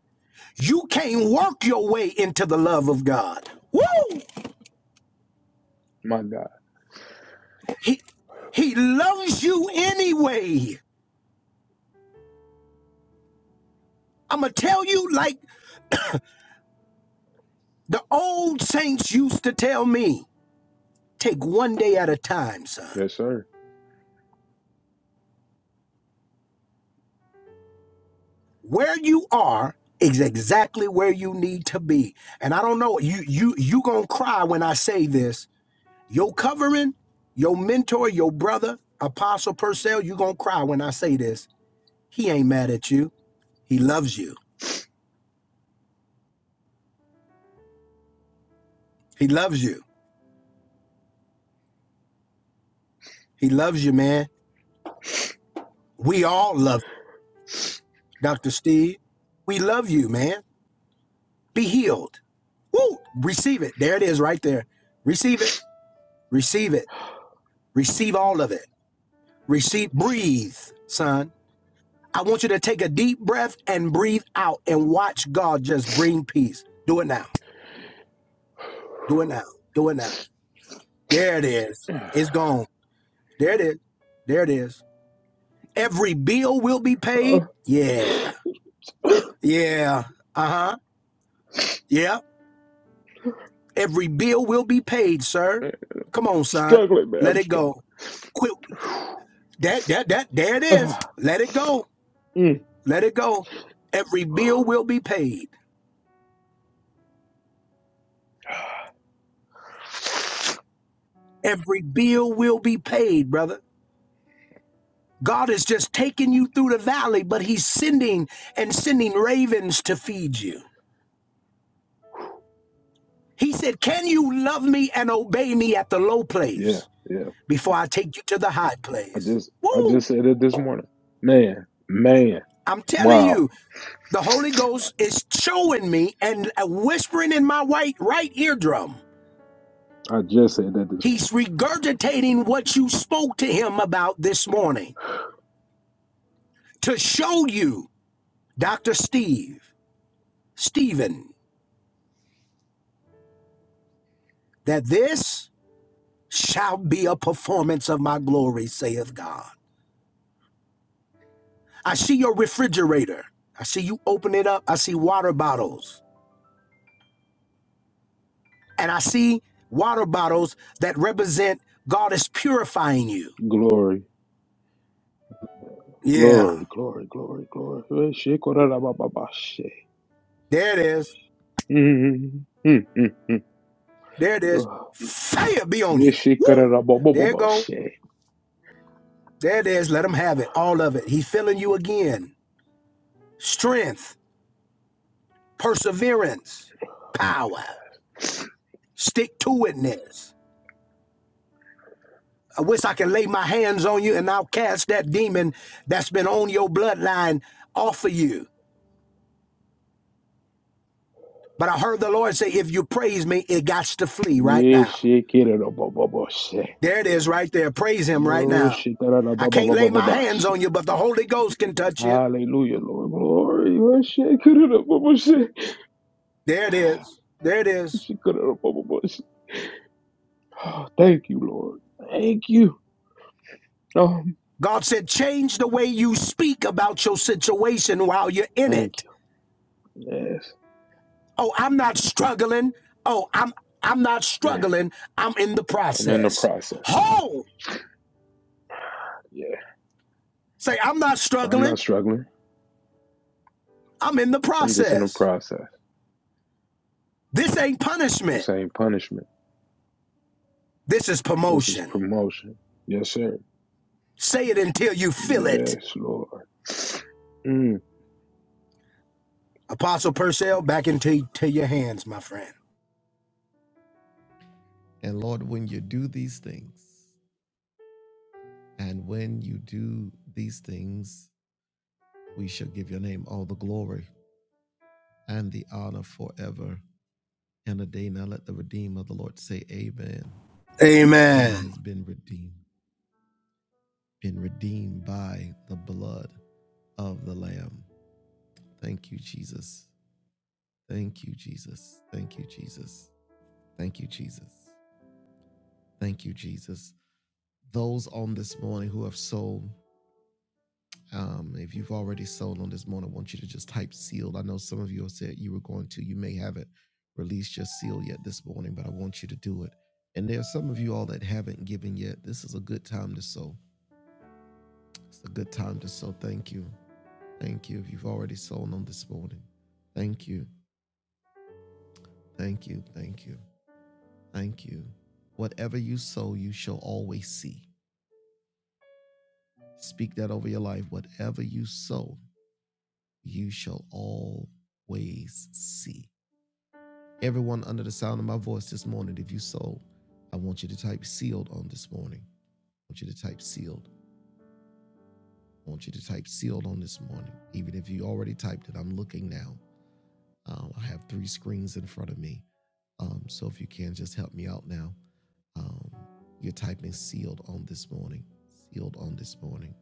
[SPEAKER 8] You can't work your way into the love of God. Woo!
[SPEAKER 6] My God.
[SPEAKER 8] He, he loves you anyway. I'm going to tell you like the old saints used to tell me take one day at a time, son.
[SPEAKER 6] Yes, sir.
[SPEAKER 8] where you are is exactly where you need to be. And I don't know, you you you gonna cry when I say this. Your covering, your mentor, your brother, Apostle Purcell, you gonna cry when I say this. He ain't mad at you. He loves you. He loves you. He loves you, man. We all love Dr. Steve. We love you, man. Be healed. Woo! Receive it. There it is right there. Receive it. Receive it. Receive all of it. Receive breathe, son I want you to take a deep breath and breathe out and watch God just bring peace. Do it now. Do it now. Do it now. There it is. It's gone. There it is. There it is. Every bill will be paid.
[SPEAKER 6] Oh.
[SPEAKER 8] Yeah. Yeah. Uh huh. Yeah. Every bill will be paid, sir.
[SPEAKER 6] Man,
[SPEAKER 8] Come on, son.
[SPEAKER 6] struggling, man.
[SPEAKER 8] Let
[SPEAKER 6] I'm
[SPEAKER 8] it
[SPEAKER 6] struggling.
[SPEAKER 8] go. Quit. That, that, that, there it is.
[SPEAKER 6] Ah,
[SPEAKER 8] Let it go.
[SPEAKER 6] mm,
[SPEAKER 8] Let it go. Every bill will be paid. Every bill will be paid, brother. God is just taking you through the valley, but He's sending and sending ravens to feed you. He said, Can you love me and obey me at the low
[SPEAKER 6] yeah,
[SPEAKER 8] place
[SPEAKER 6] yeah.
[SPEAKER 8] before I take you to the high
[SPEAKER 6] I
[SPEAKER 8] place?
[SPEAKER 6] just, I
[SPEAKER 8] Woo!
[SPEAKER 6] just said it this morning. Man, man,
[SPEAKER 8] I'm telling
[SPEAKER 6] wow.
[SPEAKER 8] you, the Holy Ghost is showing me and uh, whispering in my white right eardrum.
[SPEAKER 6] I just said that this
[SPEAKER 8] He's
[SPEAKER 6] morning.
[SPEAKER 8] regurgitating what you spoke to him about this morning to show you, Dr. Steve, Stephen, that this shall be a performance of my glory, saith God. I see your refrigerator. I see you open it up. I see water bottles. And I see water bottles that represent God is purifying you.
[SPEAKER 6] Glory,
[SPEAKER 8] Yeah,
[SPEAKER 6] glory, glory, glory, glory. Eh,
[SPEAKER 8] there it is.
[SPEAKER 6] Mm, mm, mm, mm.
[SPEAKER 8] There it is.
[SPEAKER 6] Ah,
[SPEAKER 8] Fire be on
[SPEAKER 6] yeah,
[SPEAKER 8] you. Woo! There it go. There it is. Let him have it. All of it. He's filling you again. Strength, perseverance, power, stick to itness. I wish I can lay my hands on you and I'll cast that demon that's been on your bloodline off of you. But I heard the Lord say, if you praise me, it gots to flee right
[SPEAKER 6] Yeah,
[SPEAKER 8] now. There it is right there. Praise him right
[SPEAKER 6] No,
[SPEAKER 8] now. I can't lay my hands on you, but the Holy Ghost can touch you.
[SPEAKER 6] Hallelujah, Lord. Glory. Oh, shit. Could it up, Baba, shit.
[SPEAKER 8] There it is. There it is.
[SPEAKER 6] She could it up, Baba, Baba, shit. Oh, Thank you, Lord. Thank you. Oh,
[SPEAKER 8] God said, change the way you speak about your situation while you're in
[SPEAKER 6] thank
[SPEAKER 8] it.
[SPEAKER 6] you. Yes.
[SPEAKER 8] Oh, I'm not struggling. Oh, I'm I'm not
[SPEAKER 6] Yeah.
[SPEAKER 8] struggling. I'm in the
[SPEAKER 6] I'm in the
[SPEAKER 8] process.
[SPEAKER 6] process.
[SPEAKER 8] Ho!
[SPEAKER 6] Yeah.
[SPEAKER 8] Say, I'm not
[SPEAKER 6] I'm
[SPEAKER 8] struggling.
[SPEAKER 6] not struggling.
[SPEAKER 8] I'm in the
[SPEAKER 6] I'm just in the
[SPEAKER 8] process.
[SPEAKER 6] process.
[SPEAKER 8] This ain't punishment.
[SPEAKER 6] This ain't punishment.
[SPEAKER 8] This is
[SPEAKER 6] This is
[SPEAKER 8] promotion.
[SPEAKER 6] promotion. Yes, sir.
[SPEAKER 8] Say it until you feel it.
[SPEAKER 6] Yes, Lord. Mm.
[SPEAKER 8] Apostle Purcell, back into to your hands, my friend.
[SPEAKER 1] And Lord, when you do these things, And when you do these things, we shall give your name all the glory and the honor forever and a day. Now let the redeemer of the Lord say, Amen, whom
[SPEAKER 8] Amen.
[SPEAKER 1] has been redeemed, been redeemed by the blood of the Lamb. Thank you, Jesus. Thank you, Jesus. Thank you, Jesus. Thank you, Jesus. Thank you, Jesus. Those on this morning who have sold Um, if you've already sold on this morning, I want you to just type sealed. I know some of you have said you were going to. You may haven't released your seal yet this morning, but I want you to do it. And there are some of you all that haven't given yet. This is a good time to sow. It's a good time to sow. Thank you. Thank you. If you've already sown on this morning, thank you. Thank you. Thank you. Thank you. Whatever you sow, you shall always see. Speak that over your life. Whatever you sow, you shall always see. Everyone under the sound of my voice this morning, if you sold, I want you to type sealed on this morning. I want you to type sealed. I want you to type sealed on this morning. Even if you already typed it, I'm looking now. Um, I have three screens in front of me. Um, so if you can, just help me out now. Um, you're typing sealed on this morning. Sealed on this morning.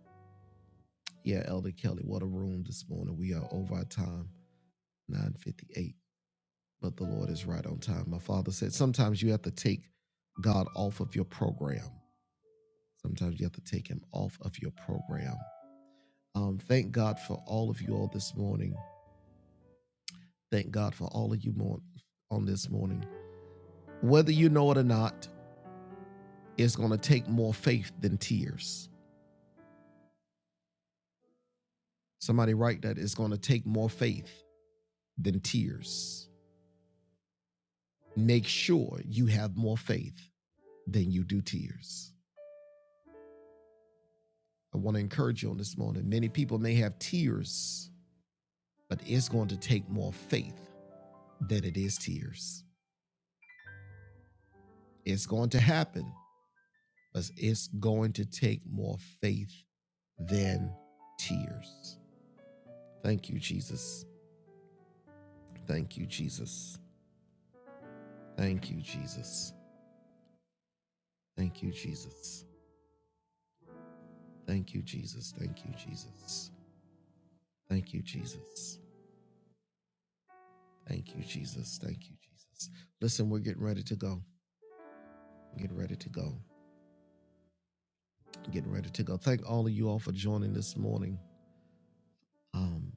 [SPEAKER 1] Yeah, Elder Kelly, what a room this morning. We are over our time, 958. but the Lord is right on time. My father said, sometimes you have to take God off of your program. Sometimes you have to take him off of your program. Um, thank God for all of you all this morning. Thank God for all of you more on this morning. Whether you know it or not, it's going to take more faith than tears. Somebody write that it's going to take more faith than tears. Make sure you have more faith than you do tears. I want to encourage you on this morning. Many people may have tears but it's going to take more faith than it is tears. It's going to happen, but it's going to take more faith than tears. Thank you, Jesus. Thank you, Jesus. Thank you, Jesus. Thank you, Jesus. Thank you, Jesus. Thank you, Jesus. Thank you, Jesus. Thank you, Jesus. Thank you, Jesus. Listen, we're getting ready to go. Getting ready to go. Getting ready to go. Thank all of you all for joining this morning. Um,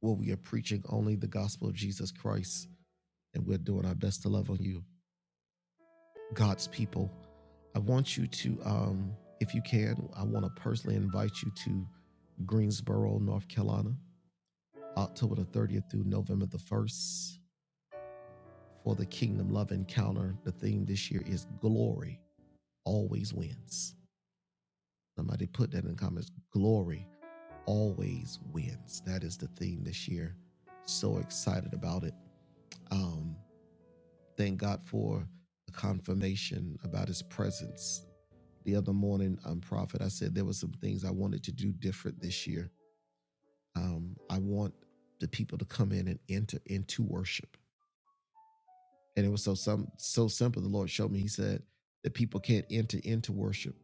[SPEAKER 1] where we are preaching only the gospel of Jesus Christ and we're doing our best to love on you, God's people. I want you to, um, if you can, I want to personally invite you to Greensboro, North Carolina, October the 30th through November the 1st for the Kingdom Love Encounter. The theme this year is Glory Always Wins. Somebody put that in the comments. Glory always wins. That is the theme this year. So excited about it. Um, Thank God for the confirmation about his presence. The other morning, um, Prophet, I said there were some things I wanted to do different this year. Um, I want the people to come in and enter into worship. And it was so some so simple. The Lord showed me, He said, that people can't enter into worship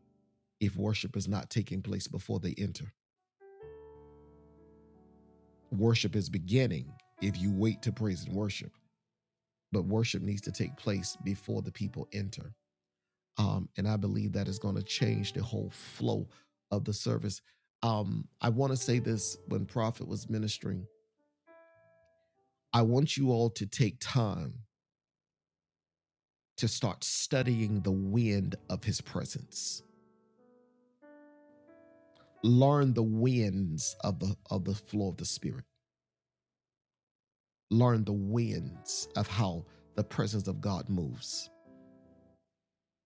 [SPEAKER 1] if worship is not taking place before they enter. Worship is beginning if you wait to praise and worship, but worship needs to take place before the people enter. um, and I believe that is going to change the whole flow of the service. Um, I want to say this when Prophet was ministering. I want you all to take time to start studying the wind of His presence. Learn the winds of the of the flow of the Spirit. Learn the winds of how the presence of God moves.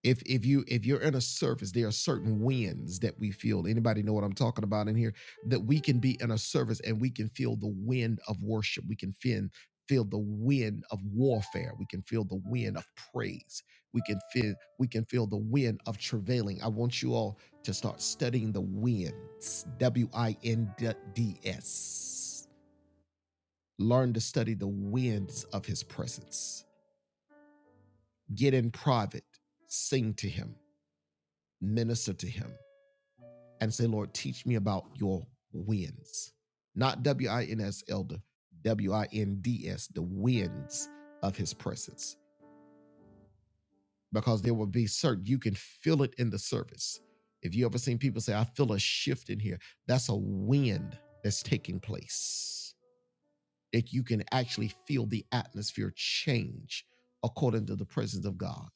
[SPEAKER 1] if if you if you're in a service there are certain winds that we feel anybody know what i'm talking about in here that we can be in a service and we can feel the wind of worship we can feel feel the wind of warfare we can feel the wind of praise we can feel we can feel the wind of travailing i want you all to start studying the winds w-i-n-d-s learn to study the winds of his presence get in private sing to him minister to him and say, Lord, teach me about your winds, Not W I N S, elder, W I N D S, the winds of his presence. Because there will be certain, you can feel it in the service. If you ever seen people say, I feel a shift in here, that's a wind that's taking place. That you can actually feel the atmosphere change according to the presence of God.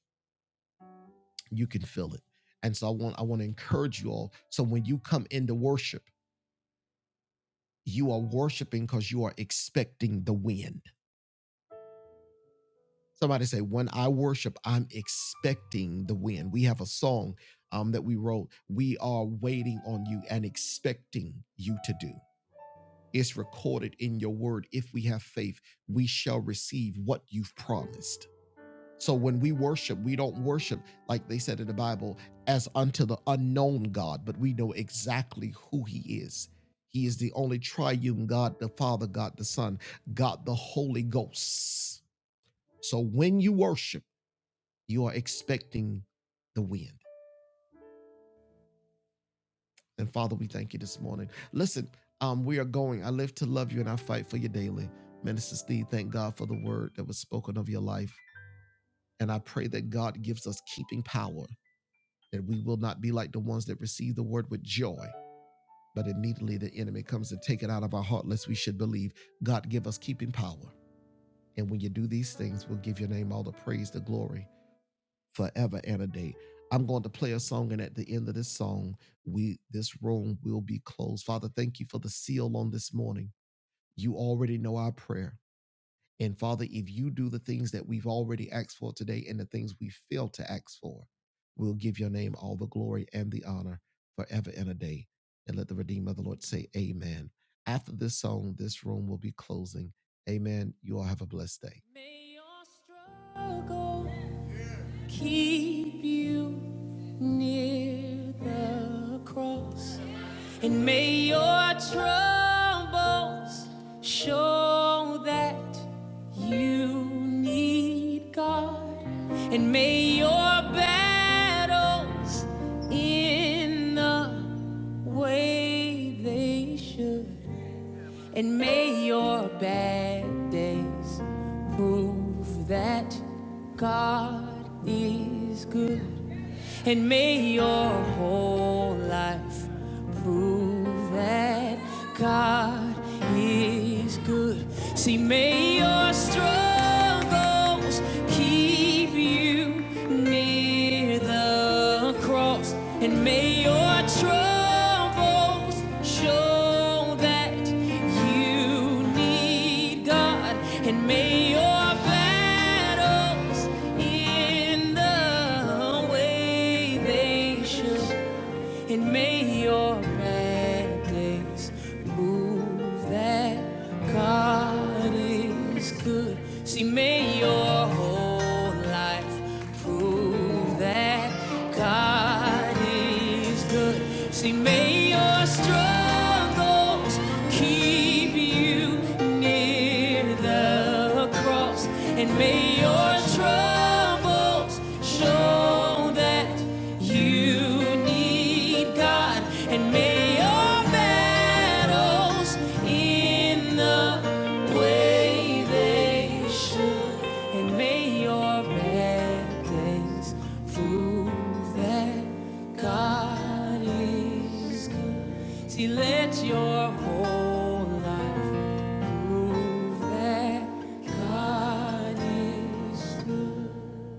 [SPEAKER 1] You can feel it. And so I want I want to encourage you all. So when you come into worship, You are worshiping because you are expecting the wind. Somebody say, When I worship, I'm expecting the wind. We have a song um, that we wrote. We are waiting on you and expecting you to do. It's recorded in your word. If we have faith, we shall receive what you've promised. So when we worship, we don't worship, like they said in the Bible, as unto the unknown God, but we know exactly who he is. He is the only triune God, the Son, God hosts. So when you worship, you are expecting the win this morning. Listen, um, we are going. I live to love you and I fight for you daily. Minister Steve, thank God for the word that was spoken of your life. And I pray that God gives us keeping power, that we will not be like the ones that receive the joy, but immediately the enemy comes and take it out of our heart, lest we should believe. God, give us keeping power. And when you do these things, we'll give your name all the praise, the glory forever and a day. I'm going to play a song, and at the end of this song, we this room will be closed. Father, thank you for the seal on this morning. You already know our prayer. And Father, if you do the things that we've already asked for today and the things we failed to ask for, we'll give your name all the glory and the honor forever and a day. And let the Redeemer of the Lord say, Amen. After this song, this room will be closing. Amen. You all have a blessed day. May your struggle keep you near the cross. And may your troubles show that you need God. And may your battles end the way they should and may your bad days prove that God is good. And may your whole life prove that God is good good. See, may your struggles keep you near the cross, and may your troubles show that you need God, and may your battles in the way they should and may your mandates move that God is good. See, may your whole life prove that God is good. See, may your struggles keep you near the cross and may your troubles show that you need God, and may your battles in the way they should, and may your bad things prove that God is good. See, let your whole life prove that God is good.